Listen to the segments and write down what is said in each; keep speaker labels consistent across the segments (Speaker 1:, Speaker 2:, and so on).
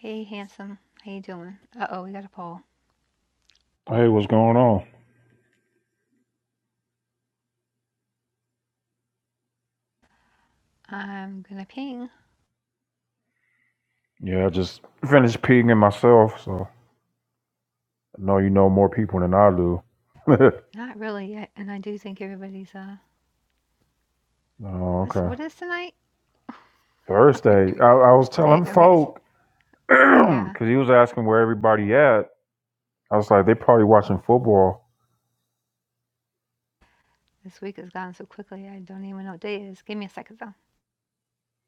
Speaker 1: Hey, handsome. How you doing? Uh oh, we got a poll.
Speaker 2: Hey, what's going on?
Speaker 1: I'm gonna ping.
Speaker 2: Yeah, I just finished peeing myself, so I know you know more people than I do.
Speaker 1: Not really yet, and I do think everybody's uh.
Speaker 2: oh,
Speaker 1: What's
Speaker 2: okay.
Speaker 1: what is tonight?
Speaker 2: Thursday, I, I was
Speaker 1: Today,
Speaker 2: telling
Speaker 1: okay,
Speaker 2: folk,
Speaker 1: yeah.
Speaker 2: because he was asking where everybody at. I was like, they probably watching football.
Speaker 1: This week has gone so quickly. I don't even know what day it is. Give me a second though.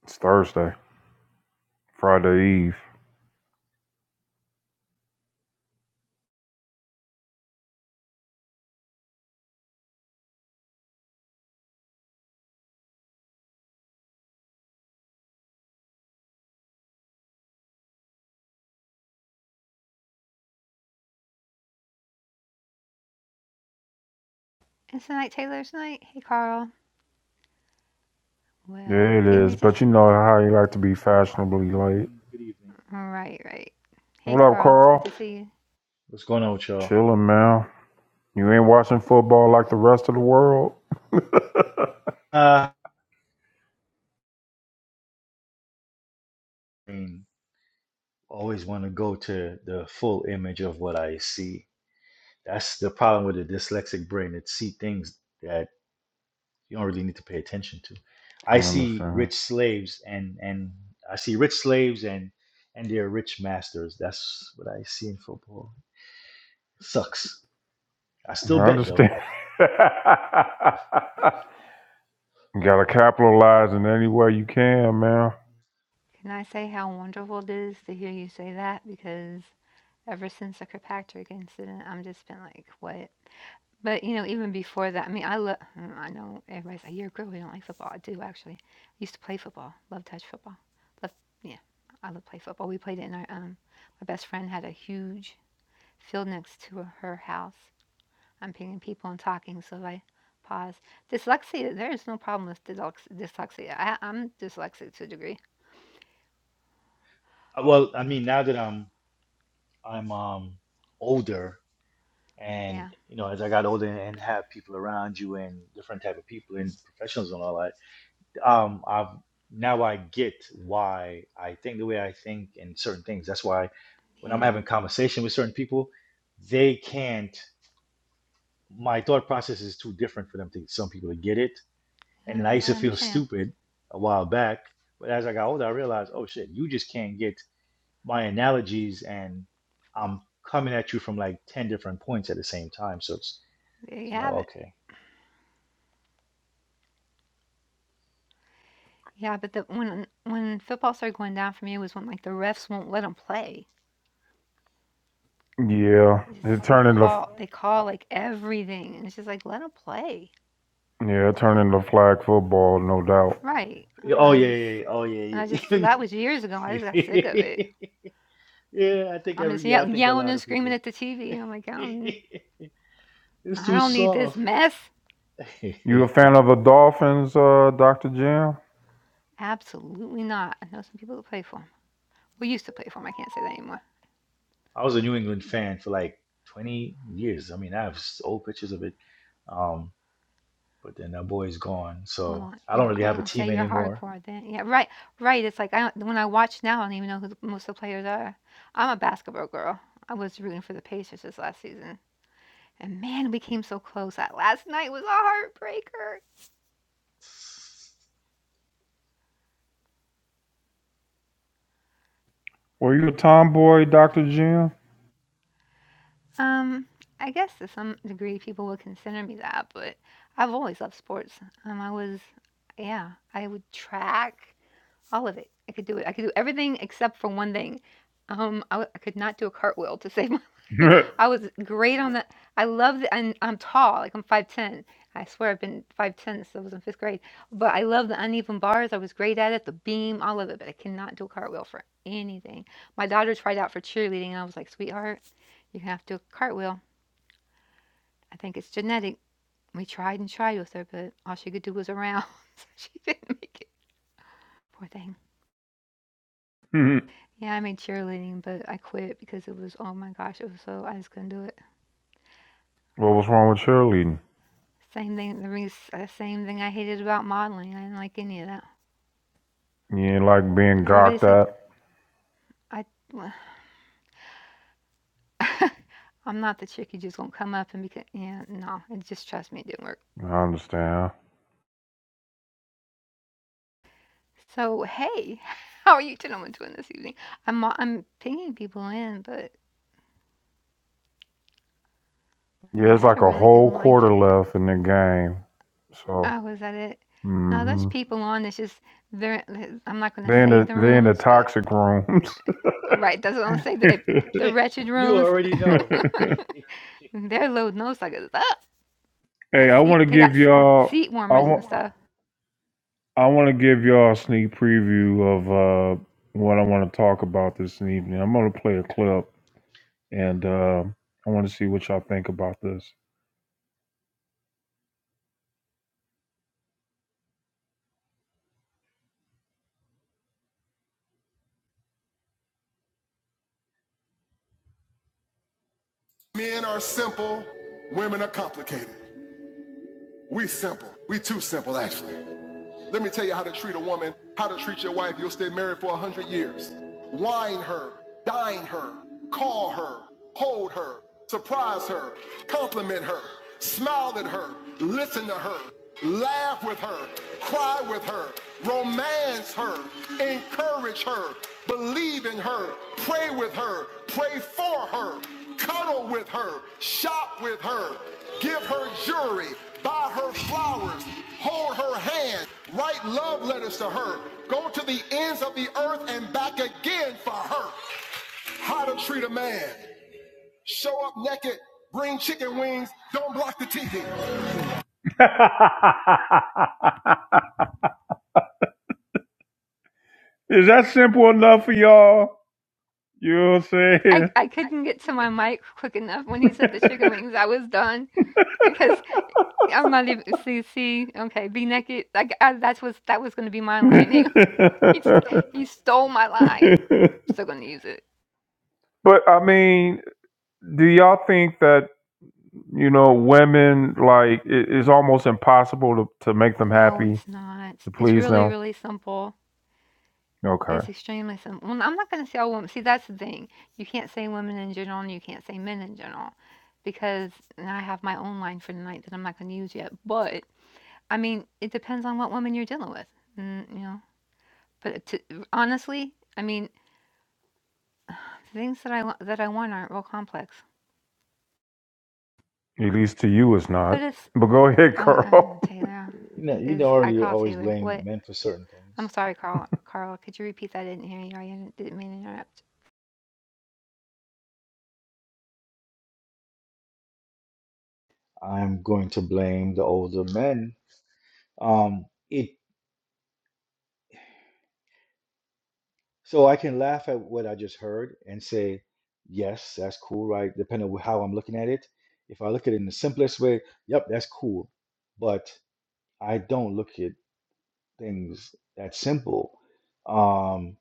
Speaker 2: It's Thursday, Friday Eve.
Speaker 1: It's tonight, Taylor's It's tonight. Hey, Carl. Well,
Speaker 2: Yeah, it
Speaker 1: give
Speaker 2: is,
Speaker 1: me just
Speaker 2: but you know how you like to be
Speaker 3: Good
Speaker 2: fashionably late.
Speaker 3: evening. Good evening.
Speaker 1: right, right. Hey,
Speaker 2: What up,
Speaker 1: Carl. It's good
Speaker 2: Carl?
Speaker 1: to see you.
Speaker 3: What's going on with y'all?
Speaker 2: Chilling, man. You ain't watching football like the rest of the world? I
Speaker 3: Uh, I mean, always want to go to the full image of what I see. That's the problem with a dyslexic brain. It see things that you don't really need to pay attention to. I see
Speaker 2: understand.
Speaker 3: rich slaves and and I see rich slaves and and their rich masters. That's what I see in football. Sucks. I
Speaker 2: I
Speaker 3: still bet
Speaker 2: understand.
Speaker 3: though.
Speaker 2: you gotta capitalize in any way you can, man.
Speaker 1: Can I say how wonderful it is to hear you say that? Because ever since the Kirkpatrick incident, I'm just been like, what? But, you know, even before that, I mean, I love, I know everybody's like, you're a girl, you don't like football. I do, actually. I used to play football, love touch football. Love, yeah, I love play football. We played it in our, um, my best friend had a huge field next to her house. I'm pinging people and talking, so I pause. Dyslexia, there is no problem with dyslex- dyslexia. I, I'm dyslexic to a degree.
Speaker 3: Uh, Well, I mean, now that I'm I'm um older, and
Speaker 1: Yeah,
Speaker 3: you know as i got older and have people around you and different type of people and professionals and all that um i've now i get why i think the way i think and certain things that's why when i'm
Speaker 1: yeah,
Speaker 3: having conversation with certain people they can't my thought process is too different for them to some people to get it
Speaker 1: uh,
Speaker 3: and then i used
Speaker 1: I
Speaker 3: to feel
Speaker 1: understand.
Speaker 3: stupid a while back but as i got older i realized oh shit you just can't get my analogies and i'm coming at you from like 10 different points at the same time so it's
Speaker 1: There you
Speaker 3: so I'm like,
Speaker 1: have it.
Speaker 3: okay.
Speaker 1: Yeah, but the, when when football started going down for me was when like the refs won't let them play
Speaker 2: Yeah,
Speaker 1: It's
Speaker 2: it turned into
Speaker 1: call they call like everything, and it's just like let them play,
Speaker 2: yeah, it turned into flag football, no doubt.
Speaker 1: right?
Speaker 3: Yeah,
Speaker 1: And
Speaker 3: Oh
Speaker 1: I
Speaker 3: yeah,
Speaker 1: just
Speaker 3: yeah, yeah. oh
Speaker 1: and I just so
Speaker 3: yeah,
Speaker 1: that was years ago. I
Speaker 3: yeah.
Speaker 1: just got sick of it.
Speaker 3: yeah, I think
Speaker 1: I'm
Speaker 3: every
Speaker 1: just
Speaker 3: yeah, I
Speaker 1: yell-
Speaker 3: think a
Speaker 1: yelling
Speaker 3: lot
Speaker 1: and
Speaker 3: of
Speaker 1: screaming
Speaker 3: people.
Speaker 1: at the TV. I'm like, I don't,
Speaker 3: it's
Speaker 1: I
Speaker 3: too
Speaker 1: don't need this
Speaker 3: soft.
Speaker 1: mess.
Speaker 2: You a fan of the Dolphins, uh, Doctor Jim?
Speaker 1: Absolutely not. I know some people that play for 'em. We used to play for 'em. I can't say that anymore.
Speaker 3: I was a New England fan for like 20 years. I mean, I have s- old pictures of it. Um, but then that boy's gone, so
Speaker 1: Well,
Speaker 3: I don't
Speaker 1: you're,
Speaker 3: really
Speaker 1: I was
Speaker 3: have a
Speaker 1: gonna
Speaker 3: team
Speaker 1: say you're
Speaker 3: anymore.
Speaker 1: hardcore then. Yeah, right, right. It's like I don't, when I watch now, I don't even know who the, most of the players are. I'm a basketball girl. I was rooting for the Pacers this last season. And man, we came so close. That last night was a heartbreaker.
Speaker 2: Were you a tomboy, Doctor Jim?
Speaker 1: Um, I guess to some degree people would consider me that, but I've always loved sports. Um, I was, yeah, I would track. All of it. I could do it. I could do everything except for one thing. Um, I, w- I could not do a cartwheel to save my life. I was great on that. I love the, and I'm tall, like I'm 5'10. I swear I've been 5'10 since I was in fifth grade. But I love the uneven bars. I was great at it, the beam, all of it. But I cannot do a cartwheel for anything. My daughter tried out for cheerleading, and I was like, sweetheart, you have to do a cartwheel. I think it's genetic. We tried and tried with her, but all she could do was around. so she didn't make it. Poor thing. Yeah, I made cheerleading, but I quit because it was oh my gosh, it was so I just couldn't do it.
Speaker 2: what was wrong with cheerleading?
Speaker 1: Same thing, the ring is same thing I hated about modeling. I didn't like any of that.
Speaker 2: You ain't like being gawked
Speaker 1: Everybody's like,
Speaker 2: at.
Speaker 1: I, well, I'm not the chick you just gonna come up and because yeah, no, it just trust me, it didn't work.
Speaker 2: I understand.
Speaker 1: So hey, how are you gentlemen doing this evening? I'm mo- I'm pinging people in, but I know
Speaker 2: Yeah,
Speaker 1: I
Speaker 2: it's
Speaker 1: had a
Speaker 2: like a
Speaker 1: really good
Speaker 2: whole
Speaker 1: line for
Speaker 2: quarter
Speaker 1: tonight.
Speaker 2: left in the game, so
Speaker 1: I was at it. Now there's
Speaker 2: mm-hmm.
Speaker 1: people on. It's just they're. I'm not gonna
Speaker 2: they in
Speaker 1: say
Speaker 2: the
Speaker 1: the
Speaker 2: they in the
Speaker 1: rooms, but
Speaker 2: toxic rooms.
Speaker 1: Right, that's what I'm saying. If the wretched
Speaker 3: you
Speaker 1: rooms,
Speaker 3: already know.
Speaker 1: their load nose suckers up. I
Speaker 2: hey, I want
Speaker 1: see
Speaker 2: to
Speaker 1: they got
Speaker 2: give
Speaker 1: s-
Speaker 2: y'all.
Speaker 1: seat
Speaker 2: I
Speaker 1: warmers and
Speaker 2: want.
Speaker 1: stuff.
Speaker 2: I want to give y'all a sneak preview of uh, what I want to talk about this evening. I'm going to play a clip, and uh, I want to see what y'all think about this. Is that simple enough for y'all? You know what
Speaker 1: I
Speaker 2: I'm
Speaker 1: I couldn't get to my mic quick enough when he said the chicken wings. I was done because I'm not even see see okay be naked. Like I, that was that was gonna be my line.
Speaker 2: saying?
Speaker 1: He he, he stole my line. Still gonna use it.
Speaker 2: but I mean, do y'all think that you know women like it, it's almost impossible to, to make them
Speaker 1: No,
Speaker 2: happy?
Speaker 1: it's not.
Speaker 2: The
Speaker 1: It's
Speaker 2: please
Speaker 1: really
Speaker 2: now?
Speaker 1: really simple.
Speaker 2: Okay.
Speaker 1: It's extremely simple. well, I'm not gonna say all women. see, that's the thing. You can't say women in general, and you can't say men in general, because and I have my own line for tonight that I'm not gonna use yet, but, I mean, it depends on what woman you're dealing with, mm, you know? But to honestly, I mean, things that I wa that I want aren't real complex.
Speaker 2: At least to you it's
Speaker 1: But
Speaker 2: not.
Speaker 1: it's
Speaker 2: But go ahead,
Speaker 1: uh,
Speaker 2: Carl.
Speaker 1: uh,
Speaker 2: to
Speaker 1: Taylor
Speaker 3: You know, you
Speaker 1: is I
Speaker 3: already
Speaker 1: call
Speaker 3: always
Speaker 1: Taylor.
Speaker 3: blame
Speaker 1: What?
Speaker 3: men for certain things.
Speaker 1: I'm sorry, Carl Carl, could you repeat that? I didn't hear you. I didn't didn't mean to interrupt.
Speaker 3: I'm going to blame the older men Um, it so I can laugh at what I just heard and say, yes, that's cool, right? Depending on how I'm looking at it. If I look at it in the simplest way, yep, that's cool. But I don't look at things that simple. Um,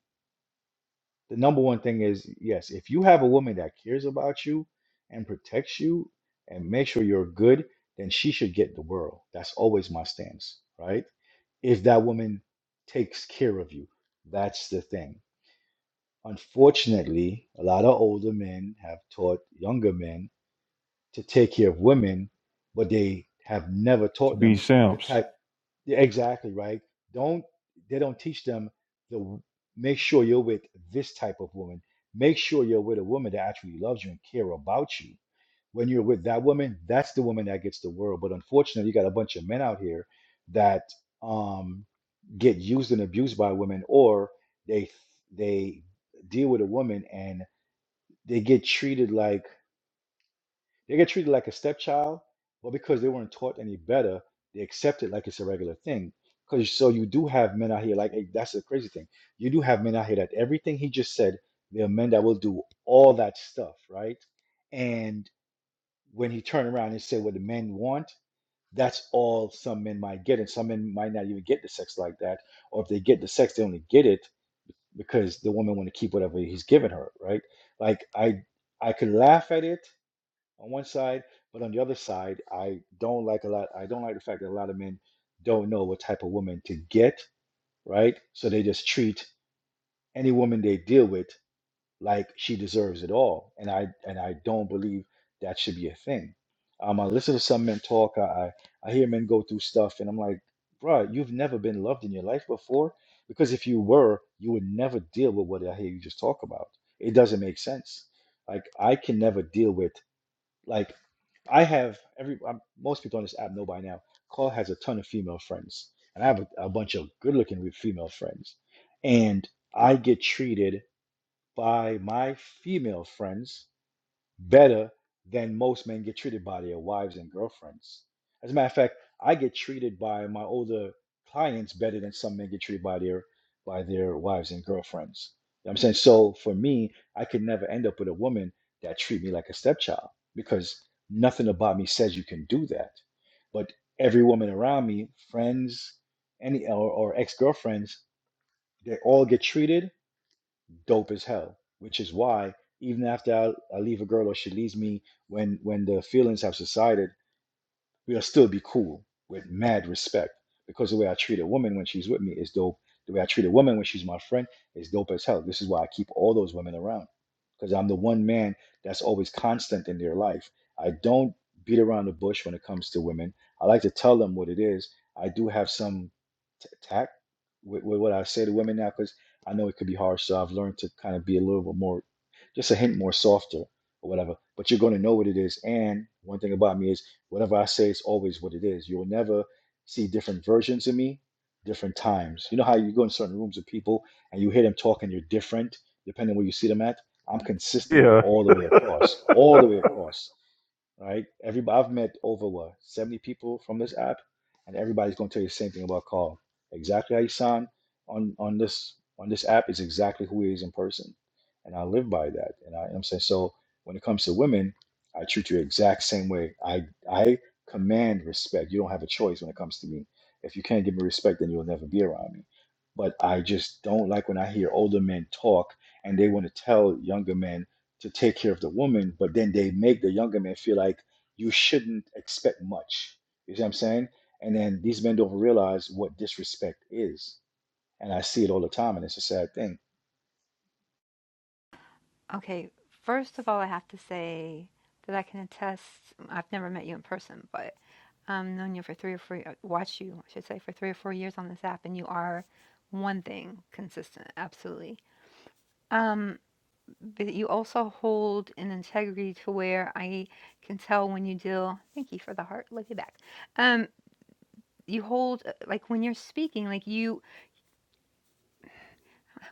Speaker 3: the number one thing is, yes, if you have a woman that cares about you and protects you and makes sure you're good, then she should get the world. That's always my stance, right? If that woman takes care of you, that's the thing Unfortunately, a lot of older men have taught younger men to take care of women, but they have never taught
Speaker 2: be
Speaker 3: them the
Speaker 2: simps.
Speaker 3: type. Yeah, exactly right. Don't they don't teach them the w- make sure you're with this type of woman. Make sure you're with a woman that actually loves you and care about you. When you're with that woman, that's the woman that gets the world. But unfortunately, you got a bunch of men out here that um get used and abused by women, or they they deal with a woman and they get treated like they get treated like a stepchild, but because they weren't taught any better, they accept it like it's a regular thing. Because so you do have men out here, like hey, that's the crazy thing. You do have men out here that everything he just said, there are men that will do all that stuff, right? And when he turn around and say what the men want, that's all some men might get, and some men might not even get the sex like that. Or if they get the sex, they only get it because the woman want to keep whatever he's giving her, right? Like I, I could laugh at it on one side, but on the other side, I don't like a lot. I don't like the fact that a lot of men don't know what type of woman to get, right? So they just treat any woman they deal with like she deserves it all, and I and I don't believe that should be a thing. Um, I listen to some men talk. I I I hear men go through stuff, and I'm like, bro, you've never been loved in your life before, because if you were, you would never deal with what I hear you just talk about. It doesn't make sense. Like I can never deal with. Like I have every um, most people on this app know by now. Carl has a ton of female friends, and I have a, a bunch of good-looking female friends, and I get treated by my female friends better than most men get treated by their wives and girlfriends. As a matter of fact, I get treated by my older clients better than some men get treated by their by their wives and girlfriends. You know what I'm saying? So for me, I could never end up with a woman that treat me like a stepchild because nothing about me says you can do that. But every woman around me, friends, any or, or ex-girlfriends, they all get treated dope as hell, which is why even after I, I leave a girl or she leaves me, when when the feelings have subsided, we'll still be cool with mad respect because the way I treat a woman when she's with me is dope. The way I treat a woman when she's my friend is dope as hell. This is why I keep all those women around because I'm the one man that's always constant in their life. I don't beat around the bush when it comes to women. I like to tell them what it is. I do have some t- tact with, with what I say to women now because I know it could be hard. So I've learned to kind of be a little bit more, just a hint more softer or whatever. But you're going to know what it is. And one thing about me is. Whatever I say is always what it is. You'll never see different versions of me, different times. You know how you go in certain rooms with people and you hear them talking, you're different depending where you see them at? I'm consistent
Speaker 2: Yeah.
Speaker 3: all the way across, all the way across right? Everybody I've met over what 70 people from this app, and everybody's gonna tell you the same thing about Carl. Exactly how you sound on on this on this app is exactly who he is in person, and I live by that. And I, I'm saying so when it comes to women, I treat you exact same way. I I command respect. You don't have a choice when it comes to me. If you can't give me respect, then you'll never be around me. But I just don't like when I hear older men talk and they want to tell younger men to take care of the woman, but then they make the younger men feel like you shouldn't expect much. You see what I'm saying? And then these men don't realize what disrespect is. And I see it all the time, and it's a sad thing.
Speaker 1: Okay, first of all, I have to say that I can attest. I've never met you in person, but I've um, known you for three or four, uh, watched you, I should say, for three or four years on this app, and you are one thing consistent, absolutely. Um, but you also hold an integrity to where I can tell when you deal. Thank you for the heart, love you back. Um, you hold uh, like when you're speaking, like you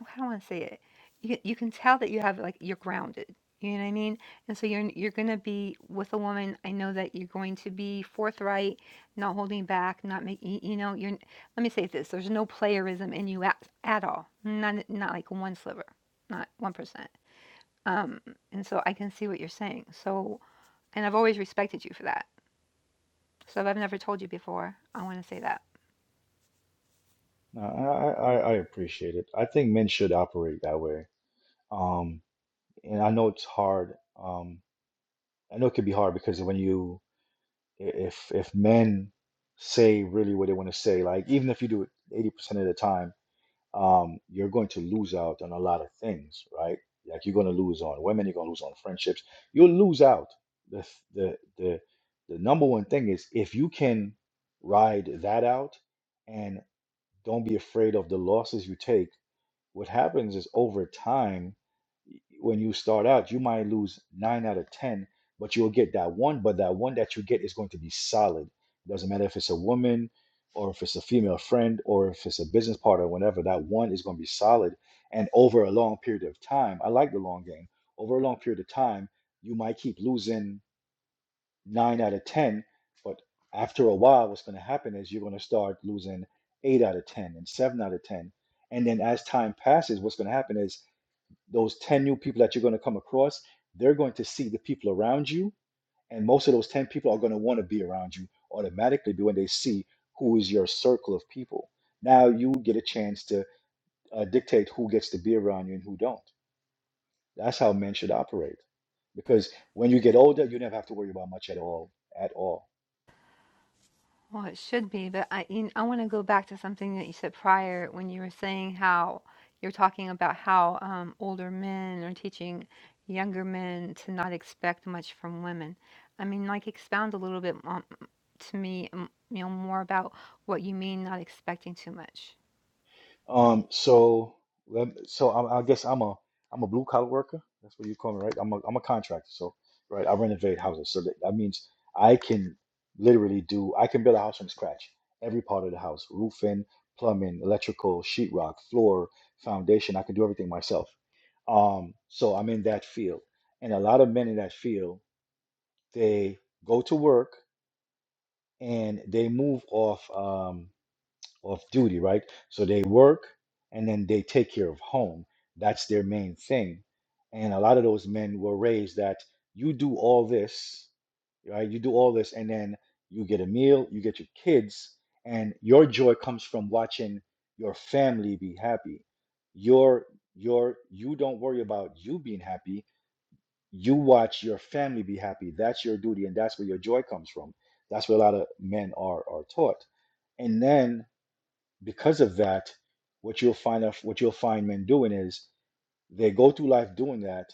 Speaker 1: how do I want to say it? You can- you can tell that you have like you're grounded. You know what I mean? And so you're you're gonna be with a woman. I know that you're going to be forthright, not holding back, not making you know. You're let me say this: there's no playerism in you at, at all. Not not like one sliver, not one percent. Um, and so I can see what you're saying. So and I've always respected you for that. So if I've never told you before, I want to say that.
Speaker 3: No, I, I, I I appreciate it. I think men should operate that way. Um, and I know it's hard. Um, I know it can be hard because when you, i- if if men say really what they want to say, like even if you do it 80% of the time, um, you're going to lose out on a lot of things, right? Like you're going to lose on women, you're going to lose on friendships. You'll lose out. The, the the the number one thing is if you can ride that out and don't be afraid of the losses you take what happens is over time, when you start out, you might lose nine out of 10, but you'll get that one. But that one that you get is going to be solid. It doesn't matter if it's a woman or if it's a female friend or if it's a business partner, whatever, that one is going to be solid. And over a long period of time, I like the long game. Over a long period of time, you might keep losing nine out of 10. But after a while, what's going to happen is you're going to start losing eight out of 10 and seven out of 10. And then as time passes, what's going to happen is those 10 new people that you're going to come across, they're going to see the people around you. And most of those 10 people are going to want to be around you automatically when they see who is your circle of people. Now you get a chance to uh, dictate who gets to be around you and who don't. That's how men should operate. Because when you get older, you never have to worry about much at all, at all.
Speaker 1: Well, it should be, but I you kn- I want to go back to something that you said prior when you were saying how you're talking about how um, older men are teaching younger men to not expect much from women. I mean, like expound a little bit um, to me, um, you know, more about what you mean not expecting too much.
Speaker 3: Um, so let- so I, I guess I'm a I'm a blue collar worker. That's what you call me, right? I'm a I'm a contractor. So right, I renovate houses. So that, that means I can literally do I can build a house from scratch. Every part of the house, roofing, plumbing, electrical, sheetrock, floor, foundation. I can do everything myself. Um, so I'm in that field, and a lot of men in that field they go to work and they move off. Um off duty, right? So they work and then they take care of home. That's their main thing. And a lot of those men were raised that you do all this, right? You do all this and then you get a meal, you get your kids, and your joy comes from watching your family be happy. Your your you don't worry about you being happy. You watch your family be happy. That's your duty, and that's where your joy comes from. That's what a lot of men are are taught. And then because of that, what you'll find of what you'll find men doing is they go through life doing that,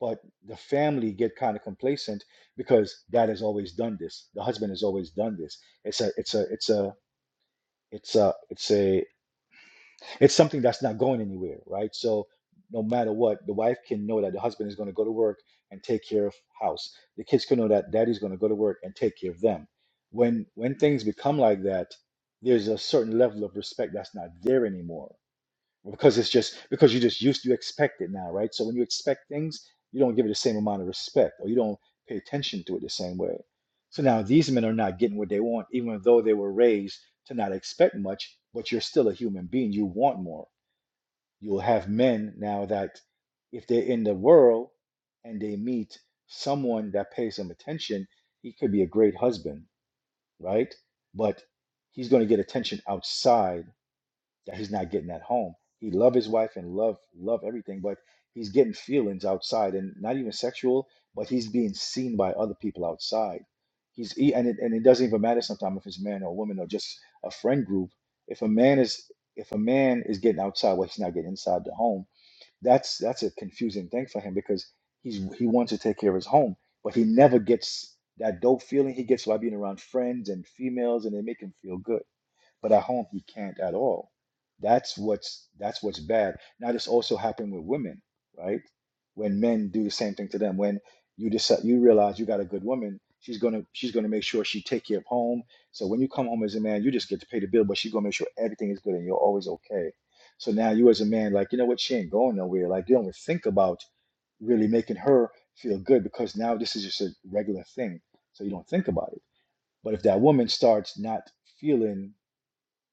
Speaker 3: but the family get kind of complacent because dad has always done this, the husband has always done this. It's a it's a it's a it's a it's a it's something that's not going anywhere, right? So no matter what, the wife can know that the husband is going to go to work and take care of house. The kids can know that daddy's going to go to work and take care of them. When when things become like that, there's a certain level of respect that's not there anymore because it's just because you just used you expect it now, right? So when you expect things, you don't give it the same amount of respect or you don't pay attention to it the same way. So now these men are not getting what they want, even though they were raised to not expect much, but you're still a human being. You want more. You'll have men now that if they're in the world and they meet someone that pays them attention, he could be a great husband, right? But he's going to get attention outside that he's not getting at home. He love his wife and love love everything, but he's getting feelings outside and not even sexual, but he's being seen by other people outside. He's he, and it, and it doesn't even matter sometimes if it's man or woman or just a friend group. If a man is if a man is getting outside, well, he's not getting inside the home. That's that's a confusing thing for him because he's he wants to take care of his home, but he never gets that dope feeling he gets by being around friends and females, and they make him feel good but at home he can't at all. That's what's that's what's bad. Now this also happened with women, right? When men do the same thing to them, when you decide you realize you got a good woman, she's gonna she's gonna make sure she take care of home. So when you come home as a man, you just get to pay the bill, but she's gonna make sure everything is good and you're always okay. So now you as a man, like you know what, she ain't going nowhere. Like you don't even think about really making her feel good because now this is just a regular thing. So you don't think about it. But if that woman starts not feeling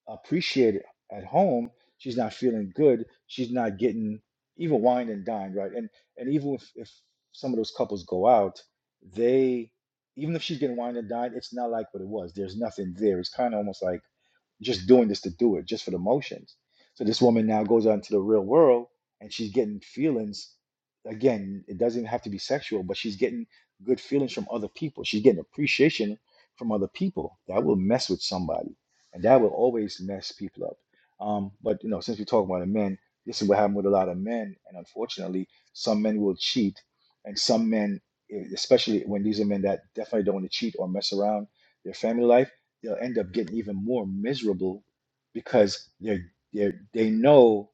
Speaker 3: appreciated at home, she's not feeling good. She's not getting even wine and dine, right? And and even if, if some of those couples go out, they even if she's getting wine and dine, it's not like what it was. There's nothing there. It's kind of almost like just doing this to do it, just for the motions. So this woman now goes out into the real world and she's getting feelings. Again, it doesn't even have to be sexual, but she's getting good feelings from other people. She's getting appreciation from other people. That will mess with somebody and that will always mess people up. Um, but you know, since we talk about the men, this is what happened with a lot of men, and unfortunately, some men will cheat, and some men, eh, especially when these are men that definitely don't want to cheat or mess around their family life, they'll end up getting even more miserable because they're they are they know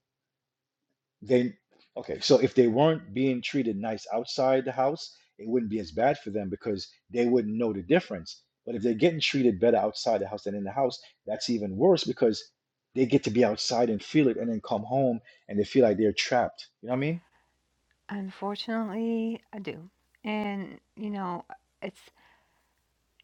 Speaker 3: they okay, so if they weren't being treated nice outside the house, it wouldn't be as bad for them because they wouldn't know the difference. But if they're getting treated better outside the house than in the house, that's even worse because they get to be outside and feel it and then come home and they feel like they're trapped. You know what I
Speaker 1: Unfortunately, I do, and you know, it's.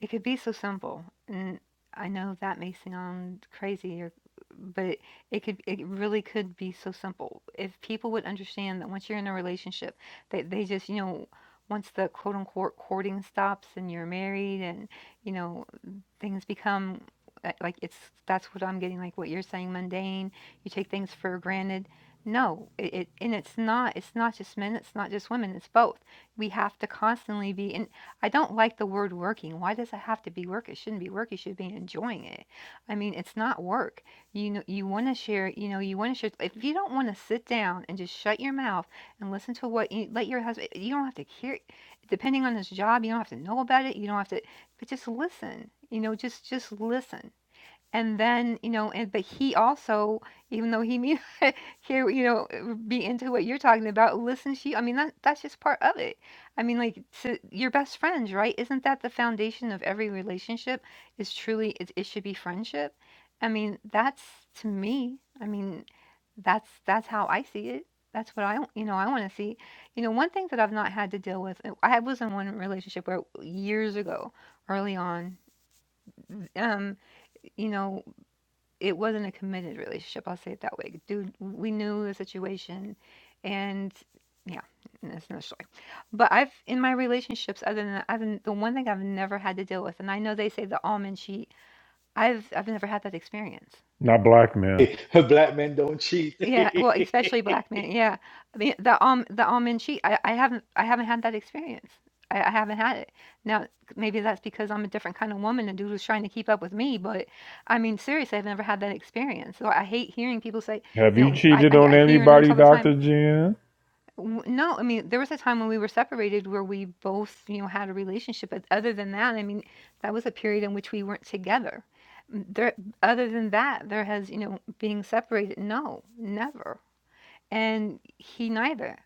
Speaker 1: It could be so simple, and I know that may sound crazy or but it could it really could be so simple. If people would understand that once you're in a relationship, they they just, you know, once the quote unquote courting stops and you're married and, you know, things become uh, like it's that's what I'm getting like what you're saying mundane you take things for granted no it, it and it's not it's not just men it's not just women it's both we have to constantly be and I don't like the word working why does it have to be work it shouldn't be work you should be enjoying it I mean it's not work you know you want to share you know you want to share if you don't want to sit down and just shut your mouth and listen to what you let your husband you don't have to hear depending on his job you don't have to know about it you don't have to but just listen you know just just listen and then, you know, and but he also, even though he may not hear, you know, uh, be into what you're talking about, listens to you. I mean, that that's just part of it. I mean, like to your best friends, right? Isn't that the foundation of every relationship? Is truly it, it should be friendship. I mean, that's to me. I mean, that's that's how I see it. That's what I, w- you know, I want to see. You know, one thing that I've not had to deal with. uh, I was in one relationship where years ago, early on, um, you know. It wasn't a committed relationship, I'll say it that way. Dude, we knew the situation and yeah, and that's another story. But I've in my relationships, other than I've the one thing I've never had to deal with, and I know they say the almond sheet. I've I've never had that experience.
Speaker 2: Not black men.
Speaker 3: mean? Black men don't cheat.
Speaker 1: Yeah, well, especially black men, yeah. The the um the almond cheek, I I haven't I haven't had that experience. I I haven't had it. Now, maybe that's because I'm a different kind of woman and dude was trying to keep up with me, but I mean, seriously, I've never had that experience. So I hate hearing people say,
Speaker 2: Have
Speaker 1: you
Speaker 2: you
Speaker 1: know, I
Speaker 2: cheated
Speaker 1: I,
Speaker 2: on
Speaker 1: I hear in Have you rooms
Speaker 2: anybody,
Speaker 1: all the dated?
Speaker 2: Dr.
Speaker 1: time.
Speaker 2: Jen?
Speaker 1: "W- No, I mean, there was a time when we were separated where we both, you know, had a relationship, but other than that, I mean, that was a period in which we weren't together. There, other than that, there has, you know, being separated, no, never and he neither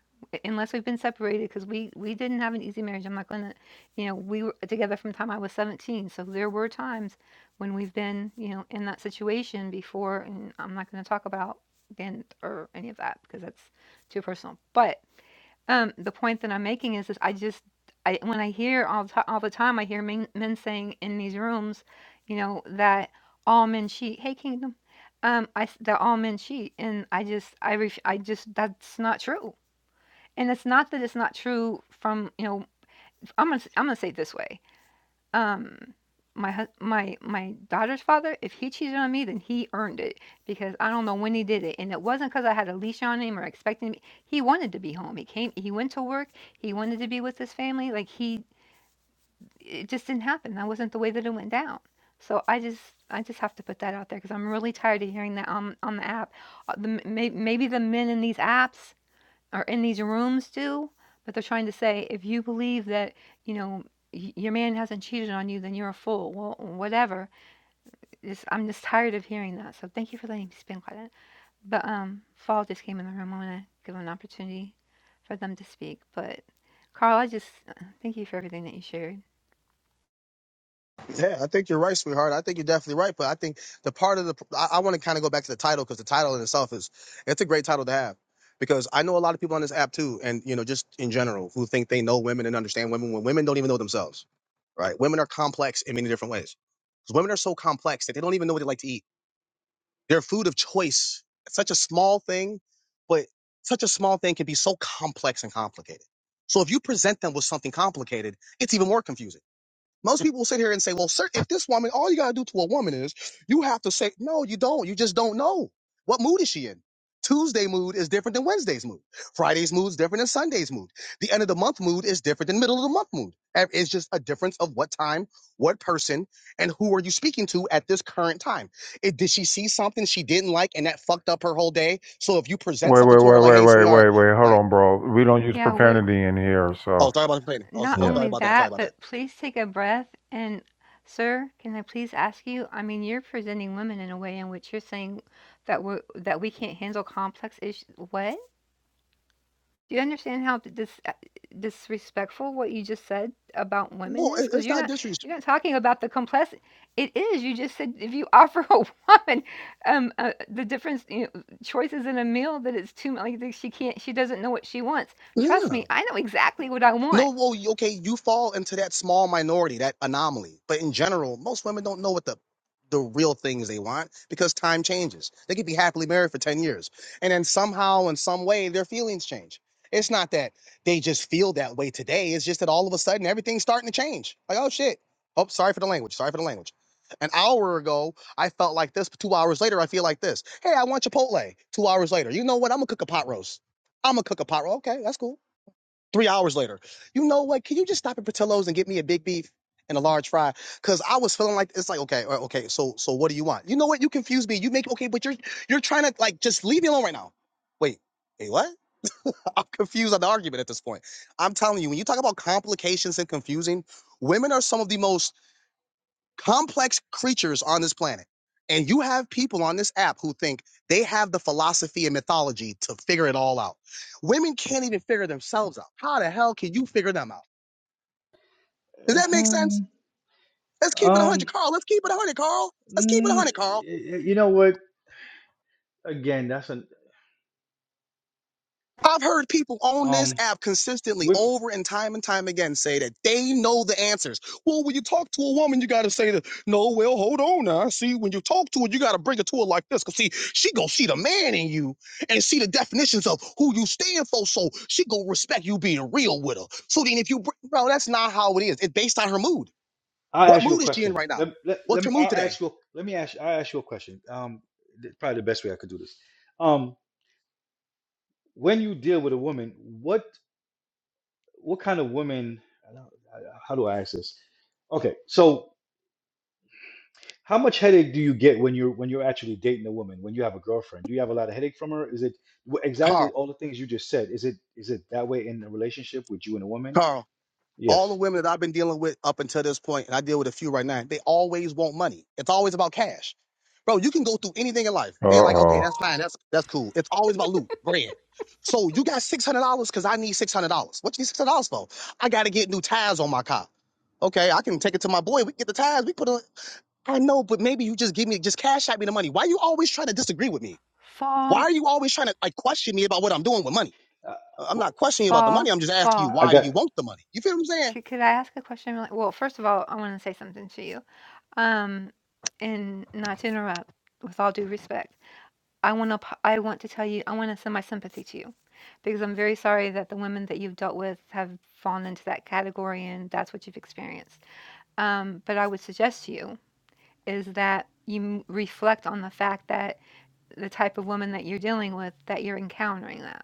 Speaker 1: unless we've been separated because we we didn't have an easy marriage i'm not gonna you know we were together from the time i was 17 so there were times when we've been you know in that situation before and i'm not gonna talk about again or any of that because that's too personal but um, the point that I'm making is, is I just I when I hear all ti all the time, I hear men, men saying in these rooms, you know, that all men cheat. Hey, Kingdom, um, I s- that all men cheat, and I just I ref, I just that's not true. And it's not that it's not true from you know I'm gonna s- I'm gonna say it this way um my hus- my my daughter's father if he cheated on me then he earned it because i don't know when he did it and it wasn't because i had a leash on him or expecting him. he wanted to be home he came he went to work he wanted to be with his family like he it just didn't happen that wasn't the way that it went down so i just i just have to put that out there because i'm really tired of hearing that on on the app Uh, the, may, maybe the men in these apps are in these rooms do, but they're trying to say if you believe that, you know, y- your man hasn't cheated on you, then you're a fool. Well, whatever. It's, I'm just tired of hearing that. So thank you for letting me spin quiet. But um, Fall just came in the room. I want to give him an opportunity for them to speak. But Carl, I just uh, thank you for everything that you shared.
Speaker 4: Yeah, I think you're right, sweetheart. I think you're definitely right. But I think the part of the I, I want to kind of go back to the title because the title in itself is it's a great title to have because I know a lot of people on this app too, and you know just in general who think they know women and understand women when women don't even know themselves. Right? Women are complex in many different ways. 'Cause women are so complex that they don't even know what they like to eat. Their food of choice, it's such a small thing, but such a small thing can be so complex and complicated. So if you present them with something complicated, it's even more confusing. Most people will sit here and say, well, sir, if this woman, all you got to do to a woman is you have to say, no, you don't. You just don't know. What mood is she in? Tuesday mood is different than Wednesday's mood. Friday's mood is different than Sunday's mood. The end of the month mood is different than middle of the month mood. And It's just a difference of what time, what person, and who are you speaking to at this current time. It, did she see something she didn't like and that fucked up her whole day? So if you present
Speaker 2: Wait,
Speaker 4: something
Speaker 2: wait,
Speaker 4: to her
Speaker 2: wait,
Speaker 4: like,
Speaker 2: wait,
Speaker 4: hey,
Speaker 2: wait,
Speaker 4: sweetheart,
Speaker 2: wait, wait. Hold
Speaker 4: like,
Speaker 2: on, bro. We don't use
Speaker 1: Yeah, we're
Speaker 2: profanity in here,
Speaker 4: oh,
Speaker 2: so.
Speaker 4: sorry about complaining. Oh, s-
Speaker 1: Not
Speaker 4: oh,
Speaker 2: Yeah.
Speaker 4: sorry
Speaker 1: only
Speaker 4: about that. Sorry
Speaker 1: that,
Speaker 4: about that.
Speaker 1: but please take a breath. And, sir, can I please ask you? I mean, you're presenting women in a way in which you're saying that we that we can't handle complex issues. What? Do you understand how dis- disrespectful what you just said about women
Speaker 4: Well,
Speaker 1: is?
Speaker 4: it,
Speaker 1: Because
Speaker 4: it's
Speaker 1: you're
Speaker 4: not
Speaker 1: not
Speaker 4: disrespect.
Speaker 1: you're not talking about the complex. It is. You just said if you offer a woman um, uh, the difference you know, choices in a meal that it's too like she can't she doesn't know what she wants.
Speaker 4: Yeah.
Speaker 1: Trust me, I know exactly what I want.
Speaker 4: No, well, you- okay, you fall into that small minority, that anomaly. But in general, most women don't know what the the real things they want because time changes. They could be happily married for 10 years. And then somehow in some way their feelings change. It's not that they just feel that way today. It's just that all of a sudden everything's starting to change. Like, oh shit. Oh, sorry for the language. Sorry for the language. An hour ago, I felt like this, but two hours later, I feel like this. Hey, I want Chipotle. Two hours later. You know what? I'm gonna cook a pot roast. I'm gonna cook a pot roast. Okay, that's cool three hours later. You know what? Can you just stop at Portillo's and get me a big beef and a large fry? Because I was feeling like it's like okay, uh, okay. So so what do you want? You know what? You confuse me. You make okay, but you're you're trying to like just leave me alone right now. Wait. Wait, what? I'm confused on the argument at this point. I'm telling you, when you talk about complications and confusing, women are some of the most complex creatures on this planet. And you have people on this app who think they have the philosophy and mythology to figure it all out. Women can't even figure themselves out. How the hell can you figure them out? Does that make sense?
Speaker 3: Um,
Speaker 4: Let's keep it 100,
Speaker 3: um,
Speaker 4: Carl. Let's keep it 100, Carl. Let's keep it
Speaker 3: mm, y-
Speaker 4: 100, Carl.
Speaker 3: y- you know what? Again, that's an
Speaker 4: I've heard people on this
Speaker 3: um.
Speaker 4: app consistently over and time and time again say that they know the answers. Well, when you talk to a woman, you got to say that, no, well, hold on now. See, when you talk to her, you got to bring it to her like this. Because, see, she going to see the man in you and see the definitions of who you stand for. So she going to respect you being real with her. So then if you, br- bro, that's not how it is. It's based on her mood.
Speaker 3: I'll
Speaker 4: What
Speaker 3: ask you a
Speaker 4: mood is she in
Speaker 3: question.
Speaker 4: right
Speaker 3: Let,
Speaker 4: now?
Speaker 3: let, let
Speaker 4: What's
Speaker 3: me,
Speaker 4: her mood
Speaker 3: I'll
Speaker 4: today?
Speaker 3: ask you, let me ask, I'll ask you a question. Um, th- probably the best way I could do this. Um, when you deal with a woman, what, what kind of woman, I don't- I- how do I ask this? Okay. So how much headache do you get when you're, when you're actually dating a woman, when you have a girlfriend, do you have a lot of headache from her? Is it wh- exactly
Speaker 4: Carl,
Speaker 3: all the things you just said? Is it, is it that way in a relationship with you and a woman?
Speaker 4: Carl. All
Speaker 3: Yes.
Speaker 4: the women that I've been dealing with up until this point, and I deal with a few right now, they always want money. It's always about cash. Bro, you can go through anything in life.
Speaker 2: Uh
Speaker 4: They're like, okay,
Speaker 2: oh.
Speaker 4: that's fine. That's that's cool. It's always about loot, bread. So you got six hundred dollars because I need six hundred dollars. What you need six hundred dollars for? I gotta get new tires on my car. Okay, I can take it to my boy. We can get the tires. We put on. I know, but maybe you just give me just cash at me the money. Why you always trying to disagree with me? Why
Speaker 1: Fall.
Speaker 4: are you always trying to like question me about what I'm doing with money?
Speaker 3: Uh,
Speaker 4: I- I'm
Speaker 3: well,
Speaker 4: not questioning you about the money.
Speaker 1: Fall,
Speaker 4: I'm just asking you
Speaker 1: fall.
Speaker 3: I
Speaker 4: why do
Speaker 3: got
Speaker 4: you want the money? You feel what I'm saying?
Speaker 1: Could, could I ask a question? Really? Well, first of all, I want to say something to you. Um, and not to interrupt, with all due respect, I want to. I want to tell you. I want to send my sympathy to you because I'm very sorry that the women that you've dealt with have fallen into that category and that's what you've experienced. Um, but I would suggest to you is that you m- reflect on the fact that the type of woman that you're dealing with, that you're encountering that.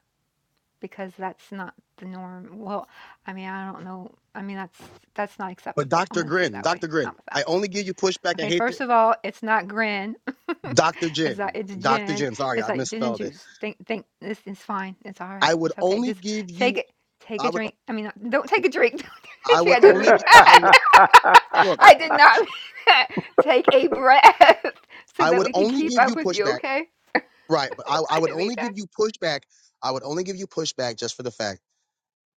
Speaker 1: because that's not the norm. Well, I mean, I don't know. I mean, that's that's not
Speaker 4: But
Speaker 1: acceptable. I'm
Speaker 4: Dr.
Speaker 1: gonna say
Speaker 4: Grin,
Speaker 1: that way,
Speaker 4: Dr. Grin,
Speaker 1: not without.
Speaker 4: I only give you pushback and
Speaker 1: Okay,
Speaker 4: hate.
Speaker 1: first
Speaker 4: it-
Speaker 1: of all, it's not grin.
Speaker 4: Dr.
Speaker 1: it's not.
Speaker 4: Jin,
Speaker 1: It's
Speaker 4: Dr.
Speaker 1: gin.
Speaker 4: Jin, sorry,
Speaker 1: It's
Speaker 4: I
Speaker 1: like gin and
Speaker 4: misspelled it.
Speaker 1: juice. Think, think. This is fine. It's all
Speaker 4: I
Speaker 1: right.
Speaker 4: would
Speaker 1: It's okay.
Speaker 4: only
Speaker 1: Just
Speaker 4: give
Speaker 1: take
Speaker 4: you,
Speaker 1: it. Take a
Speaker 4: I would,
Speaker 1: drink. I mean, not- don't take a drink. Don't
Speaker 4: I
Speaker 1: take
Speaker 4: would
Speaker 1: a drink. I didn't
Speaker 4: only,
Speaker 1: mean
Speaker 4: gi- I
Speaker 1: that.
Speaker 4: would, look,
Speaker 1: I did not mean that. Take a breath so
Speaker 4: I
Speaker 1: that
Speaker 4: would
Speaker 1: we can
Speaker 4: only
Speaker 1: keep
Speaker 4: give
Speaker 1: up
Speaker 4: you
Speaker 1: with you.
Speaker 4: pushback.
Speaker 1: Okay,
Speaker 4: Right. But I, I
Speaker 1: I
Speaker 4: would
Speaker 1: didn't mean
Speaker 4: only
Speaker 1: that.
Speaker 4: give you pushback. I would only give you pushback just for the fact.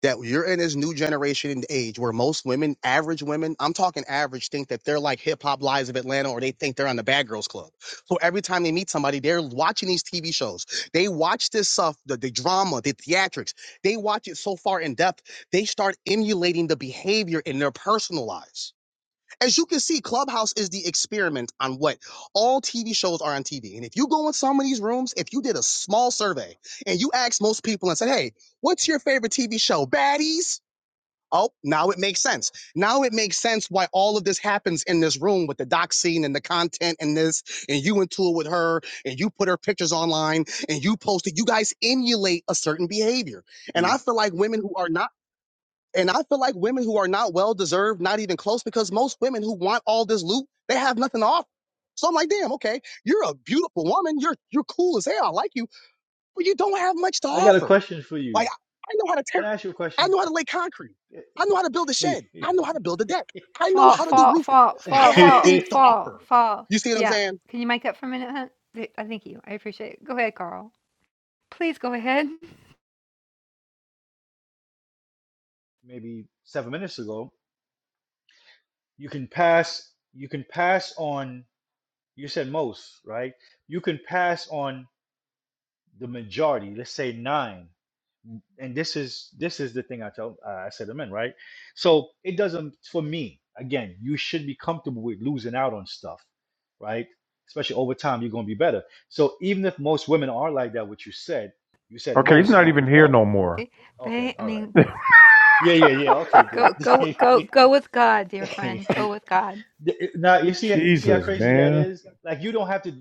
Speaker 4: that you're in this new generation and age where most women, average women, I'm talking average, think that they're like hip hop lives of Atlanta or they think they're on the Bad Girls Club. So every time they meet somebody, they're watching these TV shows. They watch this stuff, the, the drama, the theatrics. They watch it so far in depth, they start emulating the behavior in their personal lives as you can see, Clubhouse is the experiment on what all TV shows are on TV. And if you go in some of these rooms, if you did a small survey and you asked most people and said, hey, what's your favorite TV show? Baddies? Oh, now it makes sense. Now it makes sense why all of this happens in this room with the doc scene and the content and this, and you into it with her, and you put her pictures online and you post it. You guys emulate a certain behavior. And I
Speaker 3: you.
Speaker 4: feel like women who are not and I feel like women who are not well deserved, not even close, because most women who want all this loot, they have nothing to offer. So I'm like, damn, okay, you're a beautiful woman. You're you're cool as hell. I like you, but you don't have much to
Speaker 3: I got a
Speaker 4: offer.
Speaker 3: question for you.
Speaker 4: Like I I know how to
Speaker 3: Can
Speaker 4: tear,
Speaker 3: I ask you a
Speaker 4: I
Speaker 3: question?
Speaker 4: know how to lay concrete. I know how to build a shed. I know how to build a deck. I know
Speaker 1: Fall,
Speaker 4: how to do
Speaker 1: fall,
Speaker 4: roofing.
Speaker 1: fall,
Speaker 4: I
Speaker 1: fall,
Speaker 4: have
Speaker 1: fall,
Speaker 4: things to
Speaker 1: fall,
Speaker 4: offer.
Speaker 1: fall.
Speaker 4: You see what I'm
Speaker 1: Yeah.
Speaker 4: saying?
Speaker 1: Can you mic up for a minute, Hunt? Th- I thank you. I appreciate it. Go ahead, Carl. Please go ahead.
Speaker 3: maybe seven minutes ago, you can pass you can pass on you said most, right? You can pass on the majority, let's say nine. And this is this is the thing I tell uh, I said amen, right? So it doesn't for me, again, you should be comfortable with losing out on stuff, right? Especially over time, you're gonna be better. So even if most women are like that, what you said, you said
Speaker 2: okay, he's
Speaker 3: most,
Speaker 2: not
Speaker 3: not
Speaker 2: even here no
Speaker 3: all.
Speaker 2: more.
Speaker 3: Okay,
Speaker 1: They, I
Speaker 3: all right.
Speaker 1: mean,
Speaker 3: Yeah, yeah, yeah. Okay, good.
Speaker 1: go, go, go, go with God, dear friend. Go with God.
Speaker 3: now you see, you see how
Speaker 2: Jesus,
Speaker 3: crazy that
Speaker 2: man.
Speaker 3: is. Like you don't have to.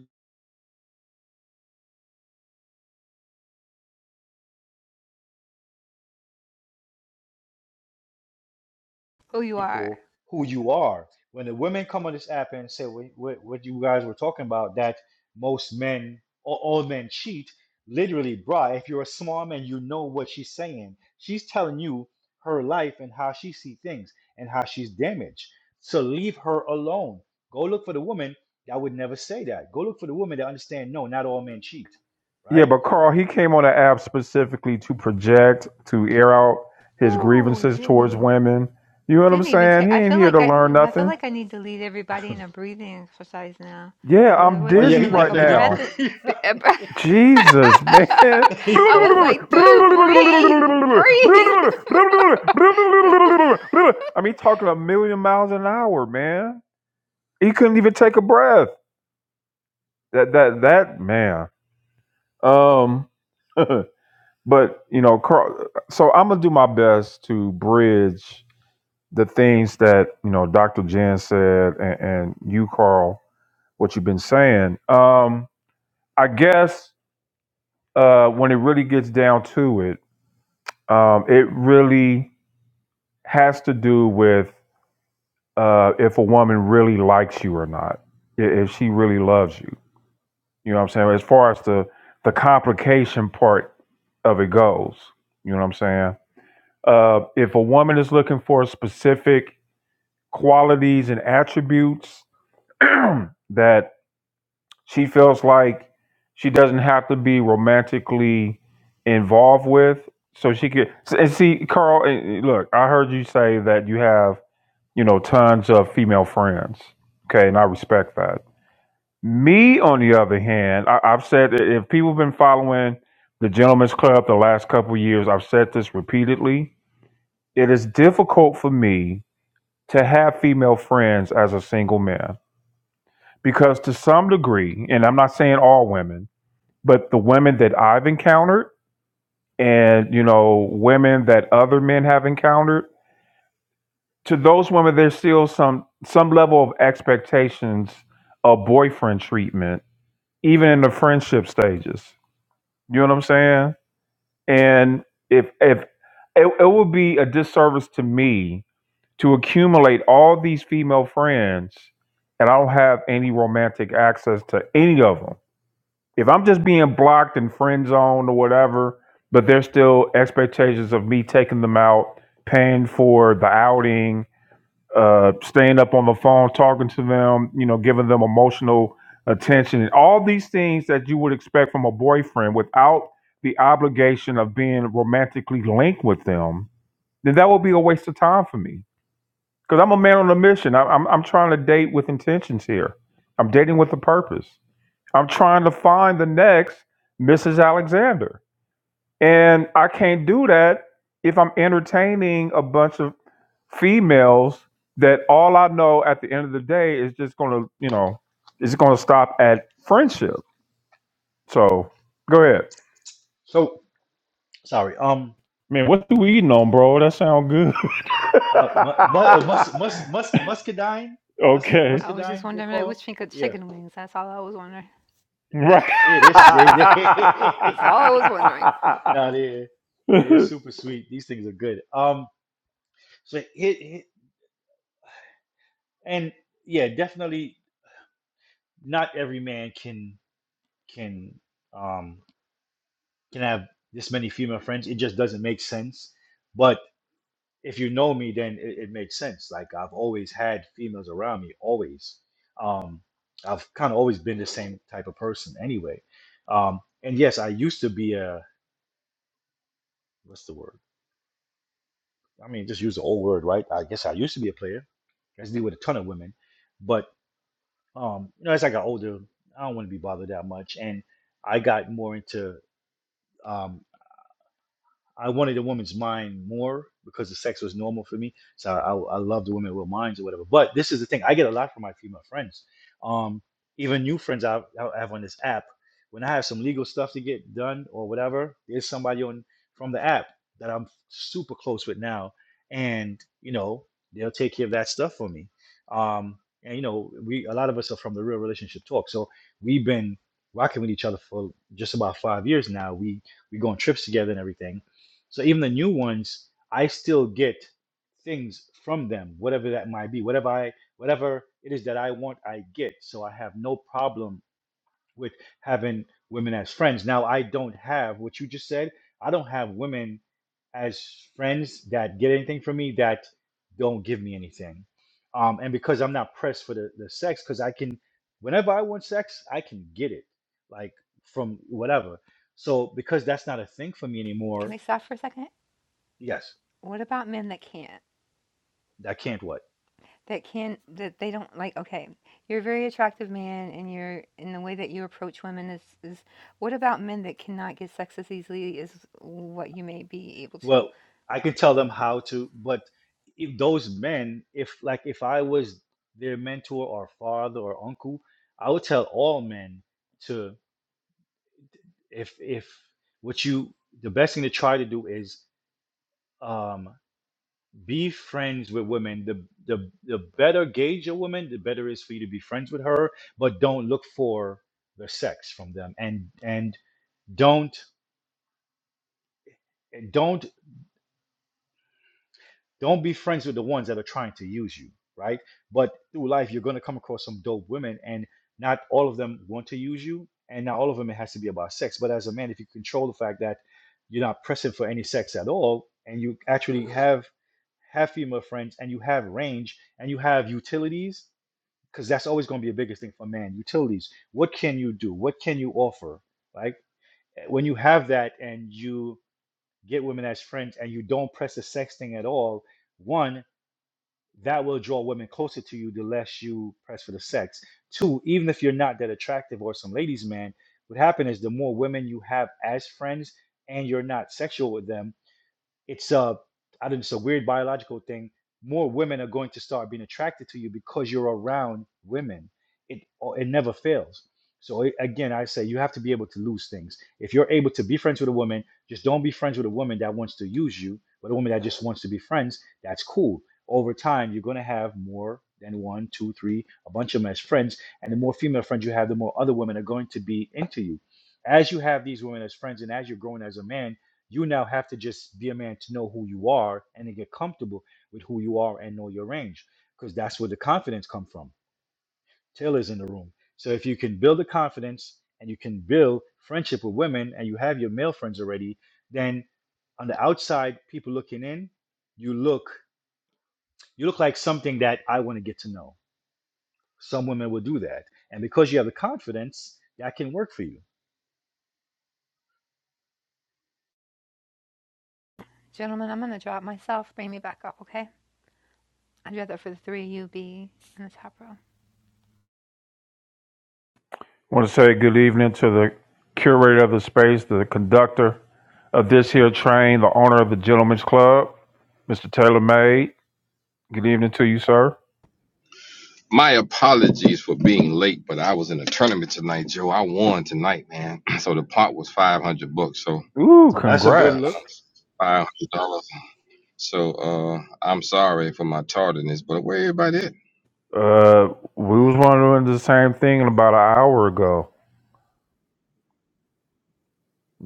Speaker 1: Who you are.
Speaker 3: people who you are. When the women come on this app and say what, what, what you guys were talking about, that most men or all men cheat, literally, bruh, if you're a smart man, you know what she's saying. She's telling you her life and how she see things and how she's damaged. So leave her alone. Go look for the woman that would never say that. Go look for the woman that understand, no, not all men cheat,
Speaker 2: Yeah,
Speaker 3: right?
Speaker 2: but Carl, he came on the app specifically to project, to air out his
Speaker 1: Ooh,
Speaker 2: grievances
Speaker 1: didn't
Speaker 2: towards
Speaker 1: he?
Speaker 2: women. You know what I'm
Speaker 1: Didn't even take.
Speaker 2: saying? He
Speaker 1: I
Speaker 2: ain't
Speaker 1: feel
Speaker 2: here
Speaker 1: like
Speaker 2: to
Speaker 1: I,
Speaker 2: learn
Speaker 1: I feel
Speaker 2: nothing.
Speaker 1: like I need to lead everybody in a breathing exercise now,
Speaker 2: Yeah,
Speaker 1: because there
Speaker 2: I'm
Speaker 3: Oh
Speaker 1: wasn't
Speaker 3: yeah,
Speaker 2: dizzy
Speaker 1: even
Speaker 3: he
Speaker 1: like
Speaker 2: right
Speaker 1: a
Speaker 3: definitely didn't
Speaker 2: now.
Speaker 1: breath. in-
Speaker 3: breathe.
Speaker 1: b- a bre-
Speaker 2: Jesus, man.
Speaker 1: I was like, dude, breathe, breathe.
Speaker 2: I mean, talking a million miles an hour, man. He couldn't even take a breath. That that that man. Um, but you know, Carl. So I'm gonna do my best to bridge the things that you know dr jen said and, and you carl what you've been saying um i guess uh when it really gets down to it um it really has to do with uh if a woman really likes you or not i- if she really loves you you know what i'm saying as far as the the complication part of it goes you know what i'm saying uh if a woman is looking for specific qualities and attributes that She feels like she doesn't have to be romantically involved with, so she could. And see, Carl, eh, eh, look, I heard you say that you have, you know, tons of female friends. Okay, and I respect that. Me, on the other hand, I, I've said that if people have been following the Gentlemen's Club the last couple of years, I've said this repeatedly. It is difficult for me to have female friends as a single man because, to some degree, and I'm not saying all women but the women that I've encountered and you know women that other men have encountered to those women there's still some some level of expectations of boyfriend treatment even in the friendship stages you know what I'm saying and if if it, it would be a disservice to me to accumulate all these female friends and I don't have any romantic access to any of them If I'm just being blocked and friend zoned or whatever, but there's still expectations of me taking them out, paying for the outing, uh, staying up on the phone, talking to them, you know, giving them emotional attention, and all these things that you would expect from a boyfriend without the obligation of being romantically linked with them, then that would be a waste of time for me. Because I'm a man on a mission. I, I'm, I'm trying to date with intentions here. I'm dating with a purpose. I'm trying to find the next Mrs. Alexander. And I can't do that if I'm entertaining a bunch of females that all I know at the end of the day is just going to, you know, is going to stop at friendship. So go ahead.
Speaker 3: so sorry. Um
Speaker 2: Man, what you eating on, bro? That sound good.
Speaker 3: Uh, mu- mu- uh, mus mus mus muscadine, musc
Speaker 2: okay.
Speaker 1: I was just
Speaker 3: muscadine. They're
Speaker 1: wondering like,
Speaker 3: called.
Speaker 1: which think
Speaker 3: Yeah,
Speaker 1: chicken wings. That's all I was wondering.
Speaker 2: Right.
Speaker 3: yeah. This they they.
Speaker 1: That's all I was wondering.
Speaker 3: no, they yeah, they're super sweet. These things are good. Um, so hit, hit and yeah, definitely not every man can can um can have this many female friends. It just doesn't make sense. But if you know me, then it, it makes sense. Like I've always had females around me, always. Um, I've kind of always been the same type of person anyway. Um, and yes, I used to be a what's the word? I mean, just use the old word, right? I guess I used to be a player. I used to deal with a ton of women, but um, you know, as I got older, I don't want to be bothered that much, and I got more into. um, I wanted a woman's mind more because the sex was normal for me. So I, I love the women with minds or whatever. But this is the thing I get a lot from my female friends. Um, even new friends I, I have on this app. When I have some legal stuff to get done or whatever, there's somebody on from the app that I'm super close with now, and you know they'll take care of that stuff for me. Um, and you know we a lot of us are from the real relationship talk, so we've been rocking with each other for just about five years now. We we go on trips together and everything so even the new ones, I still get things from them, whatever that might be, whatever I whatever it is that I want, I get. So I have no problem with having women as friends. Now I don't have what you just said. I don't have women as friends that get anything from me that don't give me anything. Um, and because I'm not pressed for the, the sex, because I can, whenever I want sex, I can get it, like from whatever. So because that's not a thing for me
Speaker 1: Can
Speaker 3: anymore,
Speaker 1: we stop for a second?
Speaker 3: yes,
Speaker 1: What about men that can't?
Speaker 3: I can't what?
Speaker 1: That can't, that they don't like, okay, you're a very attractive man and you're, and the way that you approach women is, is what about men that cannot get sex as easily as what you may be able to?
Speaker 3: Well, I can tell them how to, but if those men, if like if I was their mentor or father or uncle, I would tell all men to if if what you the best thing to try to do is um be friends with women. The the the better gauge a woman, the better it is for you to be friends with her, but don't look for the sex from them and and don't don't don't be friends with the ones that are trying to use you right but through life you're going to come across some dope women and not all of them want to use you and not all of them it has to be about sex but as a man if you control the fact that you're not pressing for any sex at all and you actually have have female friends and you have range and you have utilities because that's always going to be the biggest thing for man utilities what can you do what can you offer like eh, when you have that and you get women as friends and you don't press the sex thing at all one that will draw women closer to you the less you press for the sex. Two, even if you're not that attractive or some ladies' man, what happens is the more women you have as friends and you're not sexual with them, it's a I don't know, it's a weird biological thing. More women are going to start being attracted to you because you're around women. It or it never fails. So a- again, I say you have to be able to lose things. If you're able to be friends with a woman, just don't be friends with a woman that wants to use you, but a woman that just wants to be friends. That's cool. Over time, you're gonna have more than one, two, three, a bunch of them as friends, and the more female friends you have, the more other women are going to be into you. As you have these women as friends, and as you're growing as a man, you now have to just be a man to know who you are and then get comfortable with who you are and know your range because that's where the confidence come from taylor's in the room so if you can build the confidence and you can build friendship with women and you have your male friends already then on the outside people looking in you look you look like something that i want to get to know some women will do that and because you have the confidence that can work for you
Speaker 1: Gentlemen, I'm going to drop myself. Bring me back up, okay? I'd rather for the three of you be in the top row.
Speaker 2: I want to say good evening to the curator of the space, the conductor of this here train, the owner of the Gentlemen's Club, Mr. Taylor May. Good evening to you, sir.
Speaker 5: My apologies for being late, but I was in a tournament tonight, Joe. I won tonight, man. So the pot was five hundred bucks. So
Speaker 2: Ooh,
Speaker 3: that's a
Speaker 5: uh,
Speaker 3: good
Speaker 2: congrats.
Speaker 3: look
Speaker 5: five hundred dollars. So uh, I'm sorry for my tardiness, but where everybody at?
Speaker 2: Uh, we was wondering the same thing about an hour ago.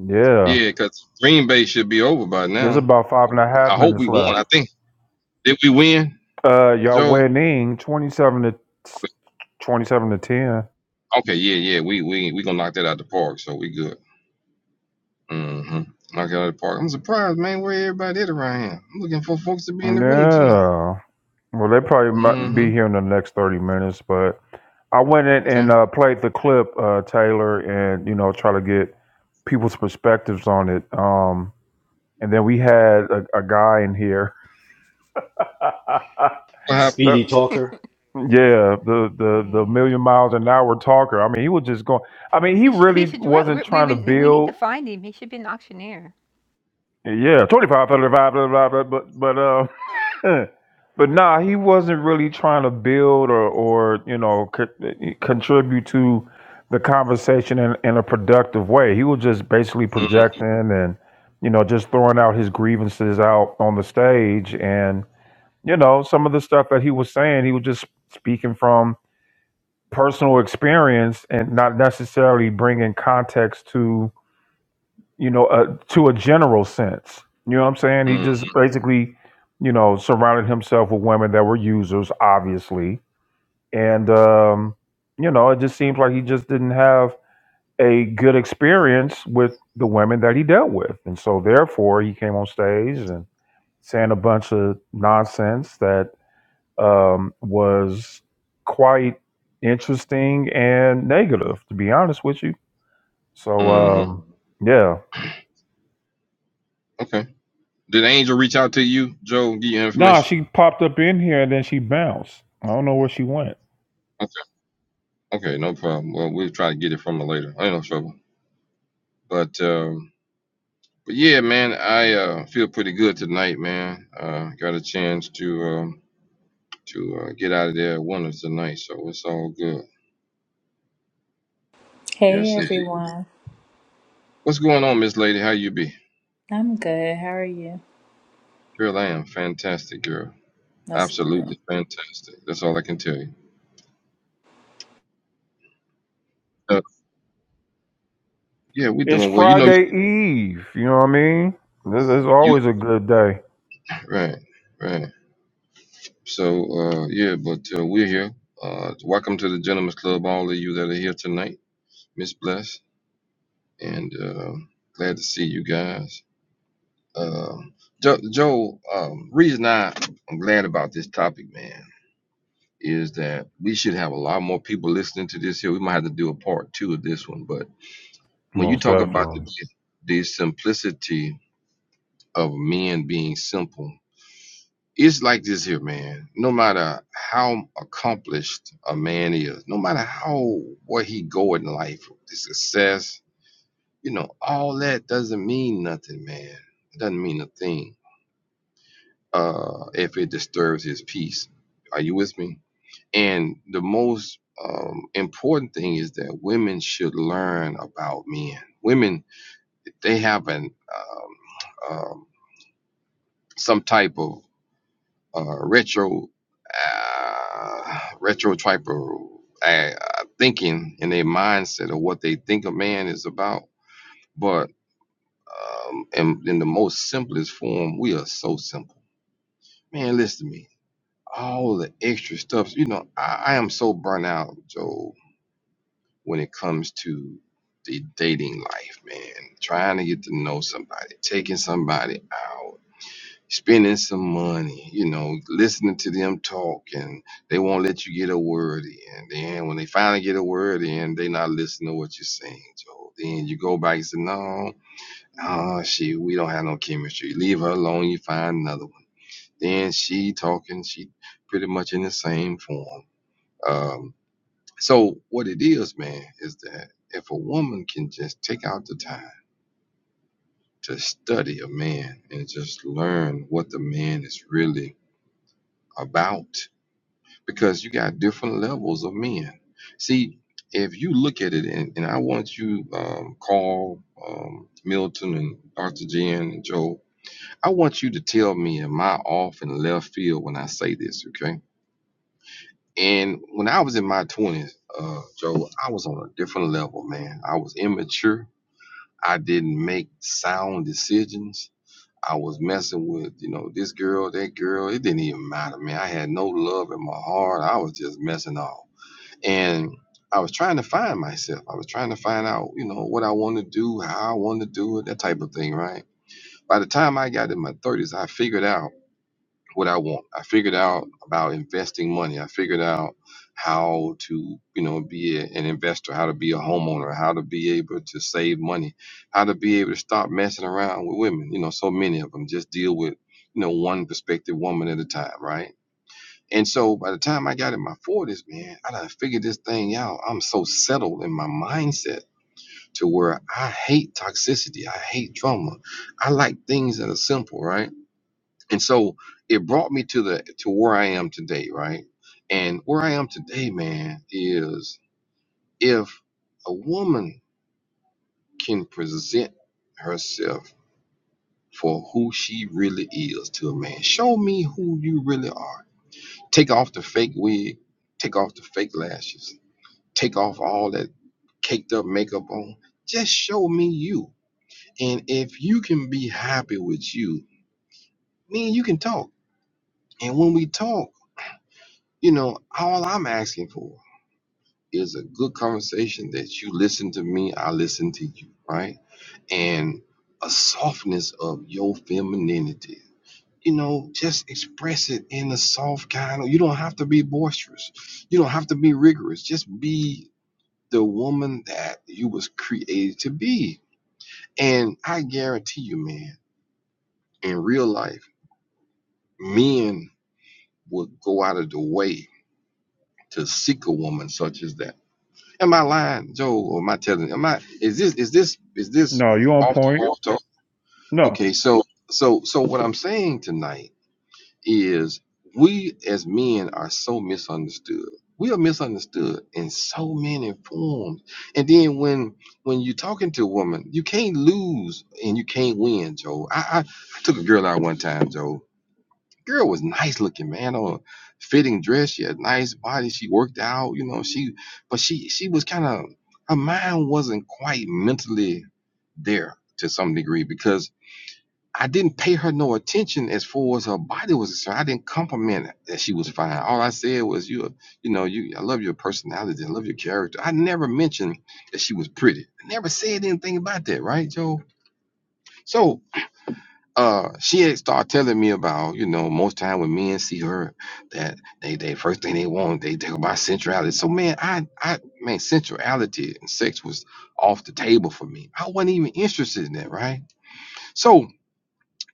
Speaker 2: Yeah,
Speaker 5: Yeah, because Green Bay should be over by
Speaker 2: there's
Speaker 5: now.
Speaker 2: about five and a
Speaker 5: I
Speaker 2: half
Speaker 5: hope
Speaker 2: minutes
Speaker 5: we won.
Speaker 2: left.
Speaker 5: I think did we win,
Speaker 2: Uh, y'all
Speaker 5: Joe?
Speaker 2: winning twenty-seven to twenty-seven to ten.
Speaker 5: Okay, yeah, yeah. We we we gonna knock that out the park, so we good. hmm Knock it out the park. I'm surprised, man, where everybody at around here. I'm looking for folks to be in the room tonight.
Speaker 2: Yeah. Well, they probably might
Speaker 5: Mm-hmm.
Speaker 2: be here in the next thirty minutes, but I went in and
Speaker 5: Okay.
Speaker 2: uh, played the clip, uh, Taylor, and you know, try to get people's perspectives on it. Um, and then we had a, a guy in here. The-
Speaker 3: speedy talker
Speaker 2: yeah, the, the the
Speaker 1: yeah.
Speaker 2: million miles an hour talker. I mean, he was just going. I mean, he
Speaker 1: He should, he
Speaker 2: really
Speaker 1: should,
Speaker 2: wasn't
Speaker 1: re- we,
Speaker 2: trying to
Speaker 1: we, we need to
Speaker 2: build.
Speaker 1: find him. He should be an auctioneer.
Speaker 2: Yeah, 25, 35, blah, blah, blah, blah, but but uh, Yeah. but nah, he wasn't really trying to build or, or you know, co- contribute to the conversation in, in a productive way. He was just basically
Speaker 5: Mm
Speaker 2: projecting and, you know, just throwing out his grievances out on the stage. And, you know, some of the stuff that he was saying, he was just speaking from personal experience and not necessarily bringing context to you know, uh, to a general sense. You know what I'm saying? He
Speaker 5: Mhm,
Speaker 2: just basically, you know, surrounded himself with women that were users, obviously. And, um, you know, it just seems like he just didn't have a good experience with the women that he dealt with. And so, therefore, he came on stage and saying a bunch of nonsense that um, was quite interesting and negative, to be honest with you. So,
Speaker 5: mm mhm.
Speaker 2: um, yeah.
Speaker 5: Okay. Did Angel reach out to you, Joe, and give you
Speaker 2: Nah,
Speaker 5: information?
Speaker 2: she popped up in here and then she bounced. I don't know where she went.
Speaker 5: Okay. Okay, no problem. Well, we'll try to get it from her later. Ain't no trouble. But um, but yeah, man, I uh, feel pretty good tonight, man. Uh, got a chance to um, to uh, get out of there at one tonight, so it's all good.
Speaker 6: Hey
Speaker 5: Yes, indeed.
Speaker 6: everyone,
Speaker 5: What's going on, Miss Lady? How you be?
Speaker 6: I'm good. How are you?
Speaker 5: Girl, I am fantastic, girl.
Speaker 6: That's good.
Speaker 5: Absolutely fantastic. That's all I can tell you. Uh, yeah, we are
Speaker 2: It's
Speaker 5: doing well. You know,
Speaker 2: Friday Eve. You know what I mean? This is
Speaker 5: you
Speaker 2: always a good day.
Speaker 5: right, right. So uh, yeah, but uh, we're here. Uh, welcome to the Gentlemen's Club, all of you that are here tonight. Miss Bless, and uh, glad to see you guys. Um jo- Joe, um, reason I I'm glad about this topic, man, is that we should have a lot more people listening to this here. We might have to do a part two of this one, but when you
Speaker 2: Most
Speaker 5: talk about the,
Speaker 2: definitely.
Speaker 5: the simplicity of men being simple it's like this here, man. No matter how accomplished a man is, no matter how where he go in life, the success, you know, all that doesn't mean nothing, man. It doesn't mean a thing. Uh, if it disturbs his peace, are you with me? And the most um, important thing is that women should learn about men. Women, they have an um, um, some type of uh, retro uh, retro type of uh, thinking in their mindset of what they think a man is about. But um, in, in the most simplest form, we are so simple. Man, listen to me. All the extra stuff, you know, I, I am so burnt out, Joe, when it comes to the dating life, man. Trying to get to know somebody, taking somebody out spending some money, you know, listening to them talk and they won't let you get a word in. Then when they finally get a word in, they not listening to what you're saying, Joe. Then you go back and say, No, oh she we don't have no chemistry. Leave her alone, you find another one. Then she talking, she pretty much in the same form. Um, so what it is, man, is that if a woman can just take out the time to study a man and just learn what the man is really about because you got different levels of men. See, if you look at it, and, and I want you, um, Carl, um, Milton, and Dr. Jen, and Joe, I want you to tell me, am I off in left field when I say this, okay? And when I was in my 20s, uh, Joe, I was on a different level, man. I was immature. I didn't make sound decisions. I was messing with, you know, this girl, that girl. It didn't even matter, man. I had no love in my heart. I was just messing off. And I was trying to find myself. I was trying to find out, you know, what I want to do, how I want to do it, that type of thing, right? By the time I got in my 30s, I figured out what I want. I figured out about investing money. I figured out how to, you know, be a- an investor, how to be a homeowner, how to be able to save money, how to be able to stop messing around with women. You know, so many of them just deal with, you know, one prospective woman at a time, right? And so by the time I got in my 40s, man, I done figured this thing out. I'm so settled in my mindset to where I hate toxicity. I hate drama. I like things that are simple, right? And so it brought me to the to where I am today, right? And where I am today, man, is if a woman can present herself for who she really is to a man, show me who you really are. Take off the fake wig, take off the fake lashes take off all that caked up makeup on. Just show me you. And if you can be happy with you, me and you can talk. And when we talk, you know, all I'm asking for is a good conversation that you listen to me, I listen to you, right? And a softness of your femininity. You know, just express it in a soft kind of you don't have to be boisterous. You don't have to be rigorous. Just be the woman that you was created to be And I guarantee you, man, in real life, men would go out of the way to seek a woman such as that. Am I lying, Joe, or am I telling? Am I? Is this? Is this? Is this
Speaker 2: No, you on
Speaker 5: off
Speaker 2: point?
Speaker 5: the wall talk?
Speaker 2: No.
Speaker 5: Okay, so so so what I'm saying tonight is we as men are so misunderstood. We are misunderstood in so many forms. And then when when you're talking to a woman, you can't lose and you can't win, Joe. I, I I took a girl out one time, Joe girl was nice looking, man. On fitting dress, she had nice body. She worked out, you know. She, but she she was kind of her mind wasn't quite mentally there to some degree because I didn't pay her no attention as far as her body was concerned. I didn't compliment her that she was fine. All I said was you, you know, you. I love your personality. I love your character. I never mentioned that she was pretty. I never said anything about that, right, Joe? So uh she had started telling me about you know most time when men see her that they they first thing they want they talk about sensuality so man i i man sensuality and sex was off the table for me i wasn't even interested in that right so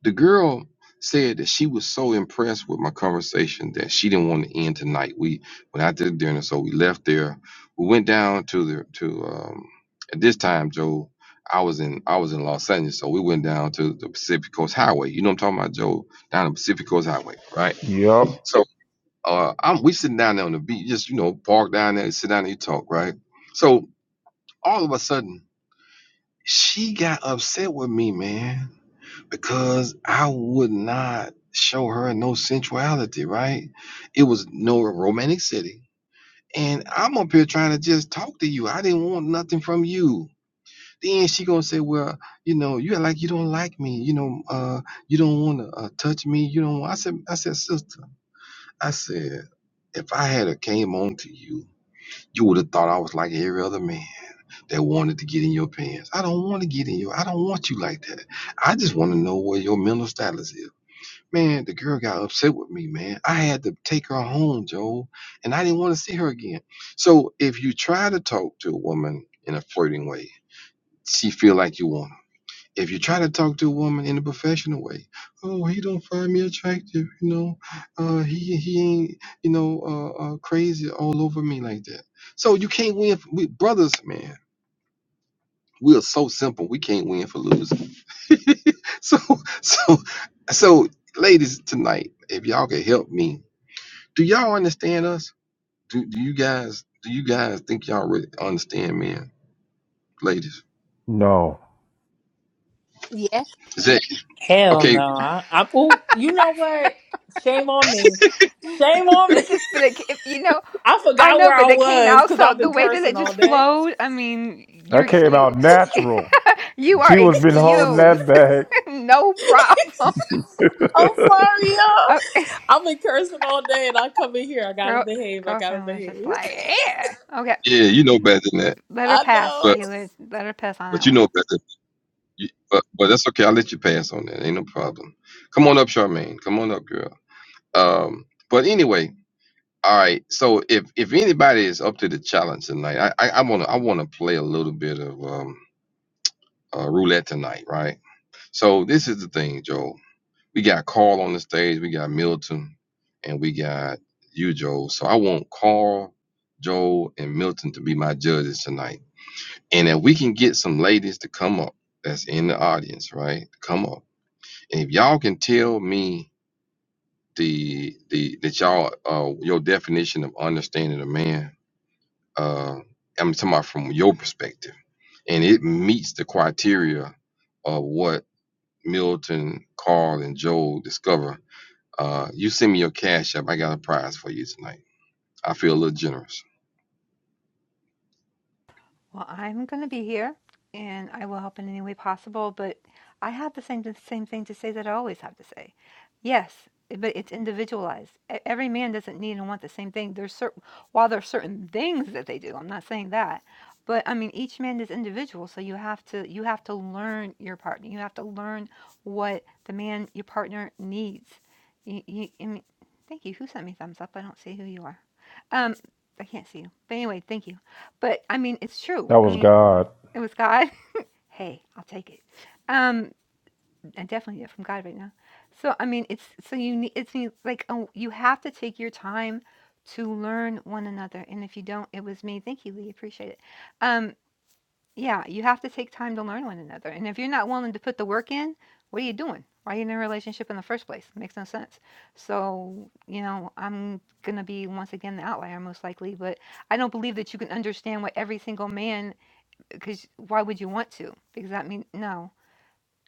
Speaker 5: the girl said that she was so impressed with my conversation that she didn't want to end tonight. We went out to dinner, so we left there. We went down to the to um, at this time, Joe. I was in I was in Los Angeles, so we went down to the Pacific Coast Highway. You know what I'm talking about, Joe? Down the Pacific Coast Highway, right?
Speaker 2: Yep.
Speaker 5: So uh, I'm we sitting down there on the beach, just you know, park down there, sit down there, you talk, right? So all of a sudden, she got upset with me, man because I would not show her no sensuality, right? It was no romantic city. And I'm up here trying to just talk to you. I didn't want nothing from you. Then she gonna say, well, you know, you act like you don't like me. You know, uh, you don't want to uh, touch me. You don't. Want. I said, I said, sister, I said, if I had a came on to you, you would have thought I was like every other man that wanted to get in your pants. I don't want to get in your. I don't want you like that. I just want to know where your mental status is. Man, the girl got upset with me, man. I had to take her home, Joel, and I didn't want to see her again. So if you try to talk to a woman in a flirting way, she feel like you want her. If you try to talk to a woman in a professional way, oh, he don't find me attractive, you know, uh, he he ain't, you know, uh, uh, crazy all over me like that. So you can't win with brothers, man we are so simple. We can't win for losing. so, so, so, ladies tonight, if y'all can help me, do y'all understand us? Do do you guys do you guys think y'all really understand men, ladies?
Speaker 2: No.
Speaker 7: Yes.
Speaker 5: Is that
Speaker 6: Hell no.
Speaker 5: okay?
Speaker 6: I, I ooh, you know what? Shame on me. Shame on me.
Speaker 1: It just, but it, it, you know,
Speaker 6: I
Speaker 1: I
Speaker 6: forgot
Speaker 1: know,
Speaker 6: where I
Speaker 1: but it came
Speaker 6: was
Speaker 1: out
Speaker 6: because
Speaker 1: so
Speaker 6: I've
Speaker 1: the
Speaker 6: been
Speaker 1: way that
Speaker 6: cursing
Speaker 1: it
Speaker 6: all
Speaker 1: just
Speaker 6: day.
Speaker 1: flowed. I mean, you're
Speaker 2: That came
Speaker 1: excused.
Speaker 2: out natural.
Speaker 1: you are
Speaker 2: She was been holding
Speaker 1: excused.
Speaker 2: that back.
Speaker 1: no problem.
Speaker 6: I'm sorry, y'all.
Speaker 1: Oh,
Speaker 6: I've been cursing all day and I come in here. I gotta
Speaker 1: girl,
Speaker 6: behave. I gotta
Speaker 1: girlfriend was just
Speaker 6: behave.
Speaker 1: like, yeah, okay,
Speaker 5: Yeah, you know better than that,
Speaker 1: let her
Speaker 6: I
Speaker 1: pass,
Speaker 6: know.
Speaker 5: but
Speaker 1: Shayla. Let her pass on
Speaker 5: but
Speaker 1: that
Speaker 5: you
Speaker 1: one.
Speaker 5: know better. You, but but that's okay. I'll let you pass on that. Ain't no problem. Come on up, Charmaine. Come on up, girl. Um, but anyway, All right. So if if anybody is up to the challenge tonight, I I, I wanna I wanna play a little bit of um uh, roulette tonight, right? So this is the thing, Joe. We got Carl on the stage, we got Milton, and we got you, Joe. So I want Carl, Joe, and Milton to be my judges tonight. And if we can get some ladies to come up that's in the audience, right? To come up. And if y'all can tell me the the that y'all uh your definition of understanding a man Uh, I'm talking about from your perspective, and it meets the criteria of what Milton, Carl, and Joel discover. Uh, you send me your cash app. I got a prize for you tonight. I feel a little generous.
Speaker 1: Well, I'm going to be here and I will help in any way possible, but I have the same the same thing to say that I always have to say. Yes, but it's individualized. E- Every man doesn't need and want the same thing. There's certain while there's certain things that they do. I'm not saying that. But I mean each man is individual, so you have to you have to learn your partner. You have to learn what the man your partner needs. You, you, I mean, thank you. Who sent me thumbs up? I don't see who you are. Um I can't see you. But anyway, thank you. But, I mean, it's true.
Speaker 2: that
Speaker 1: I
Speaker 2: was
Speaker 1: mean,
Speaker 2: God.
Speaker 1: it was God. Hey, I'll take it. Um, I definitely get from God right now. So, I mean, it's so you need it's you- like oh, you have to take your time to learn one another. And if you don't, it was me. Thank you, Lee. Appreciate it. Um, yeah, you have to take time to learn one another. And if you're not willing to put the work in, what are you doing? Why are you in a relationship in the first place? makes no sense. So, you know, I'm gonna be once again the outlier most likely, but I don't believe that you can understand what every single man because why would you want to? Because that means no,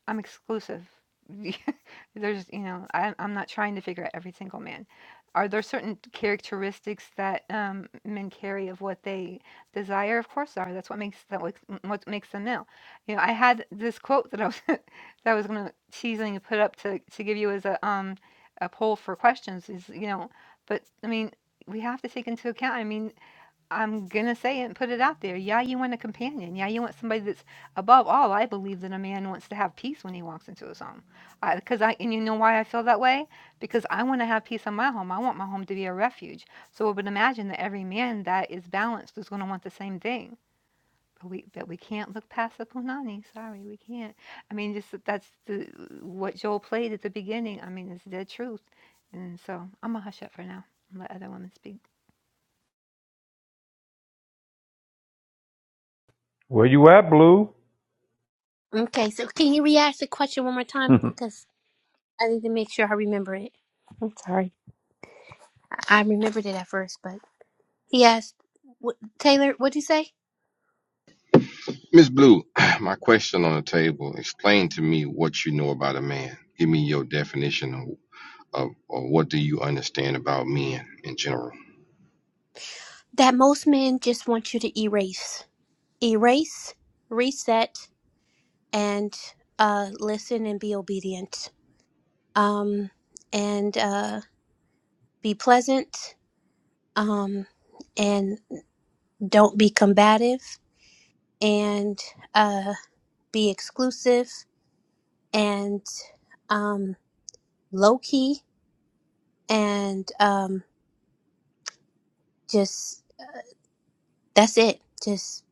Speaker 1: I'm exclusive. There's, you know, I, I'm not trying to figure out every single man. Are there certain characteristics that um, men carry of what they desire? Of course, there are. That's what makes that what, what makes them male. You know, I had this quote that I was that I was gonna teasing and put up to to give you as a um a poll for questions. Is you know, but I mean, we have to take into account. I mean, I'm gonna say it and put it out there. Yeah, you want a companion. Yeah, you want somebody that's above all. I believe that a man wants to have peace when he walks into his home, because I, and you know why I feel that way because I want to have peace in my home. I want my home to be a refuge. So I would imagine that every man that is balanced is going to want the same thing. But we, but we can't look past the punani. Sorry, we can't. I mean, just that- that's the what Joel played at the beginning. I mean, it's the truth. And so I'm gonna hush up for now and let other women speak.
Speaker 2: Where you at, Blue?
Speaker 7: Okay, so can you re-ask the question one more time?
Speaker 2: yeah,
Speaker 7: Because I need to make sure I remember it. I'm sorry. I I remembered it at first, but he asked, what, Taylor, what'd you say?
Speaker 5: Miss Blue, my question on the table: Explain to me what you know about a man. Give me your definition of, of, of what do you understand about men in general.
Speaker 7: That most men just want you to erase. Erase, reset, and uh, listen and be obedient. Um, and uh, be pleasant. Um, and don't be combative. And uh, be exclusive. And um, low key and um just that's it. Just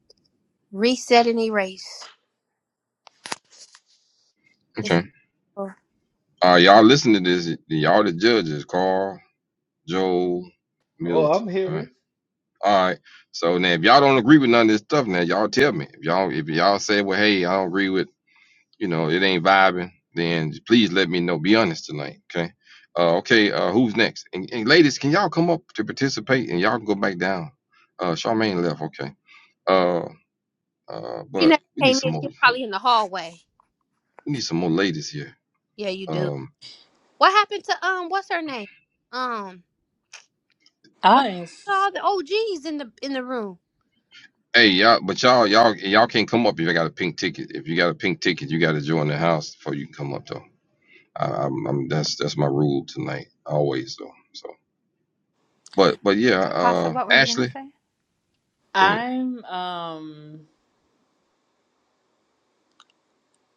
Speaker 7: reset and erase. It's
Speaker 5: Okay.
Speaker 7: over.
Speaker 5: All right, y'all listen to this. Y'all the judges, Carl, Joel,
Speaker 3: oh i'm
Speaker 5: Milton. all
Speaker 3: hearing
Speaker 5: right? All right. So now, if y'all don't agree with none of this stuff, now y'all tell me. If y'all if y'all say, well, hey, I don't agree with, you know, it ain't vibing, then please let me know. Be honest tonight, okay? Uh, okay. Uh, who's next? And, and ladies, can y'all come up to participate? And y'all can go back down. Uh, Charmaine left, okay. Uh, uh,
Speaker 7: You
Speaker 5: but
Speaker 7: never
Speaker 5: we need
Speaker 7: came in,
Speaker 5: some more.
Speaker 7: she's probably in the hallway.
Speaker 5: We need some more ladies here.
Speaker 7: Yeah, you do.
Speaker 5: Um,
Speaker 7: What happened to um what's her name? Um what
Speaker 6: I am, s-
Speaker 7: happened to all the OGs in the in the room?
Speaker 5: hey, y'all, but y'all, y'all, y'all can't come up if you got a pink ticket. If you got a pink ticket, you got to join the house before you can come up though. I, I'm, I'm that's that's my rule tonight, always though. So, but but yeah,
Speaker 1: Akasa,
Speaker 5: uh,
Speaker 1: what were you gonna
Speaker 5: Ashley,
Speaker 1: say?
Speaker 5: go ahead.
Speaker 6: I'm, um,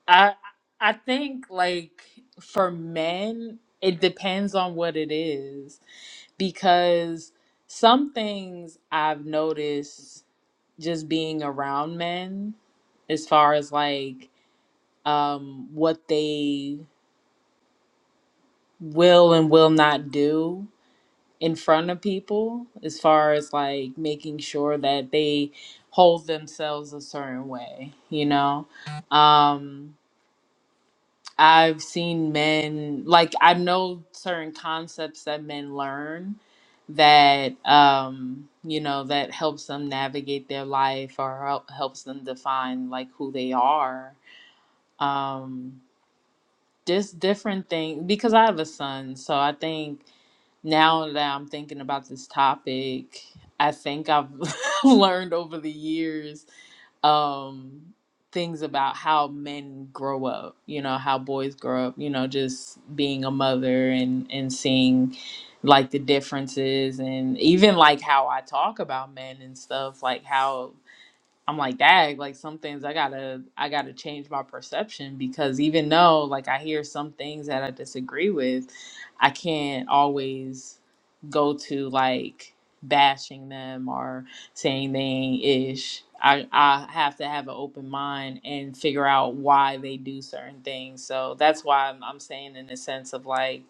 Speaker 6: I, I think like for men, it depends on what it is. because some things I've noticed just being around men as far as like um what they will and will not do in front of people as far as like making sure that they hold themselves a certain way, you know. Um I've seen men like I know certain concepts that men learn that um you know that helps them navigate their life or help, helps them define like who they are um just different things because I have a son so I think now that I'm thinking about this topic, I think I've learned over the years um, things about how men grow up, you know, how boys grow up, you know, just being a mother and, and seeing like the differences and even like how I talk about men and stuff, like how I'm like, dag, like some things I gotta I gotta change my perception because even though like I hear some things that I disagree with, I can't always go to like bashing them or saying they ain't ish. I, I have to have an open mind and figure out why they do certain things. So that's why I'm, I'm saying in the sense of like,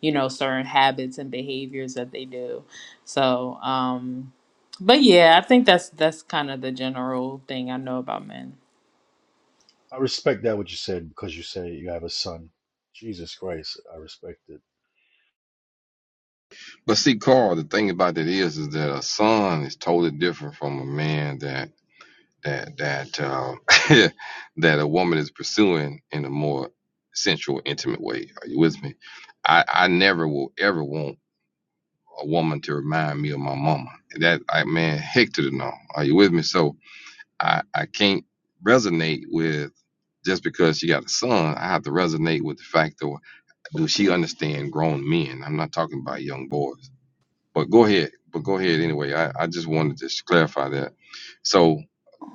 Speaker 6: you know, certain habits and behaviors that they do. So, um, but yeah, I think that's that's kind of the general thing I know about men.
Speaker 3: I respect that what you said because you say you have a son. Jesus Christ, I respect it.
Speaker 5: But see, Carl, the thing about it is, is that a son is totally different from a man that that that uh, that a woman is pursuing in a more sensual, intimate way. Are you with me? I I never will ever want a woman to remind me of my mama. That I man, heck to the no. Are you with me? So I, I can't resonate with just because she got a son. I have to resonate with the fact of do she understand grown men? I'm not talking about young boys. But go ahead. But go ahead anyway. I, I just wanted to just clarify that. So,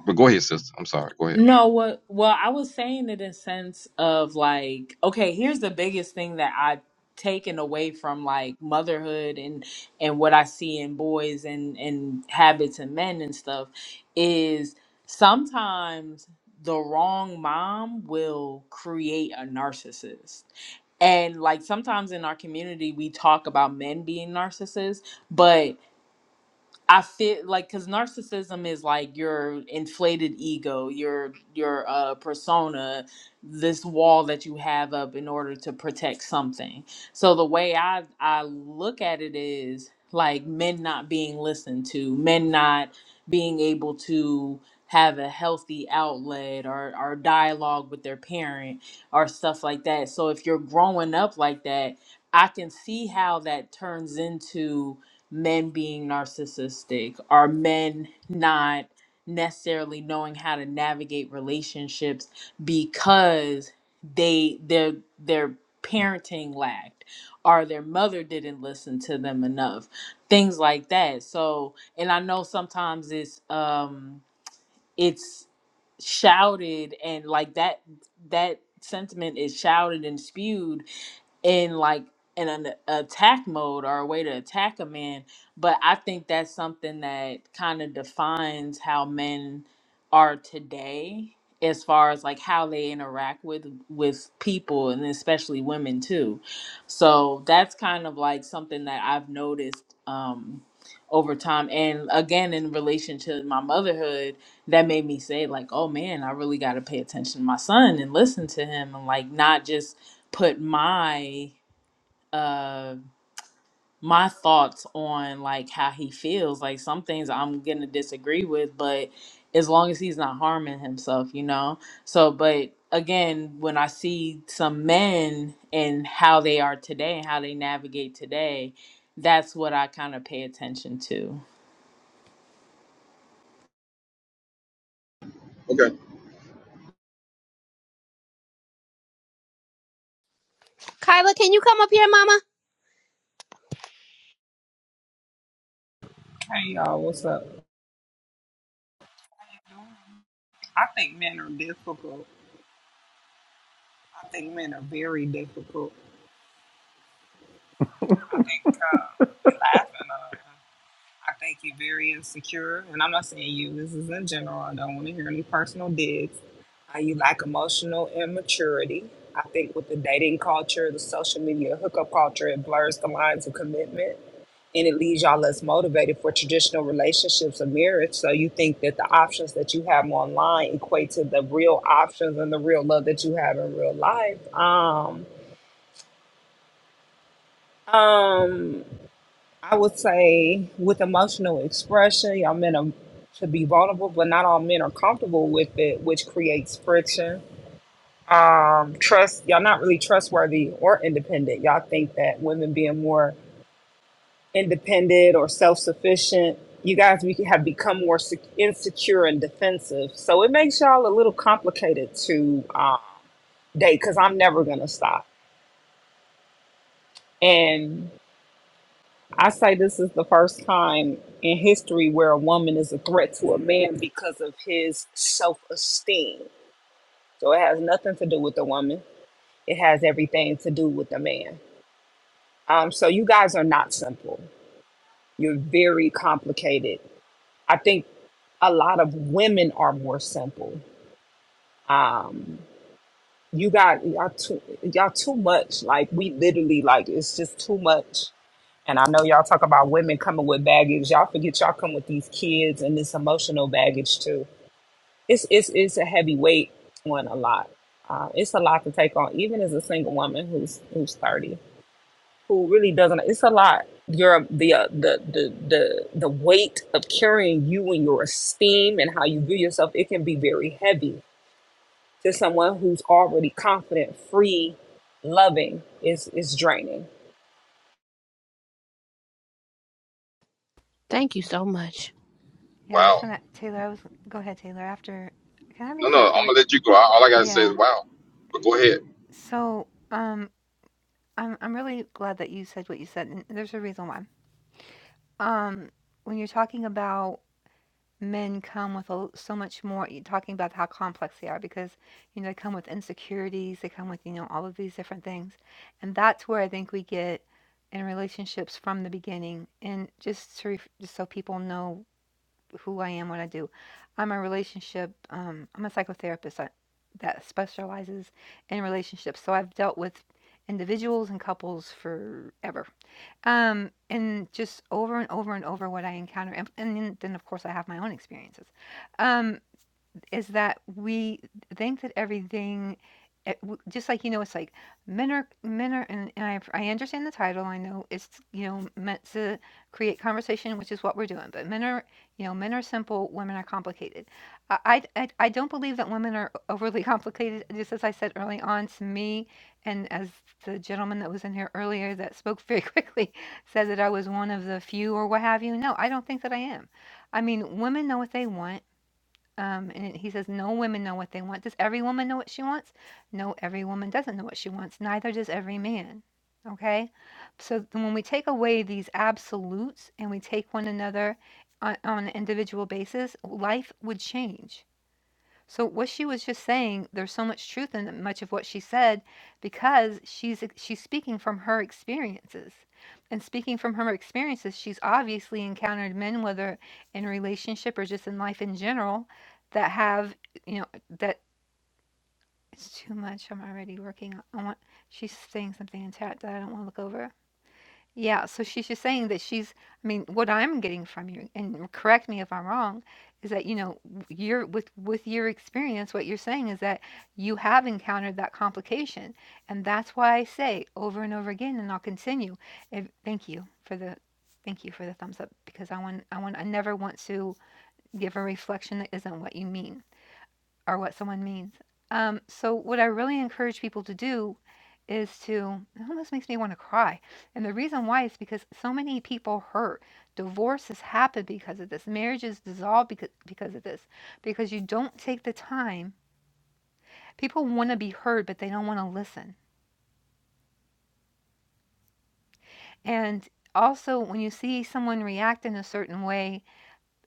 Speaker 5: but go ahead, sister. I'm sorry. Go ahead.
Speaker 6: No, what well, I was saying it in sense of like, okay, here's the biggest thing that I've taken away from like motherhood and and what I see in boys and and habits and men and stuff is sometimes the wrong mom will create a narcissist. And like sometimes in our community we talk about men being narcissists, but I feel like because narcissism is like your inflated ego, your your uh, persona, this wall that you have up in order to protect something. So the way I I look at it is like men not being listened to, men not being able to have a healthy outlet or or dialogue with their parent or stuff like that. So if you're growing up like that, I can see how that turns into men being narcissistic are men not necessarily knowing how to navigate relationships because they their their parenting lacked or their mother didn't listen to them enough things like that so and i know sometimes it's um it's shouted and like that that sentiment is shouted and spewed in like in an attack mode or a way to attack a man but i think that's something that kind of defines how men are today as far as like how they interact with with people and especially women too so that's kind of like something that i've noticed um over time and again in relation to my motherhood that made me say like oh man i really got to pay attention to my son and listen to him and like not just put my uh my thoughts on like how he feels like some things i'm gonna disagree with but as long as he's not harming himself you know so but again when i see some men and how they are today and how they navigate today that's what i kind of pay attention to
Speaker 5: Okay.
Speaker 7: Kyla, can you come up here, mama?
Speaker 8: Hey y'all, what's up? I think men are difficult. I think men are very difficult. I think uh, you're laughing. Uh, I think you're very insecure, and I'm not saying you. This is in general. I don't want to hear any personal digs. Uh, you lack emotional immaturity. I think with the dating culture, the social media hookup culture, it blurs the lines of commitment. and it leaves y'all less motivated for traditional relationships or marriage. So you think that the options that you have online equate to the real options and the real love that you have in real life. Um, um, I would say with emotional expression, y'all men are to be vulnerable, but not all men are comfortable with it, which creates friction. Um, trust y'all not really trustworthy or independent. Y'all think that women being more independent or self-sufficient you guys we have become more sec- insecure and defensive so it makes y'all a little complicated to um, date because i'm never going to stop and i say this is the first time in history where a woman is a threat to a man because of his self-esteem so it has nothing to do with the woman it has everything to do with the man um, so you guys are not simple you're very complicated I think a lot of women are more simple. Um, you got y'all too y'all too much. Like we literally like it's just too much. And I know y'all talk about women coming with baggage. Y'all forget y'all come with these kids and this emotional baggage too. It's it's it's a heavy weight on a lot. Uh, it's a lot to take on, even as a single woman who's who's thirty, who really doesn't. It's a lot. Your the uh, the the the the weight of carrying you and your esteem and how you view yourself. It can be very heavy to someone who's already confident, free, loving is is draining.
Speaker 7: Thank you so much.
Speaker 1: Yeah, I was
Speaker 5: Wow.
Speaker 1: gonna Taylor, I was go ahead, Taylor. After can I
Speaker 5: No, no.
Speaker 1: reflect
Speaker 5: I'm gonna
Speaker 1: really?
Speaker 5: let you go. All I gotta say is
Speaker 1: Yeah.
Speaker 5: wow. But go ahead.
Speaker 1: So, um, I'm I'm really glad that you said what you said, and there's a reason why. Um, when you're talking about men come with a, l- so much more, you're talking about how complex they are because you know they come with insecurities, they come with you know all of these different things, and that's where I think we get in relationships from the beginning, and just to ref- just so people know who I am, what I do. I'm a relationship, um, I'm a psychotherapist I, that specializes in relationships. So I've dealt with individuals and couples forever. Um, and just over and over and over what I encounter. And, and then, of course, I have my own experiences. Um, is that we think that everything eh, w- just like you know it's like men are men are and, and I, I understand the title i know it's you know meant to create conversation which is what we're doing but men are you know men are simple women are complicated i i, I I don't believe that women are overly complicated just as i said early on to me and as the gentleman that was in here earlier that spoke very quickly said that i was one of the few or what have you no i don't think that i am i mean women know what they want um, and he says, No women know what they want. Does every woman know what she wants? No, every woman doesn't know what she wants. Neither does every man. Okay? So when we take away these absolutes and we take one another on, on an individual basis, life would change. So what she was just saying, there's so much truth in much of what she said because she's she's speaking from her experiences. And speaking from her experiences, she's obviously encountered men whether in relationship or just in life in general that have, you know, that it's too much. I'm already working on I want she's saying something in chat that I don't want to look over. Yeah, so she's just saying that she's I mean, what I'm getting from you, and correct me if I'm wrong, is that, you know, w- you're with with your experience, what you're saying is that you have encountered that complication. And that's why I say over and over again, and I'll continue. If, thank you for the thank you for the thumbs up because I want I want I never want to give a reflection that isn't what you mean or what someone means. Um, so what I really encourage people to do is to it almost makes me want to cry. And the reason why is because so many people hurt. Divorces happen because of this. Marriages dissolve because because of this. Because you don't take the time. People want to be heard, but they don't want to listen. And also when you see someone react in a certain way,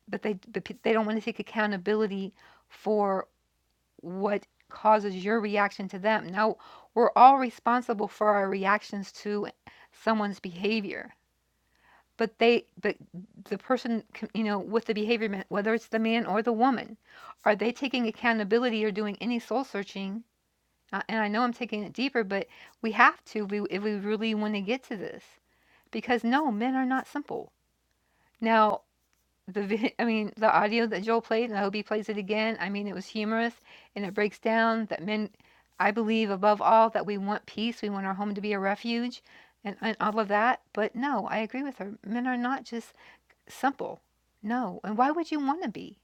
Speaker 1: but they but pe- they don't want to take accountability for what causes your reaction to them. Now, we're all responsible for our reactions to someone's behavior. But they, but the person, c- you know, with the behavior, whether it's the man or the woman, are they taking accountability or doing any soul searching? Uh, and I know I'm taking it deeper, but we have to we, if we really want to get to this, because no, men are not simple. Now, the vi I mean, the audio that Joel played, and I hope he plays it again, I mean, it was humorous, and it breaks down that men I believe above all that we want peace, we want our home to be a refuge and and all of that, but no, I agree with her. Men are not just simple. No, and why would you wanna be?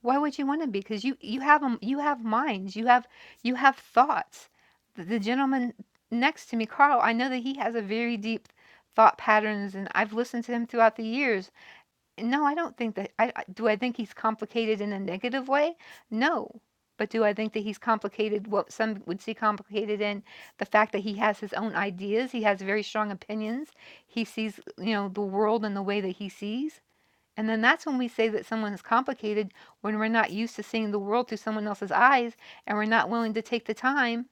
Speaker 1: Why would you wanna be? be? Because you you have 'em you have minds, you have you have thoughts. The the gentleman next to me, Carl, I know that he has a very deep thought patterns, and I've listened to him throughout the years no, I don't think that I I do I think he's complicated in a negative way? No. But do I think that he's complicated what some would see complicated in the fact that he has his own ideas, he has very strong opinions, he sees, you know, the world in the way that he sees? And then that's when we say that someone is complicated when we're not used to seeing the world through someone else's eyes and we're not willing to take the time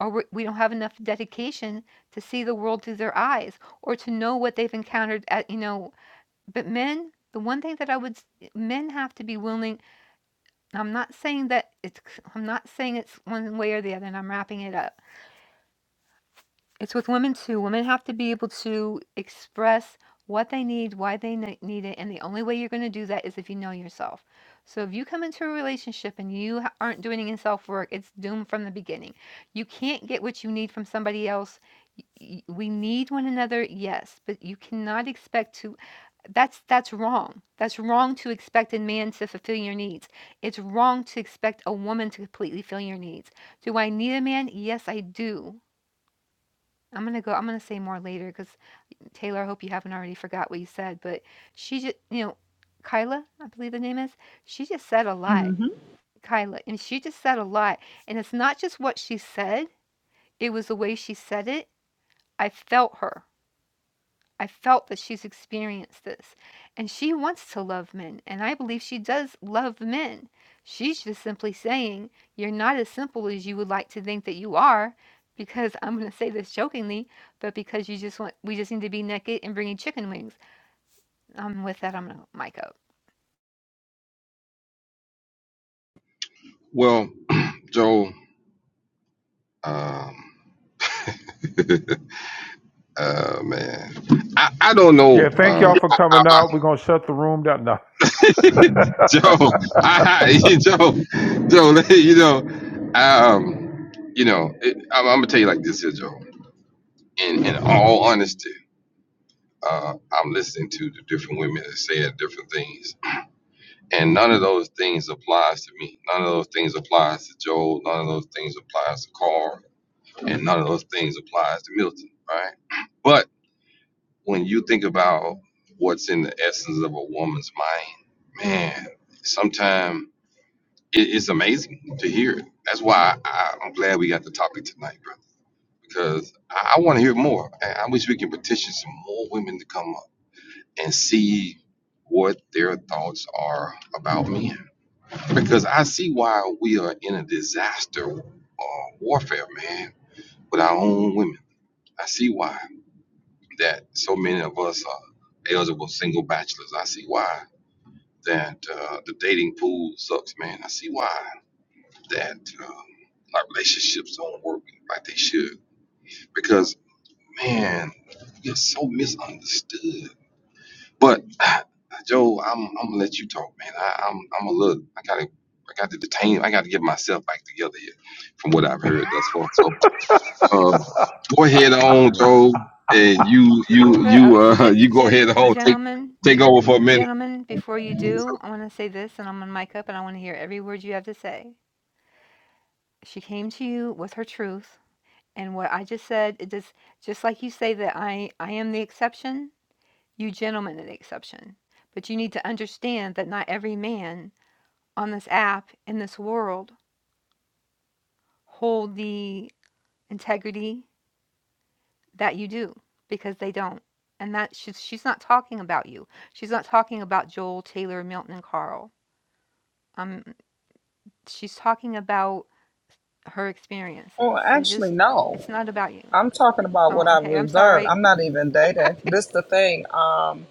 Speaker 1: or we we don't have enough dedication to see the world through their eyes or to know what they've encountered at, you know, but men, the one thing that I would men have to be willing. I'm not saying that it's I'm not saying it's one way or the other and I'm wrapping it up. It's with women too. Women have to be able to express what they need, why they ne- need it, and the only way you're going to do that is if you know yourself. So if you come into a relationship and you ha- aren't doing any self-work, it's doomed from the beginning. You can't get what you need from somebody else. Y- y- We need one another, yes, but you cannot expect to that's that's wrong. That's wrong to expect a man to fulfill your needs. It's wrong to expect a woman to completely fill your needs. Do I need a man? Yes, I do. I'm gonna go. I'm gonna say more later because Taylor, I hope you haven't already forgot what you said. But she just, you know, Kyla, I believe the name is. She just said a lot, Kyla, and she just said a lot. And it's not just what she said; it was the way she said it. I felt her. I felt that she's experienced this. And she wants to love men. And I believe she does love men. She's just simply saying, You're not as simple as you would like to think that you are. Because I'm going to say this jokingly, but because you just want, we just need to be naked and bringing chicken wings. Um, with that, I'm going to mic up.
Speaker 5: Well, Joe. Um, uh, man, I, I don't know.
Speaker 2: thank
Speaker 5: Uh,
Speaker 2: y'all for
Speaker 5: I,
Speaker 2: coming out. We're gonna shut the room down. No.
Speaker 5: Joe, I, Joe, Joe, you know, um, you know, it, I'm, I'm gonna tell you like this here, Joe. In in all honesty, uh, I'm listening to the different women that said different things, and none of those things applies to me. None of those things applies to Joe. None of those things applies to Carl, and none of those things applies to Milton, right? But when you think about what's in the essence of a woman's mind, man, sometimes. it, it's amazing to hear it. That's why I, I'm glad we got the topic tonight, brother, because I, I want to hear more. I, I wish we can petition some more women to come up and see what their thoughts are about men, because I see why we are in a disaster uh, warfare, man, with our own women. I see why that so many of us are eligible single bachelors. I see why that uh, the dating pool sucks, man. I see why that um, our relationships don't work like they should because man you're so misunderstood but joe i'm, I'm gonna let you talk man I, i'm i'm a little i gotta i gotta detain i gotta get myself back together here from what i've heard thus far so uh, go ahead on
Speaker 9: Yeah.
Speaker 5: joe and you you
Speaker 1: But, uh,
Speaker 5: you uh
Speaker 1: gen-
Speaker 5: you go
Speaker 1: gen-
Speaker 5: ahead on take
Speaker 1: gentlemen,
Speaker 5: take
Speaker 1: be-
Speaker 5: over for a minute
Speaker 1: gentlemen, before you do, I want to say this and I'm going to mic up and I want to hear every word you have to say. She came to you with her truth. And what I just said, it just just like you say that I I am the exception, you gentlemen are the exception. But you need to understand that not every man on this app in this world hold the integrity that you do because they don't. And that she's she's not talking about you. She's not talking about Joel, Taylor, Milton, and Carl. Um, she's talking about her
Speaker 8: Well,
Speaker 1: experiences. So
Speaker 8: actually,
Speaker 1: just
Speaker 8: no.
Speaker 1: it's not about you.
Speaker 8: I'm talking about what
Speaker 1: Oh,
Speaker 8: I've
Speaker 1: okay. I'm
Speaker 8: observed.
Speaker 1: sorry.
Speaker 8: I'm not even dating. This is the thing. Um,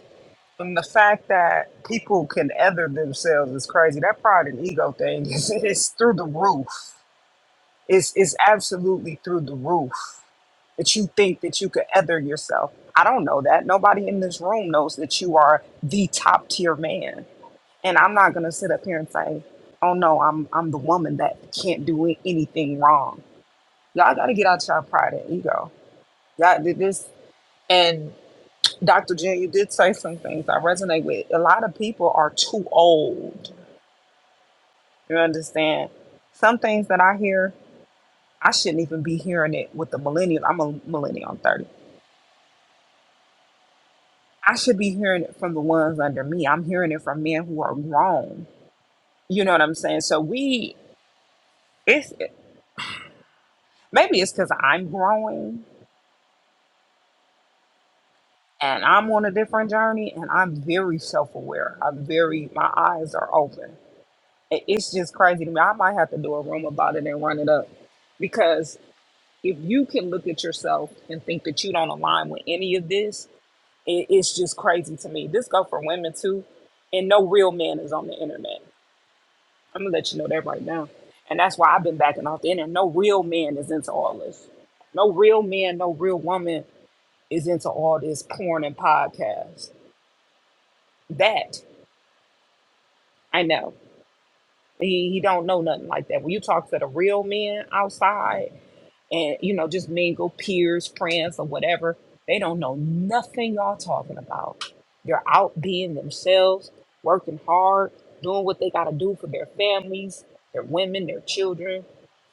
Speaker 8: and the fact that people can ether themselves is crazy. That pride and ego thing is, is through the roof. It's, it's absolutely through the roof that you think that you could ether yourself. I don't know that. Nobody in this room knows that you are the top tier man. and I'm not gonna sit up here and say, "Oh no, I'm I'm the woman that can't do it- anything wrong." Y'all got to get out your pride and ego. Y'all did this, and Dr. Jen, you did say some things I resonate with. A lot of people are too old. You understand? Some things that I hear, I shouldn't even be hearing it with the millennials. I'm a millennial. I'm 30. I should be hearing it from the ones under me. I'm hearing it from men who are grown. You know what I'm saying? So we, it's maybe it's because I'm growing and I'm on a different journey and I'm very self aware. I'm very, my eyes are open. It- It's just crazy to me. I might have to do a room about it and run it up because if you can look at yourself and think that you don't align with any of this, it, it's just crazy to me. This go for women too, and no real man is on the internet. I'm gonna let you know that right now, and that's why I've been backing off the internet. No real man is into all this. No real man, no real woman is into all this porn and podcasts. That I know. He he don't know nothing like that. When you talk to the real men outside and you know, just mingle peers, friends, or whatever, they don't know nothing y'all talking about. They're out being themselves, working hard, doing what they gotta do for their families, their women, their children.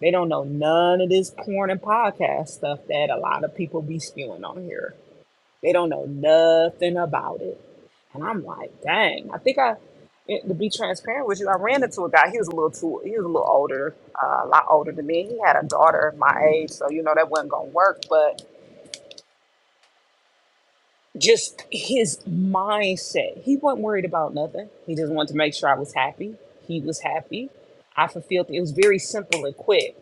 Speaker 8: They don't know none of this porn and podcast stuff that a lot of people be spewing on here. They don't know nothing about it. And I'm like, dang, I think I, it, to be transparent with you, I ran into a guy. He was a little too, he was a little older, uh, a lot older than me. He had a daughter my age, so you know that wasn't gonna work. But just his mindset, he wasn't worried about nothing. He just wanted to make sure I was happy. He was happy. I fulfilled. It was very simple and quick.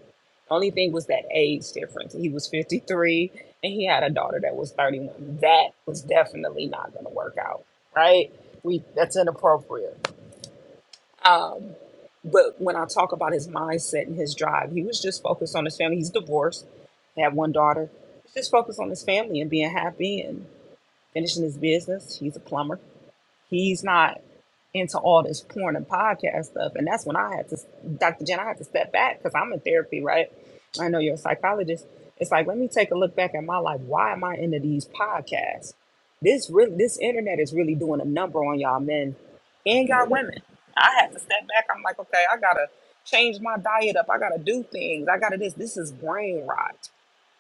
Speaker 8: Only thing was that age difference. He was 53 and he had a daughter that was 31. That was definitely not gonna work out, right? We that's inappropriate Um, but when I talk about his mindset and his drive, he was just focused on his family. He's divorced, had one daughter. He's just focused on his family and being happy and finishing his business. He's a plumber. He's not into all this porn and podcast stuff. And that's when I had to, Dr. Jen, I had to step back because I'm in therapy, right? I know you're a psychologist. It's like, let me take a look back at my life. Why am I into these podcasts? This really, this internet is really doing a number on y'all men and y'all women. I had to step back. I'm like, okay, I gotta change my diet up. I gotta do things. I gotta this. This is brain rot.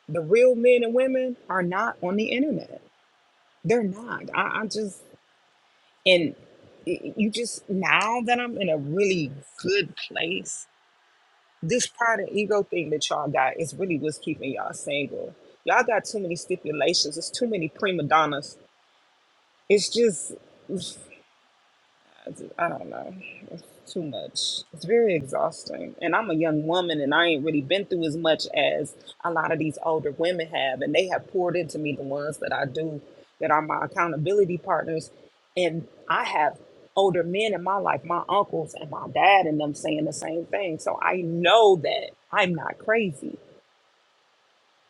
Speaker 8: The real men and women are not on the internet. They're not. I, I just and you just now that I'm in a really good place, this pride and ego thing that y'all got is really what's keeping y'all single. Y'all got too many stipulations. It's too many prima donnas. It's just it's, I don't know. It's too much. It's very exhausting. And I'm a young woman and I ain't really been through as much as a lot of these older women have. And they have poured into me the ones that I do that are my accountability partners. And I have older men in my life, my uncles and my dad, and them saying the same thing. So I know that I'm not crazy.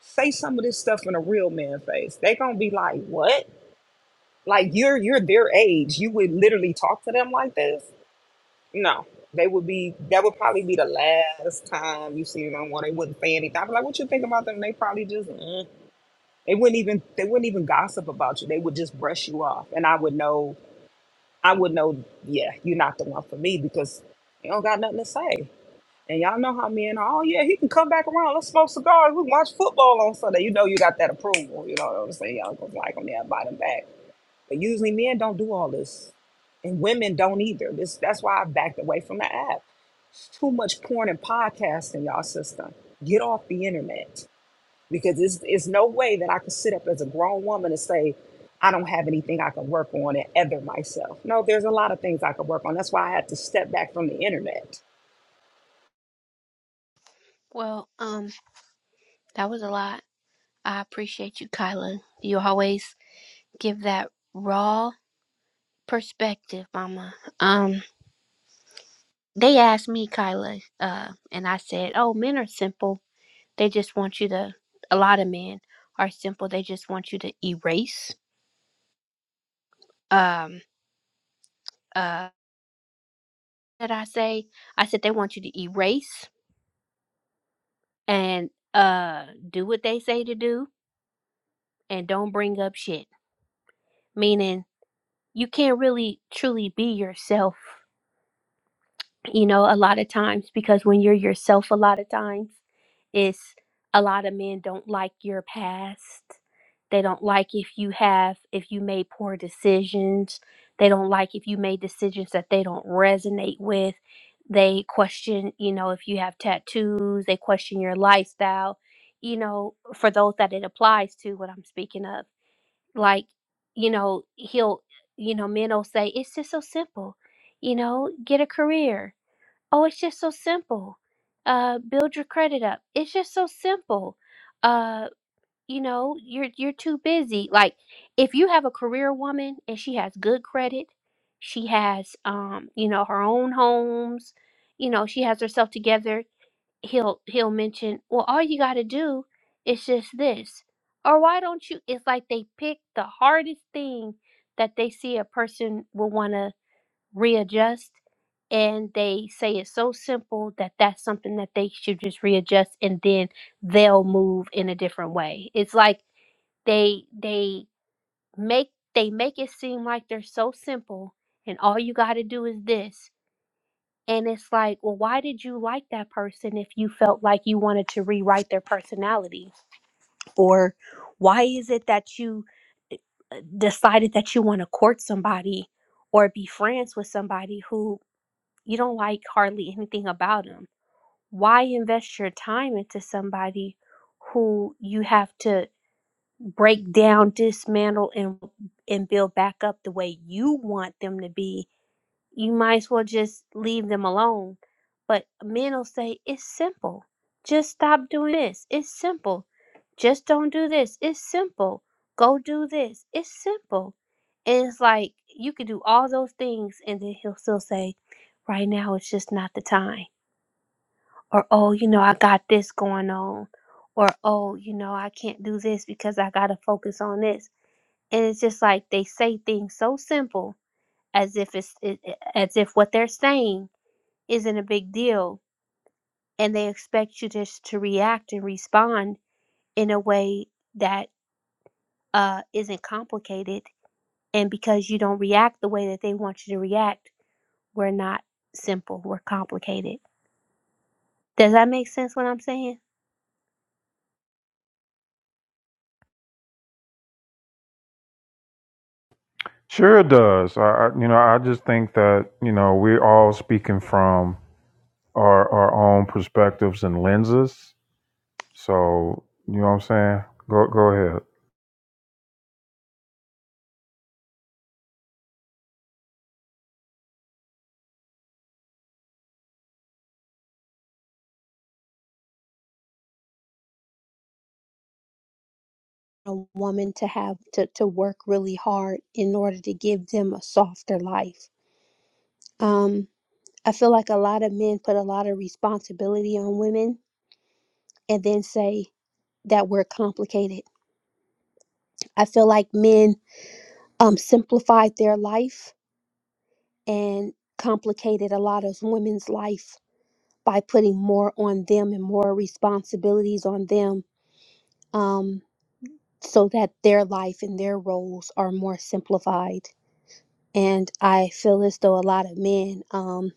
Speaker 8: Say some of this stuff in a real man face. They gonna be like, what? Like you're you're their age. You would literally talk to them like this no, they would be. That would probably be the last time you see them. When they wouldn't say anything, I'd be like, "What you think about them?" They probably just. "Mm." They wouldn't even. They wouldn't even gossip about you. They would just brush you off, and I would know. I would know. Yeah, you're not the one for me because you don't got nothing to say. And y'all know how men are. Oh yeah, he can come back around. Let's smoke cigars. We can watch football on Sunday. You know you got that approval. You know what I'm saying? Y'all gonna like him there, buy them back. But usually men don't do all this. And women don't either. This that's why I backed away from the app. It's too much porn and podcasts in y'all system. Get off the internet. Because it's it's no way that I could sit up as a grown woman and say, I don't have anything I can work on and other myself. No, there's a lot of things I could work on. That's why I had to step back from the internet.
Speaker 7: Well, um, that was a lot. I appreciate you, Kyla. You always give that raw perspective, mama. Um. They asked me, Kyla, uh, and I said, "Oh, men are simple. They just want you to. A lot of men are simple. They just want you to erase." Um, uh, did I say? I said they want you to erase and uh do what they say to do, and don't bring up shit. Meaning, you can't really truly be yourself you know, a lot of times because when you're yourself, a lot of times it's a lot of men don't like your past. They don't like if you have, if you made poor decisions. They don't like if you made decisions that they don't resonate with. They question, you know, if you have tattoos, they question your lifestyle, you know, for those that it applies to, what I'm speaking of. Like, you know, he'll, you know, men will say, it's just so simple, you know, get a career Oh, it's just so simple. Uh, build your credit up. It's just so simple. Uh, you know, you're you're too busy. Like if you have a career woman and she has good credit, she has um, you know, her own homes, you know, she has herself together, he'll he'll mention, "Well, all you got to do is just this." Or why don't you? It's like they pick the hardest thing that they see a person will want to readjust and they say it's so simple that that's something that they should just readjust and then they'll move in a different way it's like they they make they make it seem like they're so simple and all you got to do is this and it's like well why did you like that person if you felt like you wanted to rewrite their personality or why is it that you uh, decided that you want to court somebody or be friends with somebody who? You don't like hardly anything about them. Why invest your time into somebody who you have to break down, dismantle, and and build back up the way you want them to be you might as well just leave them alone. But men will say, it's simple. Just stop doing this. It's simple. Just don't do this. It's simple. Go do this. It's simple. And it's like, you can do all those things, and then he'll still say, right now it's just not the time. Or, oh, you know, I got this going on. Or, oh, you know, I can't do this because I got to focus on this. And it's just like they say things so simple as if it's it- as if what they're saying isn't a big deal and they expect you just to react and respond in a way that uh, isn't complicated and because you don't react the way that they want you to react we're not simple we're complicated does that make sense what i'm saying
Speaker 2: Sure it does. I, I you know, I just think that, you know, we're all speaking from our our own perspectives and lenses. So you know what I'm saying? Go go ahead.
Speaker 7: a woman to have to, to work really hard in order to give them a softer life um, i feel like a lot of men put a lot of responsibility on women and then say that we're complicated i feel like men um, simplified their life and complicated a lot of women's life by putting more on them and more responsibilities on them um, so that their life and their roles are more simplified. And I feel as though a lot of men, um,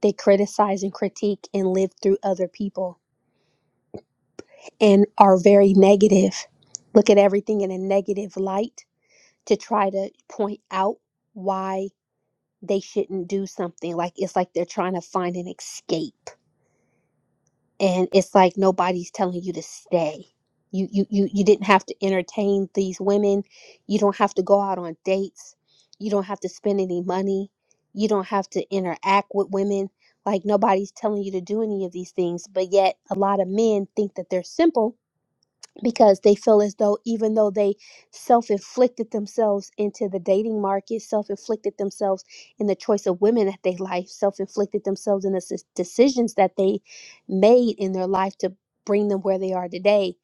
Speaker 7: they criticize and critique and live through other people and are very negative, look at everything in a negative light to try to point out why they shouldn't do something. Like it's like they're trying to find an escape. And it's like nobody's telling you to stay. You you you you didn't have to entertain these women. You don't have to go out on dates. You don't have to spend any money. You don't have to interact with women. Like nobody's telling you to do any of these things, but yet a lot of men think that they're simple because they feel as though even though they self-inflicted themselves into the dating market self-inflicted themselves in the choice of women that they like self-inflicted themselves in the s- decisions that they made in their life to bring them where they are today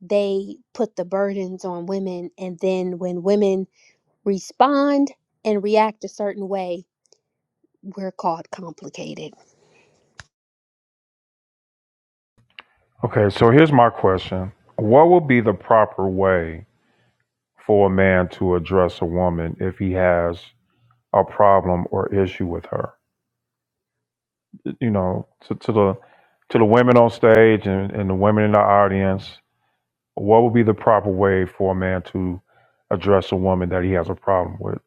Speaker 7: they put the burdens on women and then when women respond and react a certain way we're called complicated.
Speaker 2: Okay, so here's my question. What would be the proper way for a man to address a woman if he has a problem or issue with her? You know, to, to the to the women on stage and, and the women in the audience, what would be the proper way for a man to address a woman that he has a problem with?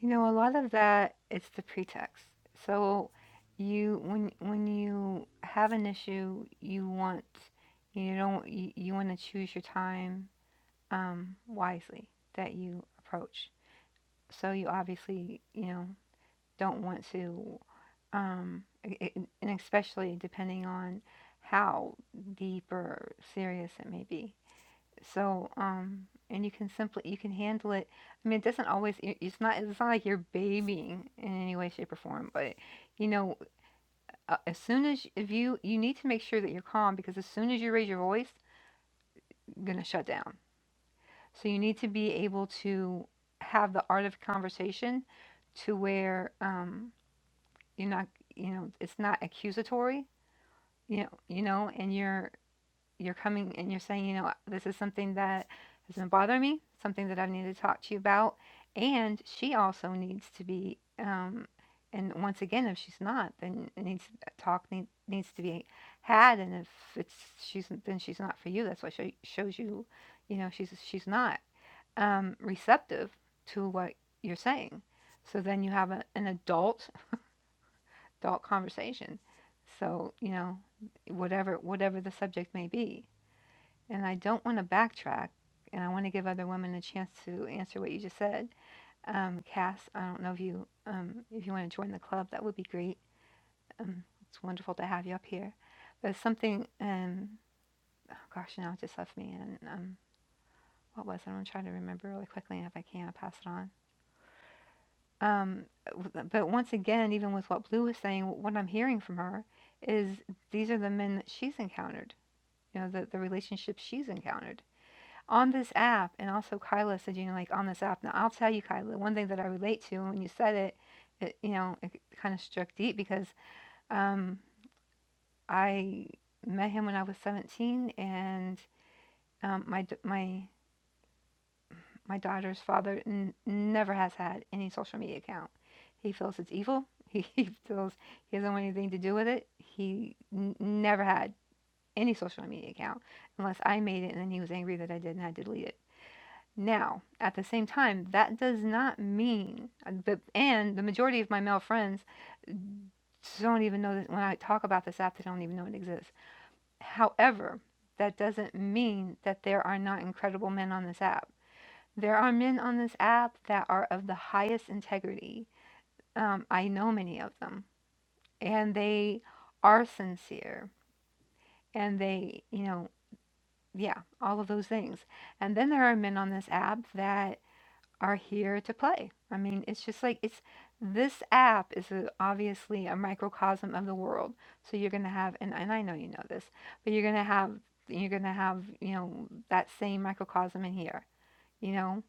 Speaker 1: You know, a lot of that it's the pretext. So you when when you have an issue, you want you don't you, you want to choose your time um, wisely that you approach. So you obviously you know don't want to, um, i- and especially depending on how deep or serious it may be. So, um, and you can simply you can handle it. I mean, it doesn't always. i- It's not. It's not like you're babying in any way, shape, or form. But you know, uh, as soon as if you you need to make sure that you're calm because as soon as you raise your voice, you're gonna shut down. So you need to be able to have the art of conversation to where um, you're not. You know, it's not accusatory. You know, you know, and you're you're coming and you're saying, you know, this is something that has been bothering me, something that I've needed to talk to you about. And she also needs to be, um, and once again, if she's not, then it needs talk need, needs to be had. And if it's she's then she's not for you. That's what she shows you, you know, she's she's not um, receptive to what you're saying. So then you have a, an adult adult conversation. So you know, whatever whatever the subject may be and I don't want to backtrack, and I want to give other women a chance to answer what you just said. Um, Cass, I don't know if you um, if you want to join the club, that would be great. Um, it's wonderful to have you up here. But something, um, oh gosh, now it just left me. And um, what was it? I'm trying to remember really quickly, and if I can, I'll pass it on. Um, but once again, even with what Blue was saying, what I'm hearing from her is these are the men that she's encountered. You know, the, the relationships she's encountered on this app, and also Kyla said, you know, like on this app. Now, I'll tell you, Kyla, one thing that I relate to and when you said it, it, you know, it kind of struck deep because um, I met him when I was 17, and um, my my my daughter's father n- never has had any social media account. He feels it's evil. He, he feels he doesn't want anything to do with it. He n- never had any social media account unless I made it, and then he was angry that I did, and I had to delete it. Now, at the same time, that does not mean, but, and the majority of my male friends don't even know that when I talk about this app, they don't even know it exists. However, that doesn't mean that there are not incredible men on this app. There are men on this app that are of the highest integrity. Um, I know many of them, and they are sincere, and they, you know, yeah, all of those things. And then there are men on this app that are here to play. I mean, it's just like it's this app is a, obviously a microcosm of the world. So you're going to have and, and I know you know this, but you're going to have you're going to have, you know, that same microcosm in here. You know,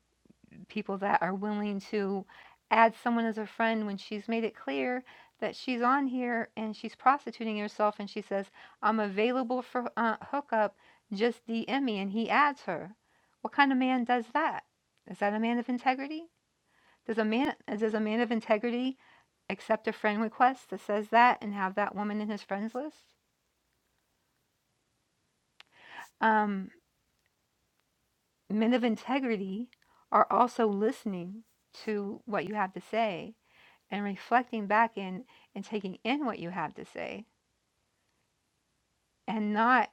Speaker 1: people that are willing to add someone as a friend when she's made it clear that she's on here and she's prostituting herself and she says, "I'm available for uh, hookup, just DM me." And he adds her. What kind of man does that? Is that a man of integrity? Does a man does a man of integrity accept a friend request that says that and have that woman in his friends list? Um, men of integrity are also listening to what you have to say and reflecting back in and taking in what you have to say and not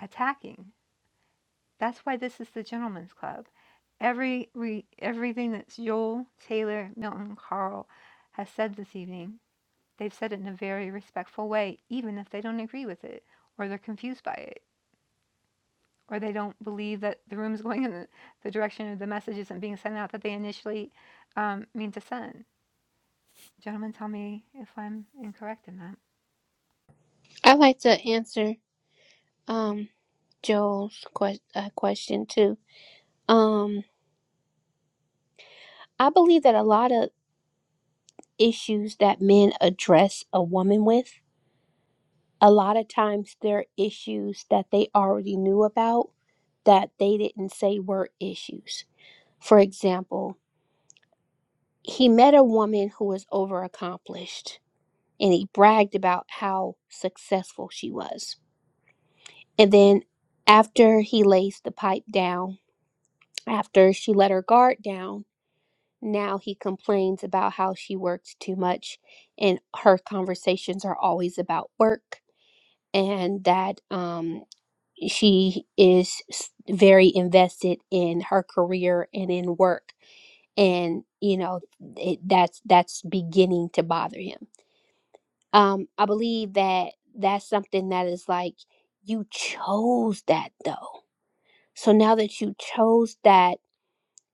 Speaker 1: attacking. That's why this is the gentleman's club. Every re, everything that Joel, Taylor, Milton, Carl has said this evening, they've said it in a very respectful way, even if they don't agree with it or they're confused by it. or they don't believe that the room is going in the, the direction of the message isn't being sent out that they initially um, mean to send. Gentlemen, tell me if I'm incorrect in that.
Speaker 7: I like to answer um Joel's que- uh, question too. Um, I believe that a lot of issues that men address a woman with, a lot of times they're issues that they already knew about that they didn't say were issues. For example, he met a woman who was overaccomplished and he bragged about how successful she was. And then after he lays the pipe down, after she let her guard down, now he complains about how she works too much and her conversations are always about work and that um, she is s- very invested in her career and in work and you know it, that's that's beginning to bother him um i believe that that's something that is like you chose that though so now that you chose that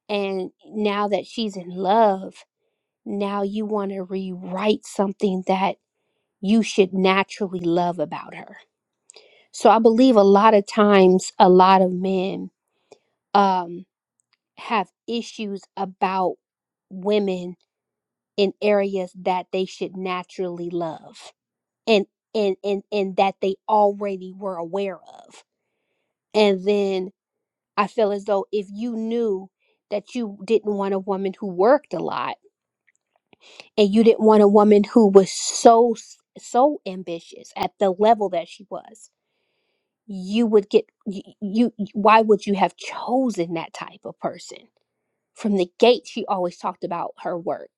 Speaker 7: and now that she's in love now you want to rewrite something that you should naturally love about her so i believe a lot of times a lot of men um have issues about women in areas that they should naturally love and and and and that they already were aware of and then i feel as though if you knew that you didn't want a woman who worked a lot and you didn't want a woman who was so s- so ambitious at the level that she was you would get you, you why would you have chosen that type of person from the gate she always talked about her work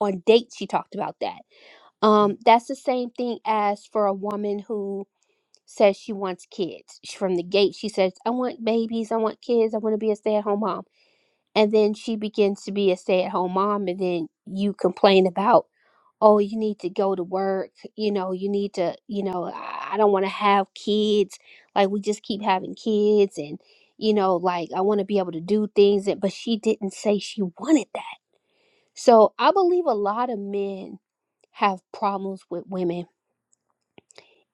Speaker 7: on dates she talked about that Um, that's the same thing as for a woman who says she wants kids. Sh- From the gate, she says, I want babies, I want kids, I want to be a stay at home mom. And then she begins to be a stay at home mom, and then you complain about, oh, you need to go to work, you know, you need to, you know, I I don't want to have kids. Like, we just keep having kids, and, you know, like, I want to be able to do things. And, but she didn't say she wanted that. So I believe a lot of men have problems with women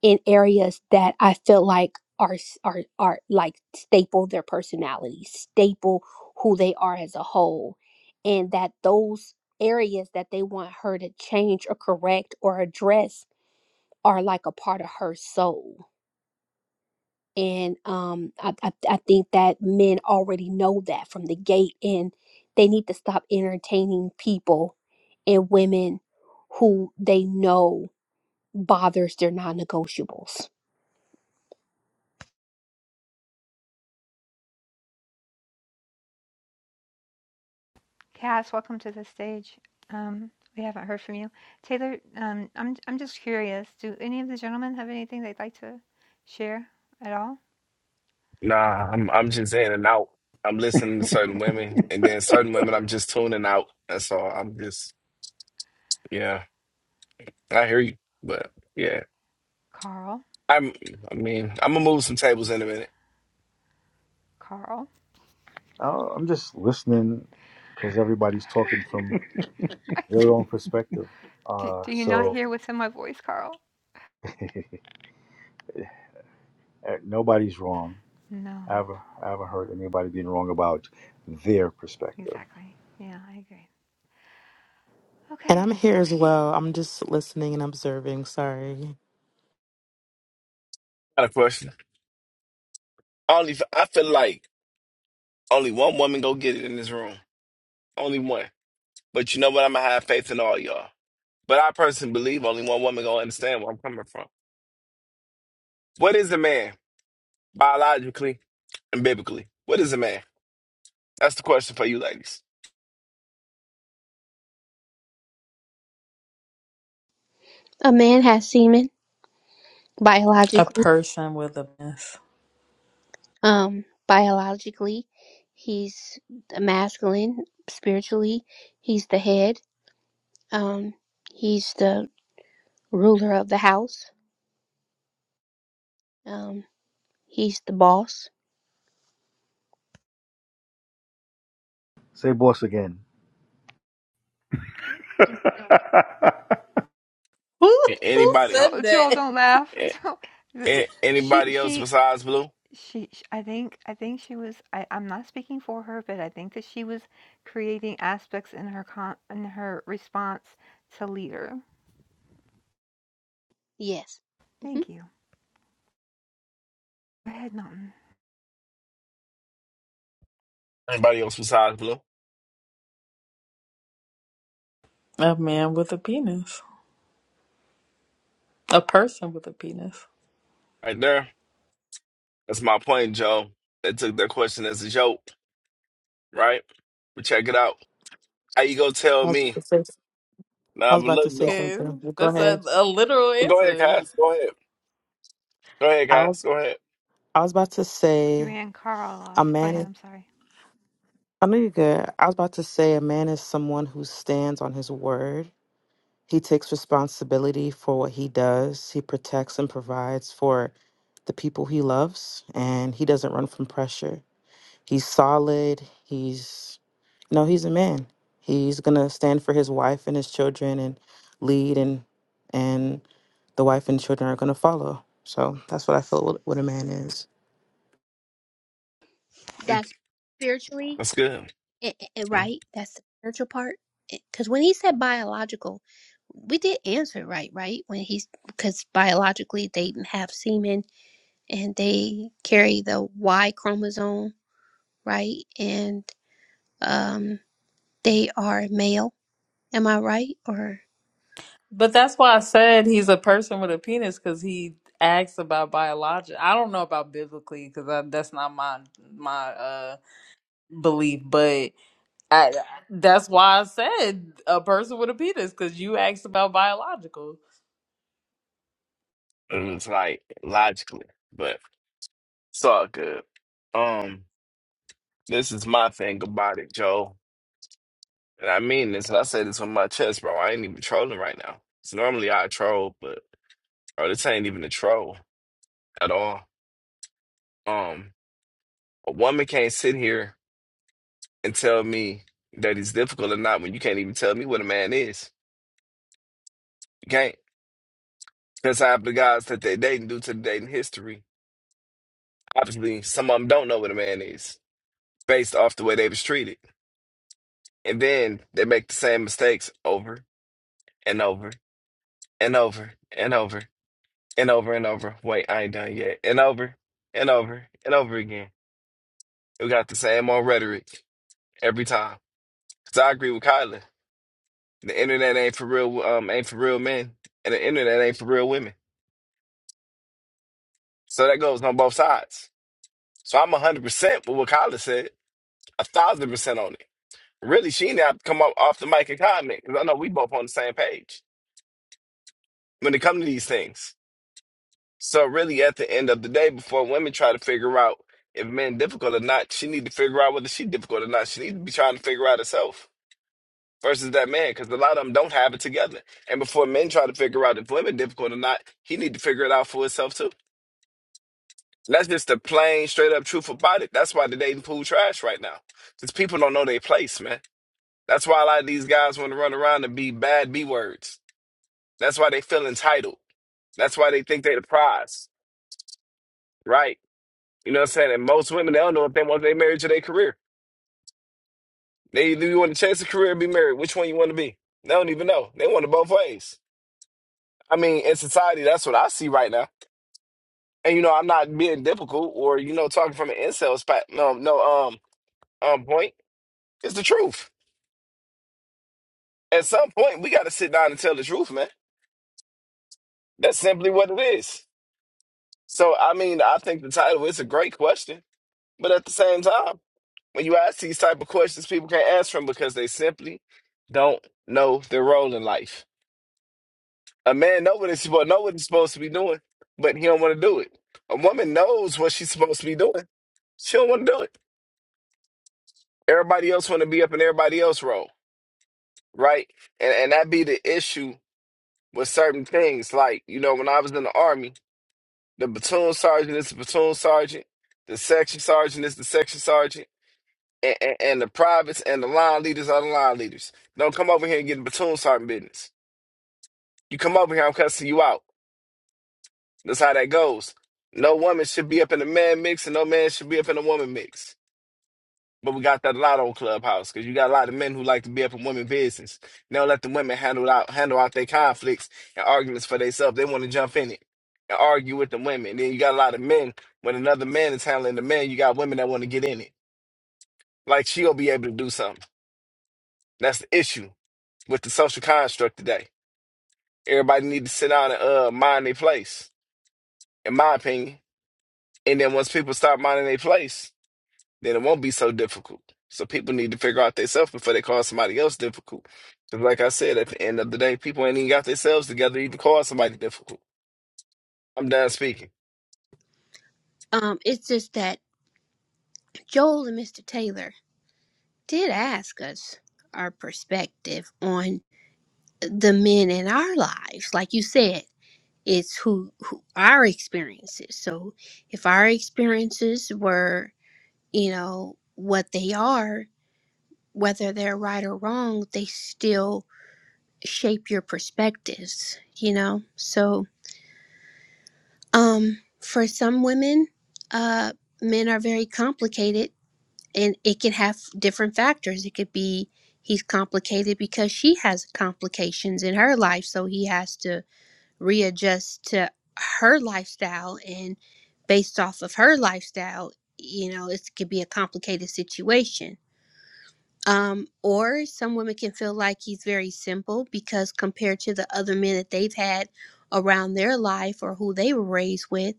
Speaker 7: in areas that I feel like are s- are are like staple their personality, staple who they are as a whole, and that those areas that they want her to change or correct or address are like a part of her soul. And um, I, I, I think that men already know that from the gate, and they need to stop entertaining people and women who they know bothers their non-negotiables.
Speaker 1: Cass, welcome to the stage. Um, we haven't heard from you. Taylor, um, I'm, I'm just curious. Do any of the gentlemen have anything they'd like to share at all?
Speaker 9: Nah, I'm I'm just in and out. I'm listening to certain women, and then certain women I'm just tuning out. That's all. I'm just yeah. I hear you, but yeah.
Speaker 1: Carl,
Speaker 9: I'm. I mean, I'm gonna move some tables in a minute.
Speaker 1: Carl.
Speaker 3: Oh, I'm just listening because everybody's talking from their own perspective.
Speaker 1: do,
Speaker 3: Uh,
Speaker 1: do you not
Speaker 3: so
Speaker 1: hear within my voice, Carl?
Speaker 3: uh, nobody's wrong.
Speaker 1: No,
Speaker 3: I haven't, I haven't heard anybody being wrong about their perspective.
Speaker 1: exactly. Yeah, I agree.
Speaker 10: And
Speaker 1: Okay.
Speaker 10: I'm here as well. I'm just listening and observing. Sorry.
Speaker 9: Got a question. Only I feel like only one woman go get it in this room. Only one. But you know what? I'm gonna have faith in all y'all. But I personally believe only one woman gonna understand where I'm coming from. What is a man biologically and biblically? What is a man? That's the question for you ladies.
Speaker 7: A man has semen.
Speaker 6: A
Speaker 7: biologically
Speaker 6: person with a penis.
Speaker 7: um biologically he's the masculine spiritually he's the head um he's the ruler of the house um he's the boss
Speaker 3: Say boss again.
Speaker 6: who,
Speaker 9: A-
Speaker 6: who
Speaker 9: Anybody?
Speaker 6: said
Speaker 1: Joel, Joel,
Speaker 6: that
Speaker 1: don't laugh. Joel,
Speaker 9: A-
Speaker 1: she,
Speaker 9: anybody else
Speaker 1: she,
Speaker 9: besides Blue?
Speaker 1: she, I think, I think she was. I, I'm not speaking for her, but I think that she was creating aspects in her con, in her response to leader.
Speaker 7: yes hmm
Speaker 1: Thank you. Go ahead, Milton.
Speaker 9: Anybody else besides Blue?
Speaker 6: A man with a penis. A person with a penis.
Speaker 9: Right there. That's my point, Joe. They took that question as a joke, right? But check it out. How you gonna
Speaker 10: I
Speaker 9: tell
Speaker 10: was,
Speaker 9: me?
Speaker 10: about to say- I
Speaker 9: Nah,
Speaker 10: was
Speaker 9: but
Speaker 10: about to
Speaker 9: look
Speaker 10: say
Speaker 9: though.
Speaker 6: Okay,
Speaker 10: something. Go
Speaker 6: that's a,
Speaker 10: ahead.
Speaker 6: a literal
Speaker 9: Go ahead,
Speaker 6: answer.
Speaker 9: Cass. Go ahead. Go ahead,
Speaker 10: I
Speaker 9: Cass.
Speaker 10: was
Speaker 9: Go ahead.
Speaker 10: I was about to
Speaker 1: You
Speaker 10: say
Speaker 1: ran Carl
Speaker 10: a
Speaker 1: off. Go ahead.
Speaker 10: man
Speaker 1: I'm sorry.
Speaker 10: I know you're good. I was about to say a man is someone who stands on his word. He takes responsibility for what he does. He protects and provides for the people he loves and he doesn't run from pressure. He's solid. He's no, he's a man. He's gonna stand for his wife and his children and lead and and the wife and children are gonna follow. So that's what I feel what, what a man is.
Speaker 9: Mm,
Speaker 7: that's spiritually
Speaker 9: That's good.
Speaker 7: i i i-
Speaker 9: Mm.
Speaker 7: right that's the spiritual part because when he said biological we did answer it right right when he's because biologically they have semen and they carry the y chromosome right and Um, they are male. Am I right? Or
Speaker 6: But that's why I said he's a person with a penis because he asks about biology. I don't know about biblically because that's not my my uh belief, but I, that's why I said a person with a penis because you asked about biological.
Speaker 9: It was like logically, but it's all good. Um, this is my thing about it, Joe. And I mean this, and I say this with my chest, bro. I ain't even trolling right now. So normally I troll, but bro, this ain't even a troll at all Um, a woman can't sit here and tell me that he's difficult or not when you can't even tell me what a man is. You can't. Because half the guys that they dating due to the dating history, obviously some of them don't know what a man is based off the way they was treated. And then they make the same mistakes over and over and over and over and over and over. Wait, I ain't done yet. And over and over and over again. We got the same old rhetoric every time. Because I agree with Kyler. The internet ain't for real um ain't for real men, and the internet ain't for real women. So that goes on both sides. So I'm hundred percent with what Kyla said, a thousand percent on it. Really, she didn't have to come up off the mic and comment because I know we both on the same page when it comes to these things. So really, at the end of the day, before women try to figure out if men difficult or not, she need to figure out whether she difficult or not. She need to be trying to figure out herself versus that man because a lot of them don't have it together. And before men try to figure out if women difficult or not, he need to figure it out for himself too. That's just the plain, straight up truth about it. That's why the dating pool trash right now. Because people don't know their place, man. That's why a lot of these guys want to run around and be bad B words. That's why they feel entitled. That's why they think they're the prize, right? You know what I'm saying? And most women, they don't know if they want their marriage or their career. They do you want to chase a career or be married? Which one you want to be? They don't even know. They want it both ways. I mean, in society, that's what I see right now. And you know, I'm not being difficult or you know talking from an incel spot. No, no, um, um, point. It's the truth. at some point we got to sit down and tell the truth, man. That's simply what it is. So I mean, I think the title is a great question, but at the same time, when you ask these type of questions, people can't answer them because they simply don't know their role in life. A man know what he's supposed know what he's supposed to be doing, but he don't want to do it. A woman knows what she's supposed to be doing. She don't want to do it. Everybody else want to be up in everybody else role, right? And and that be the issue with certain things. Like you know, when I was in the army. The platoon sergeant is the platoon sergeant. The section sergeant is the section sergeant. And, and, and the privates and the line leaders are the line leaders. Don't come over here and get the platoon sergeant business. You come over here, I'm cussing you out. That's how that goes. No woman should be up in the man mix, and no man should be up in the woman mix. But we got that a lot on Clubhouse because you got a lot of men who like to be up in women business. They don't let the women handle out handle out their conflicts and arguments for themselves. They want to jump in it and argue with the women. Then you got a lot of men. When another man is handling the man, you got women that want to get in it. Like she'll be able to do something. That's the issue with the social construct today. Everybody need to sit down and uh mind their place, in my opinion. And then once people start minding their place, then it won't be so difficult. So people need to figure out themselves before they call somebody else difficult. 'Cause like I said, at the end of the day, people ain't even got themselves together to even call somebody difficult. I'm done speaking.
Speaker 7: um, it's just that Joel and Mr. Taylor did ask us our perspective on the men in our lives. Like you said, it's who, who our experiences. So if our experiences were, you know, what they are, whether they're right or wrong, they still shape your perspectives. You know, so Um, for some women, uh, men are very complicated, and it can have different factors. It could be he's complicated because she has complications in her life, so he has to readjust to her lifestyle, and based off of her lifestyle, you know, it could be a complicated situation. Um, or some women can feel like he's very simple because compared to the other men that they've had around their life or who they were raised with,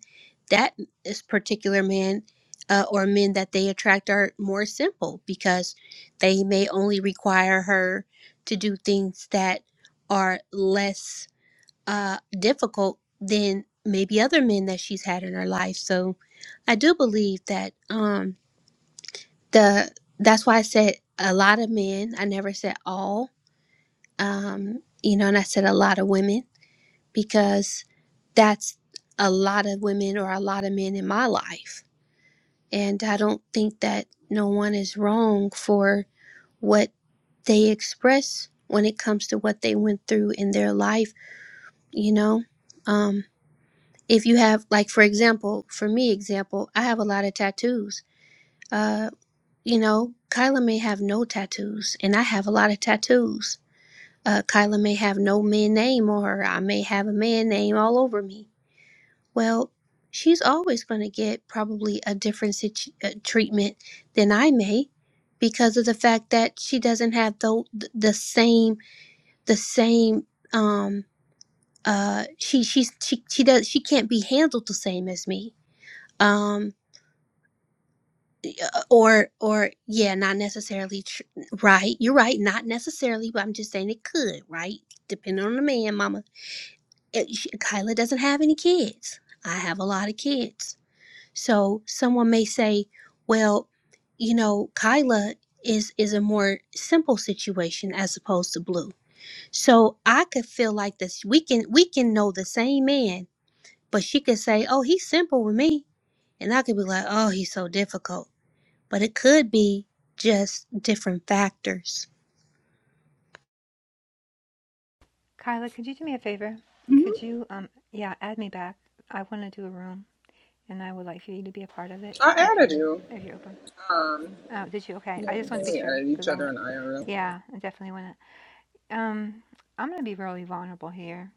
Speaker 7: that this particular man uh, or men that they attract are more simple because they may only require her to do things that are less uh, difficult than maybe other men that she's had in her life. So I do believe that. Um, the that's why I said a lot of men. I never said all. Um, you know, and I said a lot of women because that's a lot of women or a lot of men in my life. And I don't think that no one is wrong for what they express when it comes to what they went through in their life, you know. Um if you have like for example, for me example, I have a lot of tattoos. Uh, You know, Kyla may have no tattoos, and I have a lot of tattoos. Uh, Kyla may have no man name on her. I may have a man name all over me. Well, she's always going to get probably a different situ- uh, treatment than I may because of the fact that she doesn't have the the same the same um uh she she's she she does she can't be handled the same as me. Um Uh, or or yeah not necessarily tr- right you're right not necessarily but i'm just saying it could right depending on the man mama it, she, kyla doesn't have any kids i have a lot of kids so someone may say well you know kyla is is a more simple situation as opposed to blue so i could feel like this we can we can know the same man but she could say oh he's simple with me and i could be like oh he's so difficult but it could be just different factors.
Speaker 1: Kyla, could you do me a favor? Could you, um, yeah, add me back. I want to do a room, and I would like for you to be a part of it
Speaker 8: I
Speaker 1: if
Speaker 8: added
Speaker 1: you're
Speaker 8: you.
Speaker 1: if you're open.
Speaker 8: Um,
Speaker 1: Oh, did you? Okay.
Speaker 8: yeah,
Speaker 1: I
Speaker 8: I
Speaker 1: just want to
Speaker 8: think
Speaker 1: be
Speaker 8: we
Speaker 1: sure
Speaker 8: added each
Speaker 1: because I
Speaker 8: other
Speaker 1: want.
Speaker 8: in IRL.
Speaker 1: Yeah, I definitely want to. Um, I'm gonna be really vulnerable here.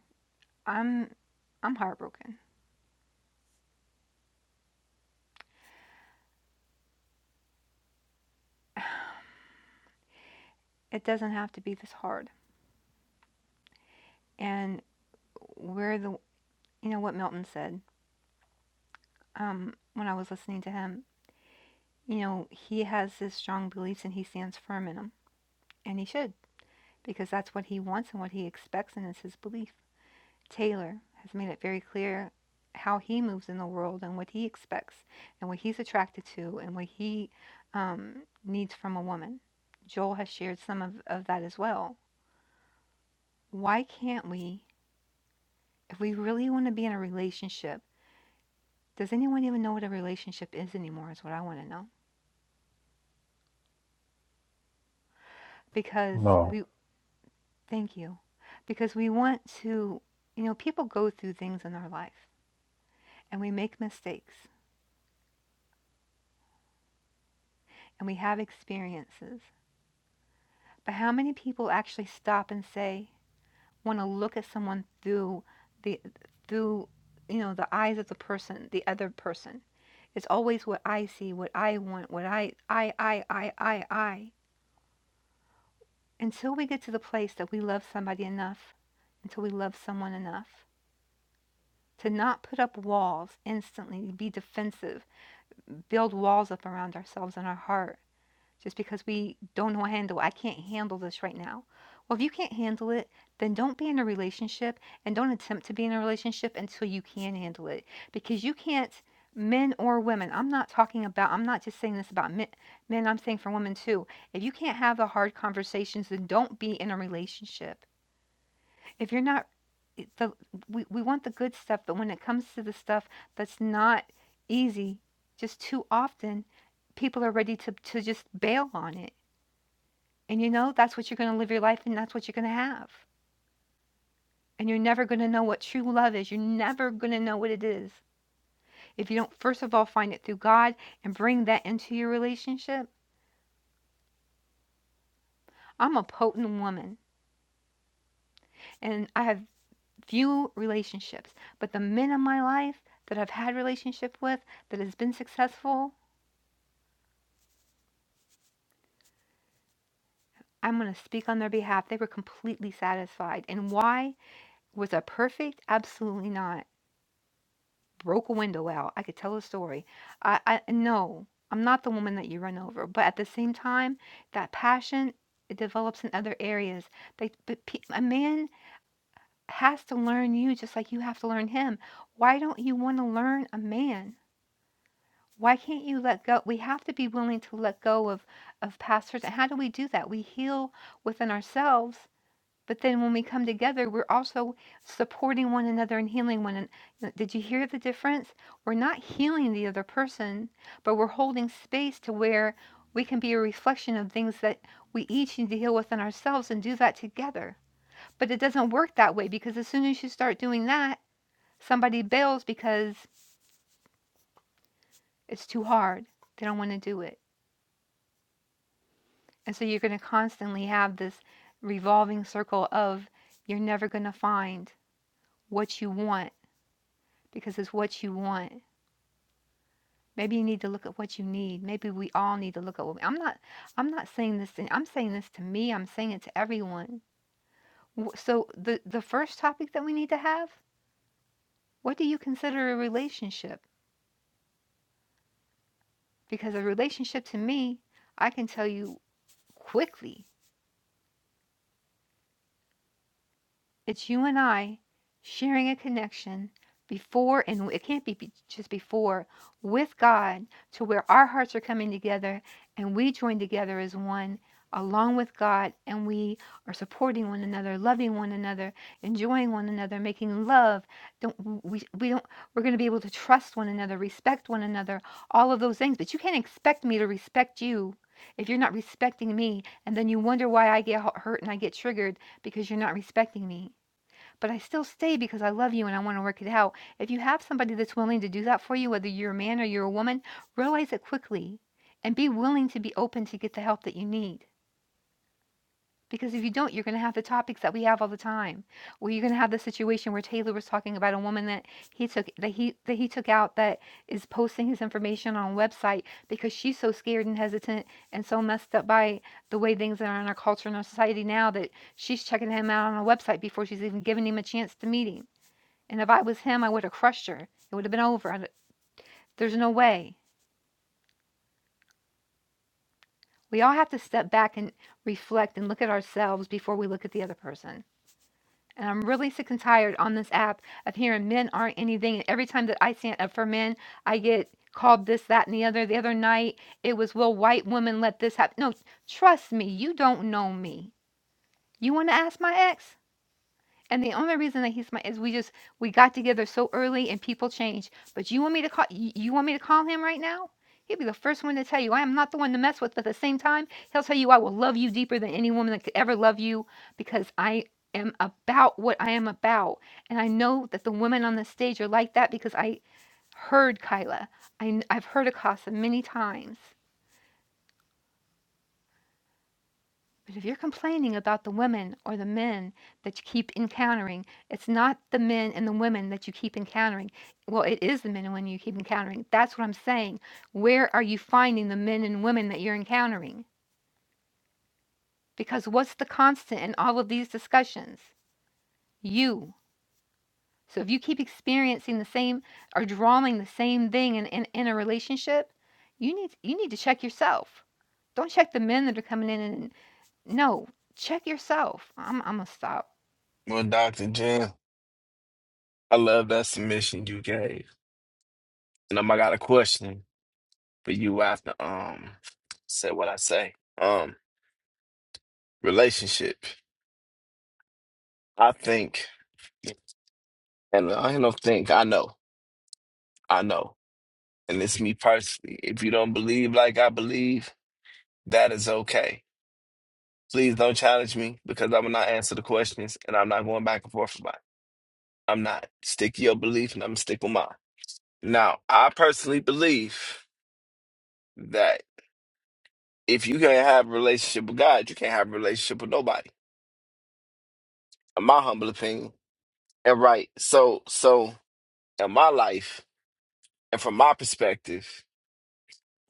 Speaker 1: I'm I'm heartbroken. It doesn't have to be this hard. And we're the you know what Milton said, um, when I was listening to him, you know, he has his strong beliefs and he stands firm in them. And he should, because that's what he wants and what he expects and it's his belief. Taylor has made it very clear how he moves in the world and what he expects and what he's attracted to and what he um, needs from a woman. Joel has shared some of, of that as well. Why can't we, if we really want to be in a relationship, does anyone even know what a relationship is anymore? Is what I want to know. Because
Speaker 2: no.
Speaker 1: we, thank you, because we want to, you know, people go through things in our life and we make mistakes and we have experiences But how many people actually stop and say, want to look at someone through the through you know the eyes of the person, the other person? It's always what I see, what I want, what I I I I I I. Until we get to the place that we love somebody enough, until we love someone enough to not put up walls instantly, be defensive, build walls up around ourselves and our heart just because we don't know how to handle it. I can't handle this right now. Well, if you can't handle it, then don't be in a relationship and don't attempt to be in a relationship until you can handle it. Because you can't, men or women, I'm not talking about, I'm not just saying this about men, men I'm saying for women too. If you can't have the hard conversations, then don't be in a relationship. If you're not, the, we, we want the good stuff, but when it comes to the stuff that's not easy, just too often, people are ready to, to just bail on it and you know, that's what you're going to live your life and that's what you're going to have. And you're never going to know what true love is. You're never going to know what it is if you don't, first of all, find it through God and bring that into your relationship. I'm a potent woman and I have few relationships, but the men in my life that I've had relationship with that has been successful, I'm going to speak on their behalf. They were completely satisfied. And why? Was I perfect? Absolutely not. broke a window out. I could tell a story. I, I no, I'm not the woman that you run over. But at the same time, that passion it develops in other areas. They, but pe- a man has to learn you just like you have to learn him. Why don't you want to learn a man? Why can't you let go? We have to be willing to let go of of past hurts. And how do we do that? We heal within ourselves but then when we come together, we're also supporting one another and healing one another. Did you hear the difference? We're not healing the other person, but we're holding space to where we can be a reflection of things that we each need to heal within ourselves and do that together. But it doesn't work that way because as soon as you start doing that, somebody bails because it's too hard. They don't want to do it. And so you're going to constantly have this revolving circle of you're never going to find what you want because it's what you want. Maybe you need to look at what you need. Maybe we all need to look at what we, I'm not I'm not saying this thing. I'm saying this to me. I'm saying it to everyone. W- So the the first topic that we need to have, what do you consider a relationship? Because a relationship to me, I can tell you quickly It's you and I sharing a connection before, and it can't be be- just before, with God to where our hearts are coming together and we join together as one along with God and we are supporting one another, loving one another, enjoying one another, making love. Don't we we don't we're going to be able to trust one another, respect one another, all of those things. But you can't expect me to respect you if you're not respecting me and then you wonder why I get hu- hurt and I get triggered because you're not respecting me. But I still stay because I love you and I want to work it out. If you have somebody that's willing to do that for you, whether you're a man or you're a woman, realize it quickly and be willing to be open to get the help that you need. Because if you don't, you're going to have the topics that we have all the time, where you're going to have the situation where Taylor was talking about a woman that he took that he that he took out that is posting his information on a website because she's so scared and hesitant and so messed up by the way things are in our culture and our society now that she's checking him out on a website before she's even giving him a chance to meet him and if I was him, I would have crushed her. It would have been over. There's no way. We all have to step back and reflect and look at ourselves before we look at the other person. And I'm really sick and tired on this app of hearing men aren't anything. And every time that I stand up for men, I get called this, that, and the other. The other night, it was, will white women let this happen? No, trust me, you don't know me. You want to ask my ex? And the only reason that he's my is we just we got together so early and people change. But you want me to call you, you want me to call him right now? He'll be the first one to tell you I am not the one to mess with. But at the same time, he'll tell you I will love you deeper than any woman that could ever love you because I am about what I am about. And I know that the women on the stage are like that because I heard Kyla. I, have heard Akasa many times. But if you're complaining about the women or the men that you keep encountering, it's not the men and the women that you keep encountering. Well, it is the men and women you keep encountering. That's what I'm saying. Where are you finding the men and women that you're encountering? Because what's the constant in all of these discussions? You. So if you keep experiencing the same or drawing the same thing in, in, in a relationship, you need you need to check yourself. Don't check the men that are coming in and no, check yourself. I'm I'm gonna stop.
Speaker 9: Well, Dr. Jen, I love that submission you gave. And um, I got a question for you after um say what I say. Um, relationship. I think and I don't think I know. I know. And it's me personally. If you don't believe like I believe, that is okay Please don't challenge me because I will not answer the questions and I'm not going back and forth about it. I'm not. Stick to your belief and I'm going to stick with mine. Now, I personally believe that if you can't have a relationship with God, you can't have a relationship with nobody. In my humble opinion. And right, so so in my life and from my perspective,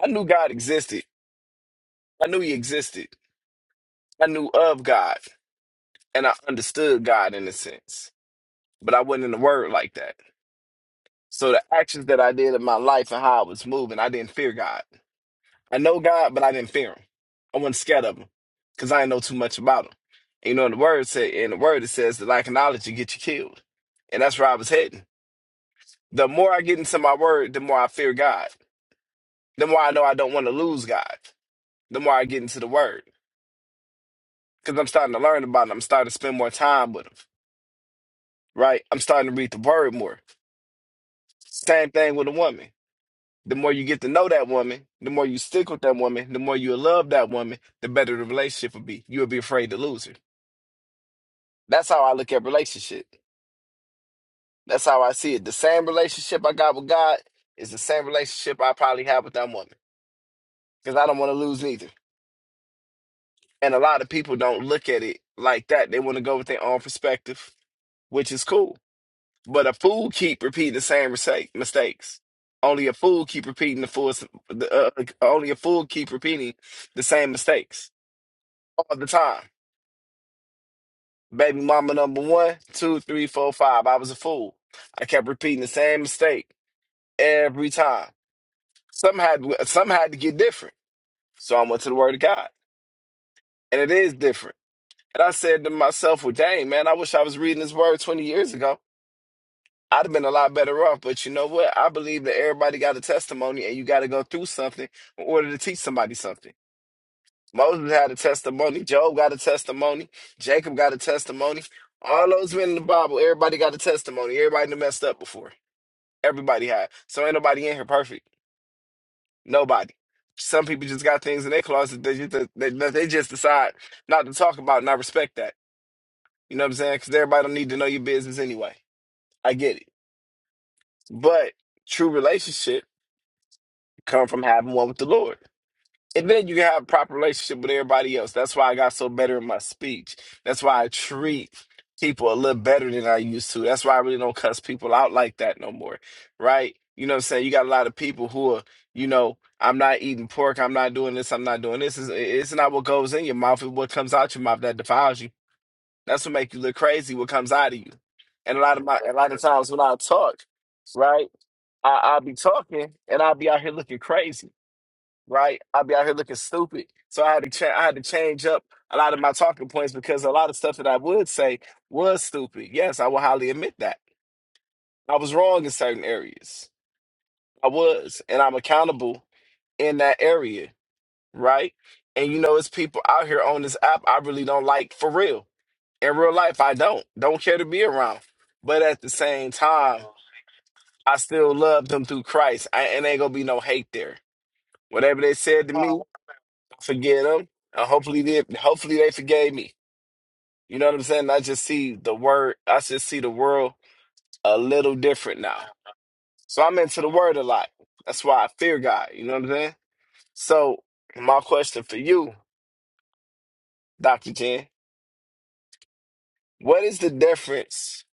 Speaker 9: I knew God existed. I knew he existed. I knew of God and I understood God in a sense. But I wasn't in the word like that. So the actions that I did in my life and how I was moving, I didn't fear God. I know God, but I didn't fear him. I wasn't scared of him because I didn't know too much about him. And you know, the word said in the word it says that lack of knowledge you get you killed. And that's where I was heading. The more I get into my word, the more I fear God. The more I know I don't want to lose God. The more I get into the word. Because I'm starting to learn about him. I'm starting to spend more time with him. Right? I'm starting to read the word more. Same thing with a woman. The more you get to know that woman, the more you stick with that woman, the more you love that woman, the better the relationship will be. You'll be afraid to lose her. That's how I look at relationship. That's how I see it. The same relationship I got with God is the same relationship I probably have with that woman because I don't want to lose neither. And a lot of people don't look at it like that. They want to go with their own perspective, which is cool. But a fool keep repeating the same mistake, mistakes. Only a fool keep repeating the fool. The, uh, only a fool keep repeating the same mistakes all the time. Baby mama number one, two, three, four, five. I was a fool. I kept repeating the same mistake every time. Some had some had to get different. So I went to the word of God. And it is different. And I said to myself, Well, dang, man, I wish I was reading this word 20 years ago. I'd have been a lot better off. But you know what? I believe that everybody got a testimony and you gotta go through something in order to teach somebody something. Moses had a testimony. Job got a testimony. Jacob got a testimony. All those men in the Bible, everybody got a testimony. Everybody done messed up before. Everybody had. So ain't nobody in here perfect. Nobody. Some people just got things in their closet that, just, that, that they just decide not to talk about, and I respect that. You know what I'm saying? Because everybody don't need to know your business anyway. I get it. But true relationship come from having one with the Lord. And then you have a proper relationship with everybody else. That's why I got so better in my speech. That's why I treat people a little better than I used to. That's why I really don't cuss people out like that no more. Right? You know what I'm saying? You got a lot of people who are, you know, I'm not eating pork, I'm not doing this, I'm not doing this. It's, it's not what goes in your mouth, it's what comes out your mouth that defiles you. That's what makes you look crazy, what comes out of you. And a lot of my a lot of times when I talk, right, I, I'll be talking and I'll be out here looking crazy right? I'd be out here looking stupid. So I had to cha- I had to change up a lot of my talking points because a lot of stuff that I would say was stupid. Yes, I will highly admit that. I was wrong in certain areas. I was, and I'm accountable in that area, right? And you know, it's people out here on this app I really don't like for real. In real life, I don't. Don't care to be around. But at the same time, I still love them through Christ. I, and ain't gonna be no hate there. Whatever they said to me, forgive them. And hopefully they hopefully they forgave me. You know what I'm saying? I just see the word I just see the world a little different now. So I'm into the word a lot. That's why I fear God. You know what I'm saying? So my question for you, Dr. Jen, what is the difference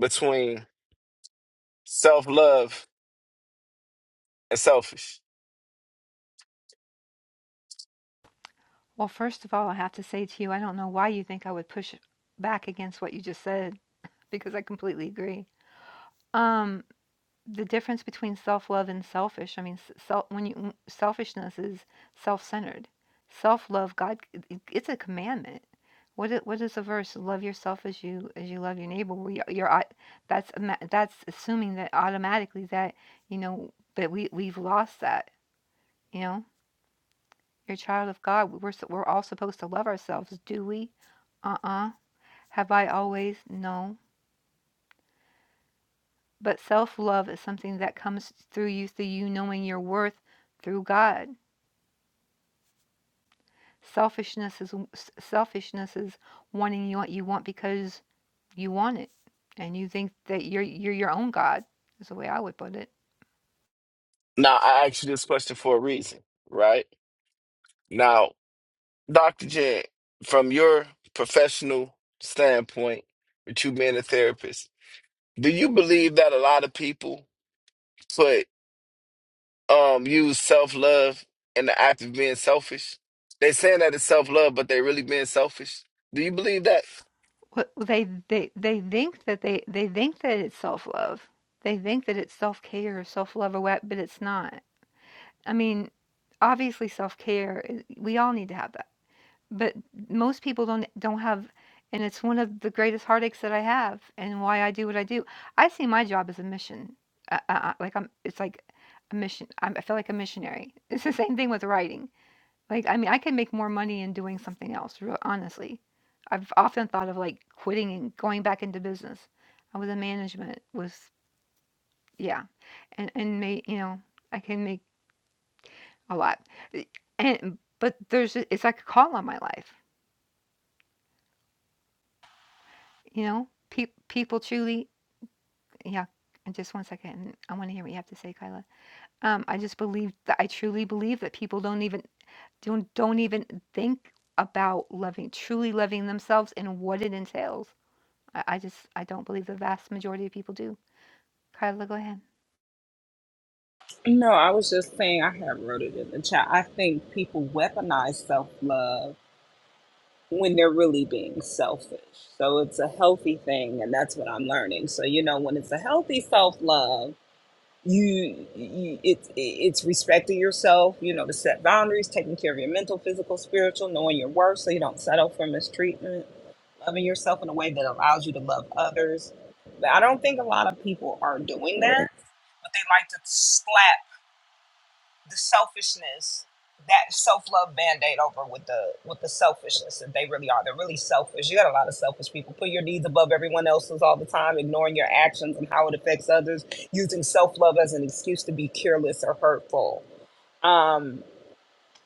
Speaker 9: between self-love and selfish?
Speaker 1: Well, first of all, I have to say to you, I don't know why you think I would push back against what you just said because I completely agree. Um, the difference between self-love and selfish, I mean, s- self when you w- selfishness is self-centered. Self-love, God, it- it's a commandment. What is, what is the verse? Love yourself as you as you love your neighbor. We you're you're au- that's ama- that's assuming that automatically that you know, but we we've lost that. You know, you're a child of God. We're s- we're all supposed to love ourselves, do we? Uh-uh. Have I always? No. But self-love is something that comes through you, through you knowing your worth through God. Selfishness is s- selfishness is wanting you what you want because you want it, and you think that you're you're your own God. Is the way I would put it.
Speaker 9: Now I asked you this question for a reason, right? Now, Dr. Jen, from your professional standpoint, with you being a therapist. Do you believe that a lot of people put um use self love in the act of being selfish? They saying that it's self love, but they really being selfish. Do you believe that?
Speaker 1: What- They they they think that they they think that it's self-love. They think that it's self-care or self-love or what, but it's not I mean, obviously self-care, i- we all need to have that. But most people don't don't have and it's one of the greatest heartaches that I have and why I do what I do. I see my job as a mission. Uh, uh, uh, like I'm it's like a mission. I'm, I feel like a missionary. It's the same thing with writing. Like I mean, I can make more money in doing something else, real honestly. I've often thought of like quitting and going back into business. I was in management was yeah. And and made, you know, I can make a lot. E and but there's a- it's like a call on my life, you know? Pe people truly yeah, and just one second, and I wanna hear what you have to say, Kyla. Um, I just believe that I truly believe that people don't even don't don't even think about loving truly loving themselves and what it entails. I, I just I don't believe the vast majority of people do. Kyla, go ahead.
Speaker 8: No, I was just saying I have wrote it in the chat. I think people weaponize self love when they're really being selfish. So it's a healthy thing, and that's what I'm learning. So you know, when it's a healthy self love, you, you it's it's respecting yourself. You know, to set boundaries, taking care of your mental, physical, spiritual, knowing your worth, so you don't settle for mistreatment. Loving yourself in a way that allows you to love others. But I don't think a lot of people are doing that. But they like to slash the selfishness that self-love band-aid over with the with the selfishness that they really are they're really selfish you got a lot of selfish people put your needs above everyone else's all the time ignoring your actions and how it affects others using self-love as an excuse to be careless or hurtful um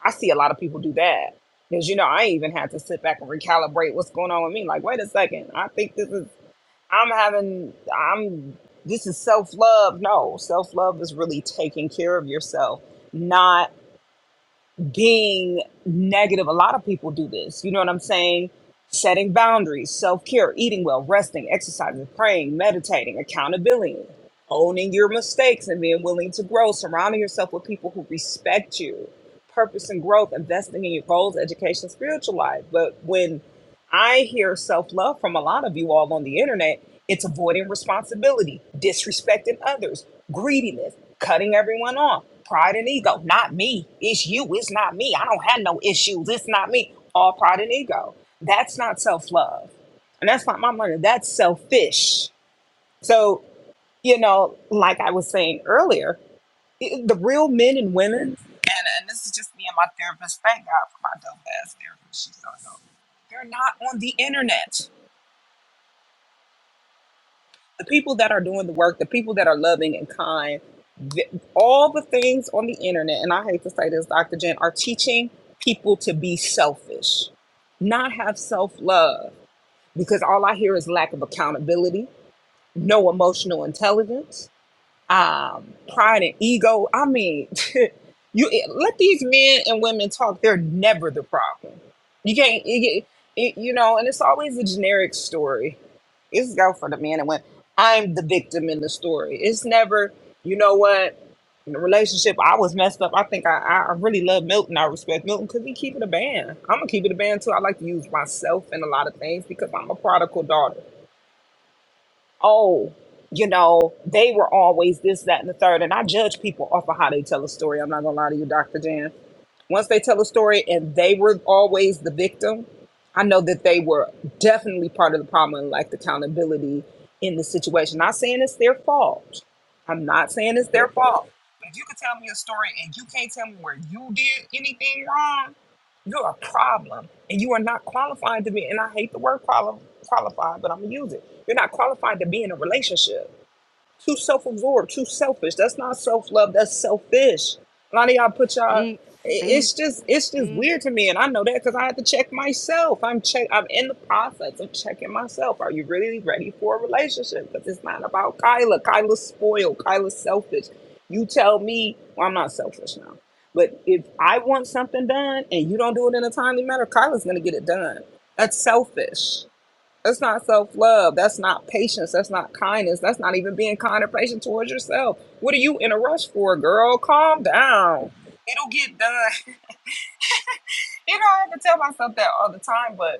Speaker 8: i see a lot of people do that because you know i even had to sit back and recalibrate what's going on with me like wait a second i think this is i'm having i'm this is self-love no self-love is really taking care of yourself not being negative. A lot of people do this. You know what I'm saying? Setting boundaries, self care, eating well, resting, exercising, praying, meditating, accountability, owning your mistakes and being willing to grow, surrounding yourself with people who respect you, purpose and growth, investing in your goals, education, spiritual life. But when I hear self love from a lot of you all on the internet, it's avoiding responsibility, disrespecting others, greediness, cutting everyone off. Pride and ego, not me. It's you. It's not me. I don't have no issues. It's not me. All pride and ego. That's not self love. And that's not my money. That's selfish. So, you know, like I was saying earlier, i- the real men and women, and, and this is just me and my therapist. Thank God for my dope ass therapist. She's so dope. They're not on the internet the people that are doing the work, the people that are loving and kind, th- all the things on the internet, and I hate to say this, Dr. Jen, are teaching people to be selfish, not have self love, because all I hear is lack of accountability, no emotional intelligence um, pride and ego. I mean, you let these men and women talk. They're never the problem. You can't, you, you you know, and it's always a generic story. It's go for the man and women. I'm the victim in the story. It's never, you know what. In the relationship, I was messed up. I think I, I I really love Milton. I respect Milton because he keep it a band. I'm gonna keep it a band too. I like to use myself in a lot of things because I'm a prodigal daughter oh, you know, they were always this, that, and the third. And I judge people off of how they tell a story. I'm not gonna lie to you, Dr. Jan. Once they tell a story and they were always the victim, I know that they were definitely part of the problem and lacked accountability in the situation. Not saying it's their fault. I'm not saying it's their fault. But if you could tell me a story and you can't tell me where you did anything wrong, you're a problem, and you are not qualified to be. And I hate the word quali- qualified, but I'm gonna use it. You're not qualified to be in a relationship. Too self absorbed, too selfish. That's not self love. That's selfish. A lot of y'all put y'all.
Speaker 1: Speak, speak,
Speaker 8: It's just it's just
Speaker 1: speak,
Speaker 8: weird to me, and I know that because I had to check myself. I'm check. I'm in the process of checking myself. Are you really ready for a relationship? Because it's not about Kyla. Kyla's spoiled. Kyla's selfish. You tell me. Well, I'm not selfish now. But if I want something done and you don't do it in a timely manner, Kyla's gonna get it done. That's selfish. That's not self love. That's not patience. That's not kindness. That's not even being kind or patient towards yourself. What are you in a rush for, girl? Calm down. It'll get done. You know, I have to tell myself that all the time, but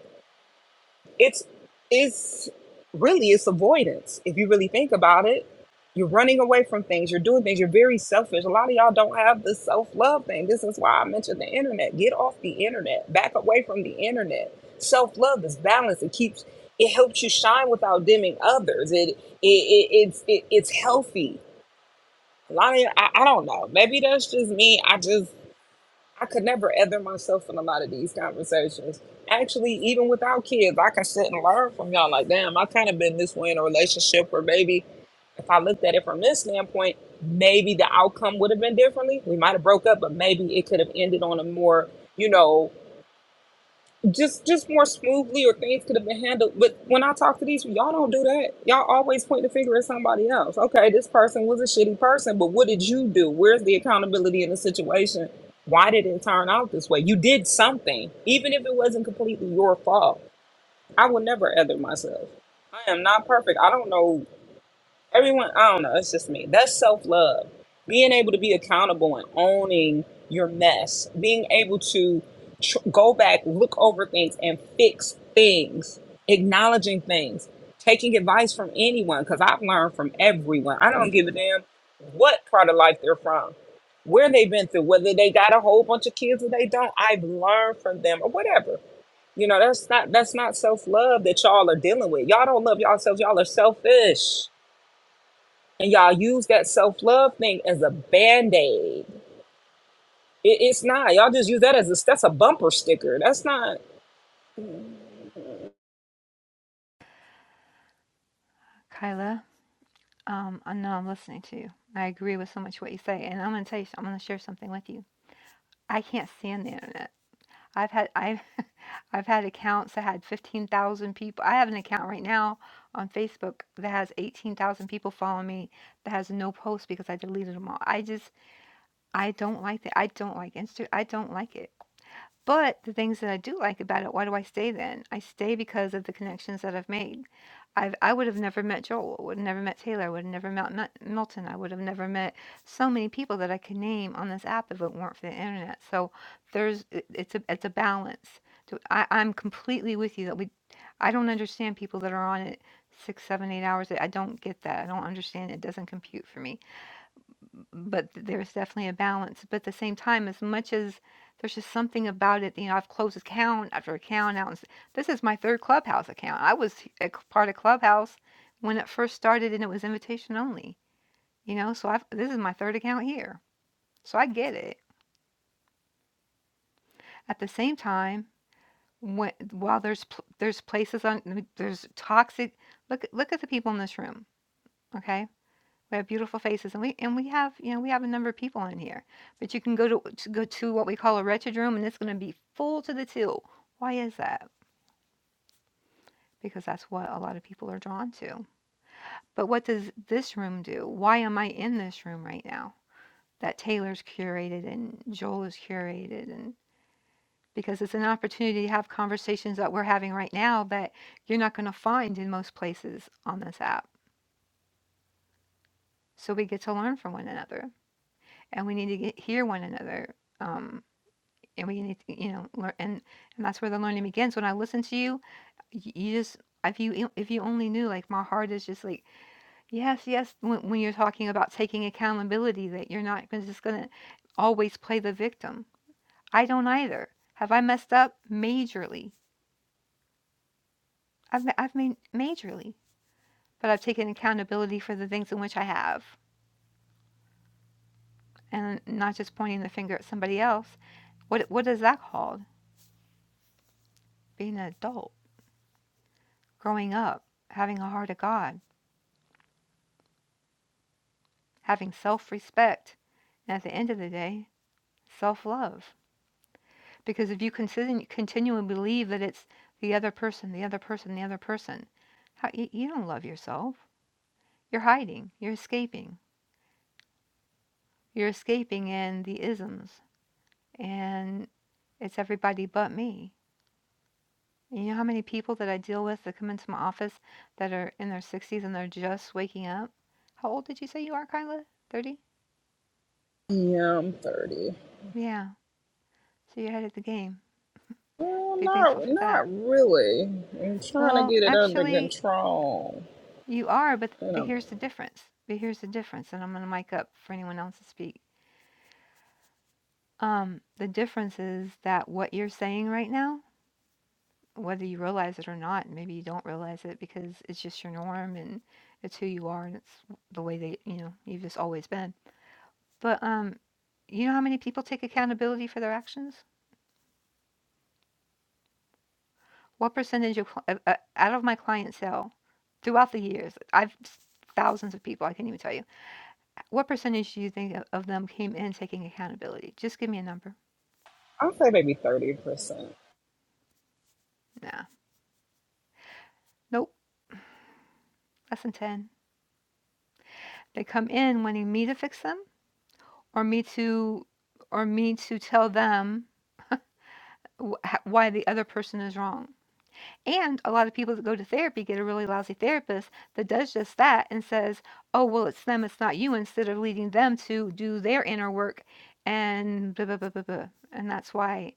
Speaker 8: it's it's really it's avoidance if you really think about it you're running away from things you're doing things you're very selfish a lot of y'all don't have the self-love thing this is why i mentioned the internet get off the internet back away from the internet self-love is balance it keeps it helps you shine without dimming others it, it, it it's it, it's healthy a lot of I I, I don't know maybe that's just me i just I could never other myself in a lot of these conversations. Actually, even without kids, I can sit and learn from y'all. Like, damn, I kind of been this way in a relationship where maybe if I looked at it from this standpoint, maybe the outcome would have been differently. We might have broke up, but maybe it could have ended on a more, you know, just just more smoothly or things could have been handled. But when I talk to these, y'all don't do that. Y'all always point the finger at somebody else. Okay, this person was a shitty person, but what did you do? Where's the accountability in the situation? Why did it turn out this way? You did something, even if it wasn't completely your fault. I will never other myself. I am not perfect. I don't know everyone i don't know it's just me that's self-love being able to be accountable and owning your mess being able to tr- go back look over things and fix things acknowledging things taking advice from anyone because i've learned from everyone i don't give a damn what part of life they're from where they've been through whether they got a whole bunch of kids or they don't i've learned from them or whatever you know that's not that's not self-love that y'all are dealing with y'all don't love yourselves y'all are selfish and y'all use that self love thing as a band aid. It, it's not. Y'all just use that as a that's a bumper sticker. That's not.
Speaker 1: Kyla. Um, I know I'm listening to you. I agree with so much what you say, and I'm gonna tell you. I'm gonna share something with you. I can't stand the internet. I've had I've I've had accounts that had 15,000 people. I have an account right now on Facebook that has 18,000 people following me that has no posts because I deleted them all. I just I don't like that. I don't like Insta. I don't like it. But the things that I do like about it, why do I stay then? I stay because of the connections that I've made. I've, I would have never met Joel. would have never met Taylor. I would have never met Mel- Milton. I would have never met so many people that I could name on this app if it weren't for the internet. So there's it- it's a it's a balance. So I, I'm completely with you that we. I don't understand people that are on it six, seven, eight hours. I don't get that. I don't understand. It doesn't compute for me but th- there's definitely a balance. But at the same time, as much as there's just something about it, you know, I've closed account after account out. and s- This is my third Clubhouse account. I was h- a c- part of Clubhouse when it first started, and it was invitation only. You know, so I've, this is my third account here, so I get it. At the same time, when, while there's pl- there's places on there's toxic. Look at- look at the people in this room. Okay, We have beautiful faces, and we and we have you know we have a number of people in here. But you can go to, to go to what we call a wretched room, and it's going to be full to the till. Why is that? Because that's what a lot of people are drawn to. But what does this room do? Why am I in this room right now? That Taylor's curated and Joel is curated, and because it's an opportunity to have conversations that we're having right now that you're not going to find in most places on this app. So we get to learn from one another, and we need to get, hear one another. Um, and we need to you know learn and and that's where the learning begins when i listen to you y- you just if you if you only knew like my heart is just like yes yes when, when you're talking about taking accountability that you're not gonna- just gonna always play the victim i don't either have i messed up majorly i've, ma- I've made majorly but i've taken accountability for the things in which i have and not just pointing the finger at somebody else what what is that called being an adult growing up having a heart of god having self respect, and at the end of the day, self love. Because if you continue continually believe that it's the other person, the other person, the other person, how, you, you don't love yourself. You're hiding, you're escaping. You're escaping in the isms, and it's everybody but me. You know how many people that I deal with that come into my office that are in their 60s and they're just waking up? How old did you say you are, Kyla? 30?
Speaker 8: Yeah, I'm thirty.
Speaker 1: Yeah, so you're ahead of the game.
Speaker 8: Well,
Speaker 1: Be
Speaker 8: not
Speaker 1: thankful for that.
Speaker 8: not really. I'm trying to
Speaker 1: Well,
Speaker 8: get it under
Speaker 1: actually,
Speaker 8: control,
Speaker 1: You are, but
Speaker 8: and
Speaker 1: but
Speaker 8: I'm
Speaker 1: here's the difference. But here's the difference, and I'm going to mic up for anyone else to speak. Um, the difference is that what you're saying right now, whether you realize it or not, and maybe you don't realize it because it's just your norm and it's who you are and it's the way that you know you've just always been. But um, you know how many people take accountability for their actions? What percentage of cl- uh, uh, out of my clientele throughout the years? I've thousands of people. I can't even tell you What percentage do you think o- of them came in taking accountability? Just give me a number.
Speaker 8: I'll say maybe thirty percent.
Speaker 1: Nah. Nope. Less than 10. They come in wanting me to fix them or me to or me to tell them wh- h- why the other person is wrong. And a lot of people that go to therapy get a really lousy therapist that does just that and says, "Oh, well, it's them, it's not you," instead of leading them to do their inner work and blah, blah, blah, blah, blah. And that's why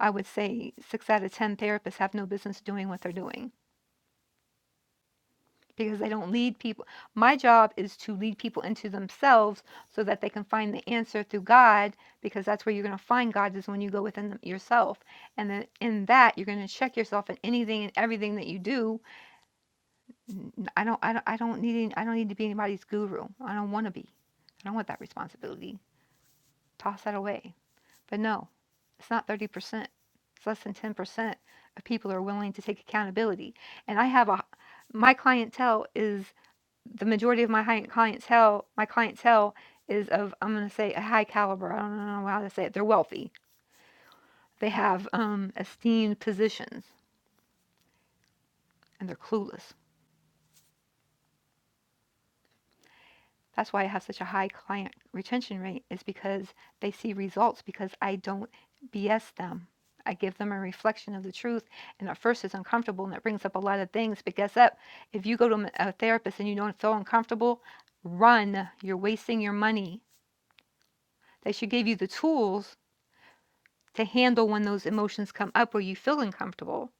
Speaker 1: I would say 6 out of 10 therapists have no business doing what they're doing because I don't lead people. My job is to lead people into themselves so that they can find the answer through God, because that's where you're going to find God is when you go within them yourself. And then in that, you're going to check yourself in anything and everything that you do. I do not I don't, I don't, I don't need, any, I don't need to be anybody's guru. I don't want to be. I don't want that responsibility. Toss that away. But no, it's not 30%. It's less than 10% of people are willing to take accountability. And I have a, my clientele is the majority of my hi- clientele, my clientele is of, I'm going to say a high caliber. I don't know how to say it. They're wealthy. They have um, esteemed positions and they're clueless. That's why I have such a high client retention rate is because they see results because I don't BS them. I give them a reflection of the truth, and at first it's uncomfortable, and it brings up a lot of things. But guess what? If you go to a therapist and you don't feel uncomfortable, run. You're wasting your money. They should give you the tools to handle when those emotions come up where you feel uncomfortable.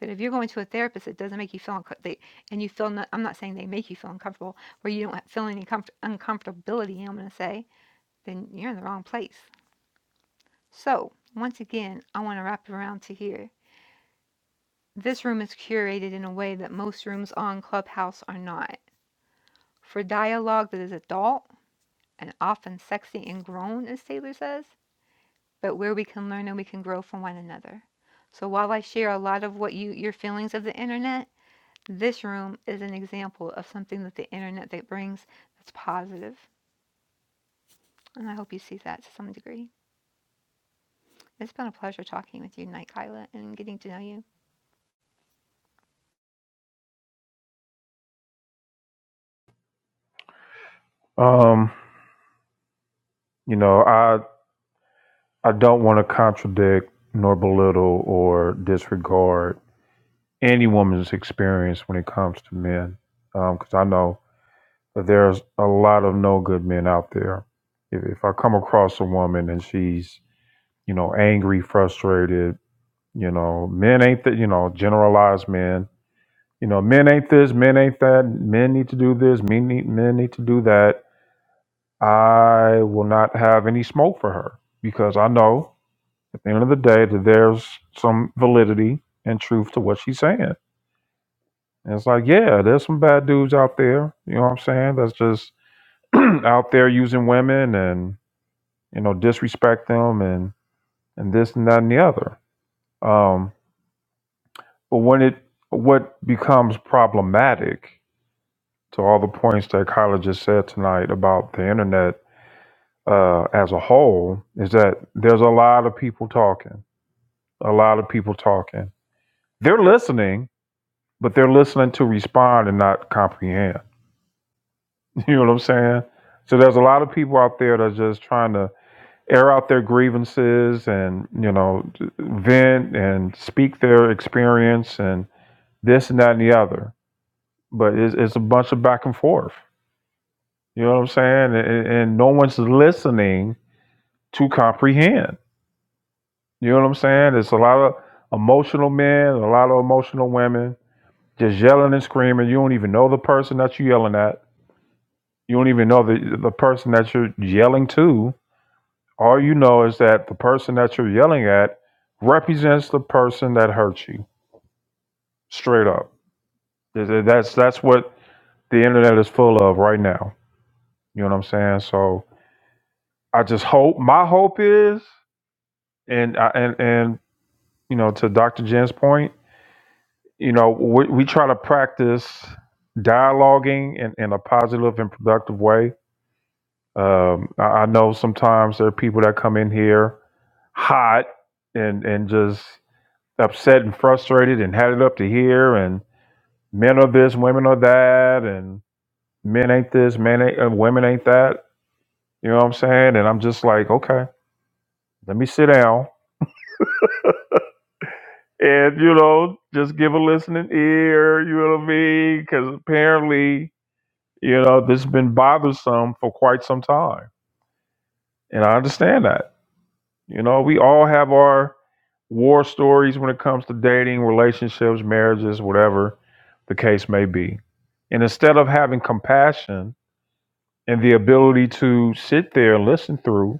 Speaker 1: But if you're going to a therapist it doesn't make you feel unco- they, and you feel not, I'm not saying they make you feel uncomfortable, where you don't feel any comfort, uncomfortability, I'm going to say, then you're in the wrong place. So once again, I want to wrap it around to here. This room is curated in a way that most rooms on Clubhouse are not. For dialogue that is adult and often sexy and grown, as Taylor says, but where we can learn and we can grow from one another. So while I share a lot of what you your feelings of the internet, this room is an example of something that the internet that brings that's positive, and I hope you see that to some degree. It's been a pleasure talking with you tonight, Kyla, and getting to know you.
Speaker 2: Um, you know, I I don't want to contradict nor belittle or disregard any woman's experience when it comes to men, because um, I know that there's a lot of no good men out there. If, if I come across a woman and she's, you know, angry, frustrated, you know, men ain't that, you know, generalized men, you know, men ain't this, men ain't that, men need to do this, men need, men need to do that. I will not have any smoke for her because I know At the end of the day, that there's some validity and truth to what she's saying. And it's like, yeah, there's some bad dudes out there. You know what I'm saying? That's just out there using women and you know disrespect them and and this and that and the other. Um, but when it what becomes problematic to all the points that Kyla just said tonight about the internet uh, as a whole is that there's a lot of people talking, a lot of people talking. They're listening, but they're listening to respond and not comprehend. You know what I'm saying? So there's a lot of people out there that's just trying to air out their grievances and you know vent and speak their experience and this and that and the other. But it's, it's a bunch of back and forth. You know what I'm saying? And, and no one's listening to comprehend. You know what I'm saying? It's a lot of emotional men, a lot of emotional women, just yelling and screaming. You don't even know the person that you're yelling at You don't even know the the person that you're yelling to. All you know is that the person that you're yelling at represents the person that hurt you. Straight up. That's that's what the internet is full of right now. You know what I'm saying? So I just hope my hope is and I, and and you know to Dr. Jen's point, you know, we, we try to practice dialoguing in, in a positive and productive way. Um, I, I know sometimes there are people that come in here hot and and just upset and frustrated and had it up to here and men are this, women are that, and men ain't this, men ain't uh, women ain't that. You know what I'm saying? And I'm just like, okay, let me sit down and you know just give a listening ear. You know what I mean? Because apparently, you know, this has been bothersome for quite some time, and I understand that. You know, we all have our war stories when it comes to dating, relationships, marriages, whatever the case may be. And instead of having compassion and the ability to sit there and listen through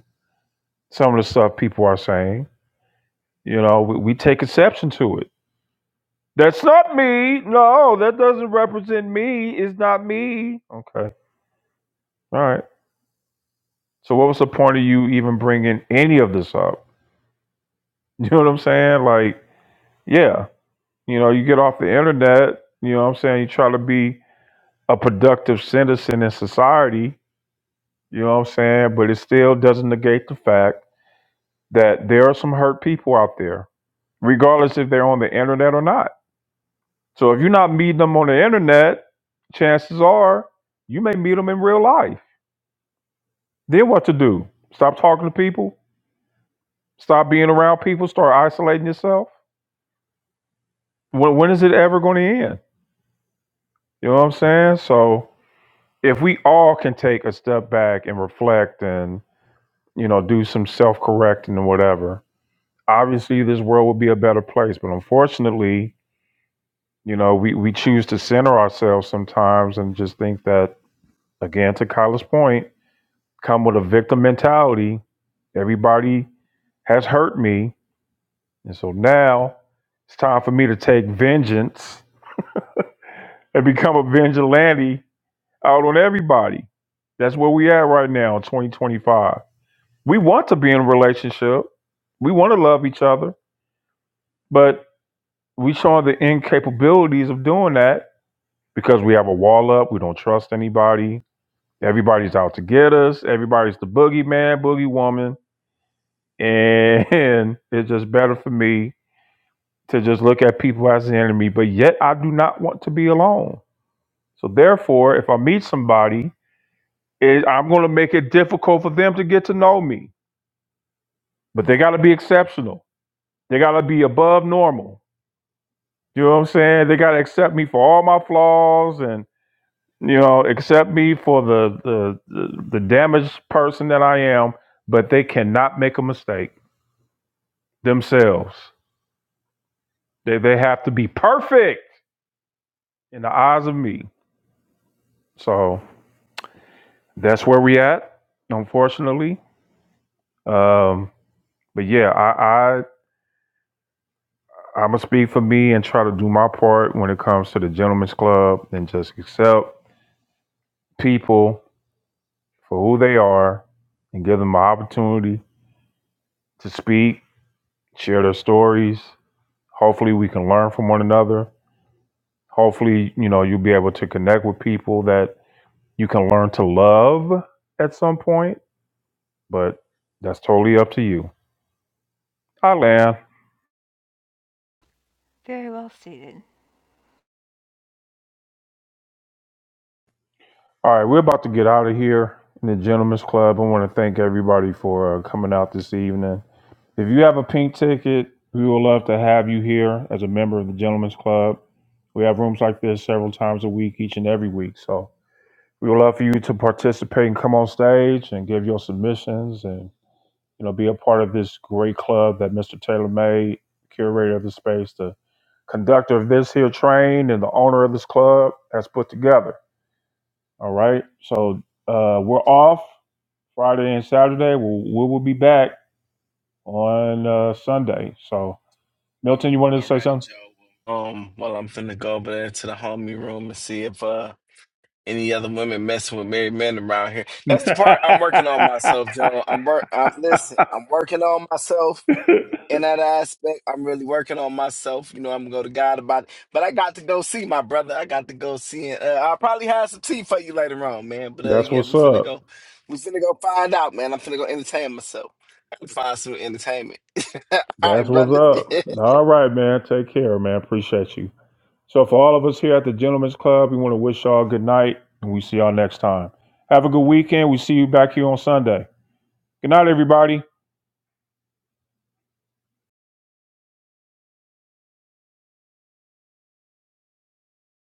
Speaker 2: some of the stuff people are saying, you know, we, we take exception to it. That's not me. No, that doesn't represent me. It's not me. Okay. All right. So, what was the point of you even bringing any of this up? You know what I'm saying? Like, yeah. You know, you get off the internet, you know what I'm saying? You try to be a productive citizen in society, you know what I'm saying? But it still doesn't negate the fact that there are some hurt people out there, regardless if they're on the internet or not. So if you're not meeting them on the internet, chances are you may meet them in real life. Then what to do? Stop talking to people? Stop being around people? Start isolating yourself? When, when is it ever going to end? You know what I'm saying? So if we all can take a step back and reflect and you know do some self-correcting and whatever obviously this world would be a better place but unfortunately you know we, we choose to center ourselves sometimes and just think that again to kyle's point come with a victim mentality everybody has hurt me and so now it's time for me to take vengeance and become a vigilante out on everybody that's where we at right now in 2025 we want to be in a relationship. We want to love each other, but we show the incapabilities of doing that because we have a wall up. We don't trust anybody. Everybody's out to get us. Everybody's the boogeyman, boogie woman, and it's just better for me to just look at people as the enemy. But yet, I do not want to be alone. So therefore, if I meet somebody, it, I'm going to make it difficult for them to get to know me. But they got to be exceptional. They got to be above normal You know what I'm saying? They gotta accept me for all my flaws and you know, accept me for the the the, the damaged person that I am, but they cannot make a mistake themselves. They they have to be perfect in the eyes of me. So that's where we at, unfortunately. Um, but yeah, I, I I'ma speak for me and try to do my part when it comes to the gentleman's club and just accept people for who they are and give them an opportunity to speak, share their stories. Hopefully, we can learn from one another. Hopefully, you know, you'll be able to connect with people that you can learn to love at some point, but that's totally up to you. I land
Speaker 1: Very well stated.
Speaker 2: All right, we're about to get out of here in the Gentlemen's Club. I want to thank everybody for uh, coming out this evening. If you have a pink ticket, we would love to have you here as a member of the Gentlemen's Club. We have rooms like this several times a week, each and every week. So, We would love for you to participate and come on stage and give your submissions and you know be a part of this great club that Mr. Taylor made, curator of the space, the conductor of this here train, and the owner of this club has put together. All right, so uh, we're off Friday and Saturday. We'll, we will be back on uh, Sunday. So Milton, you wanted to say something?
Speaker 9: Um, well, I'm finna go over there to the homie room and see if uh any other women messing with married men around here. That's the part I'm working on myself, Joe. I'm work. I'm listen. I'm working on myself. in that aspect. I'm really working on myself. You know, I'm gonna go to God about it. But I got to go see my brother. I got to go see him. Uh, I'll probably have some tea for you later on, man. But uh,
Speaker 2: That's
Speaker 9: yeah,
Speaker 2: what's
Speaker 9: we finna
Speaker 2: up.
Speaker 9: go. We finna go find out, man. I'm finna go entertain myself. I gotta Find some entertainment. All right,
Speaker 2: That's what's
Speaker 9: brother.
Speaker 2: up. All right, man. Take care, man. Appreciate you. So, for all of us here at the Gentlemen's Club, we want to wish y'all good night and we see y'all next time. Have a good weekend. We see you back here on Sunday. Good night, everybody.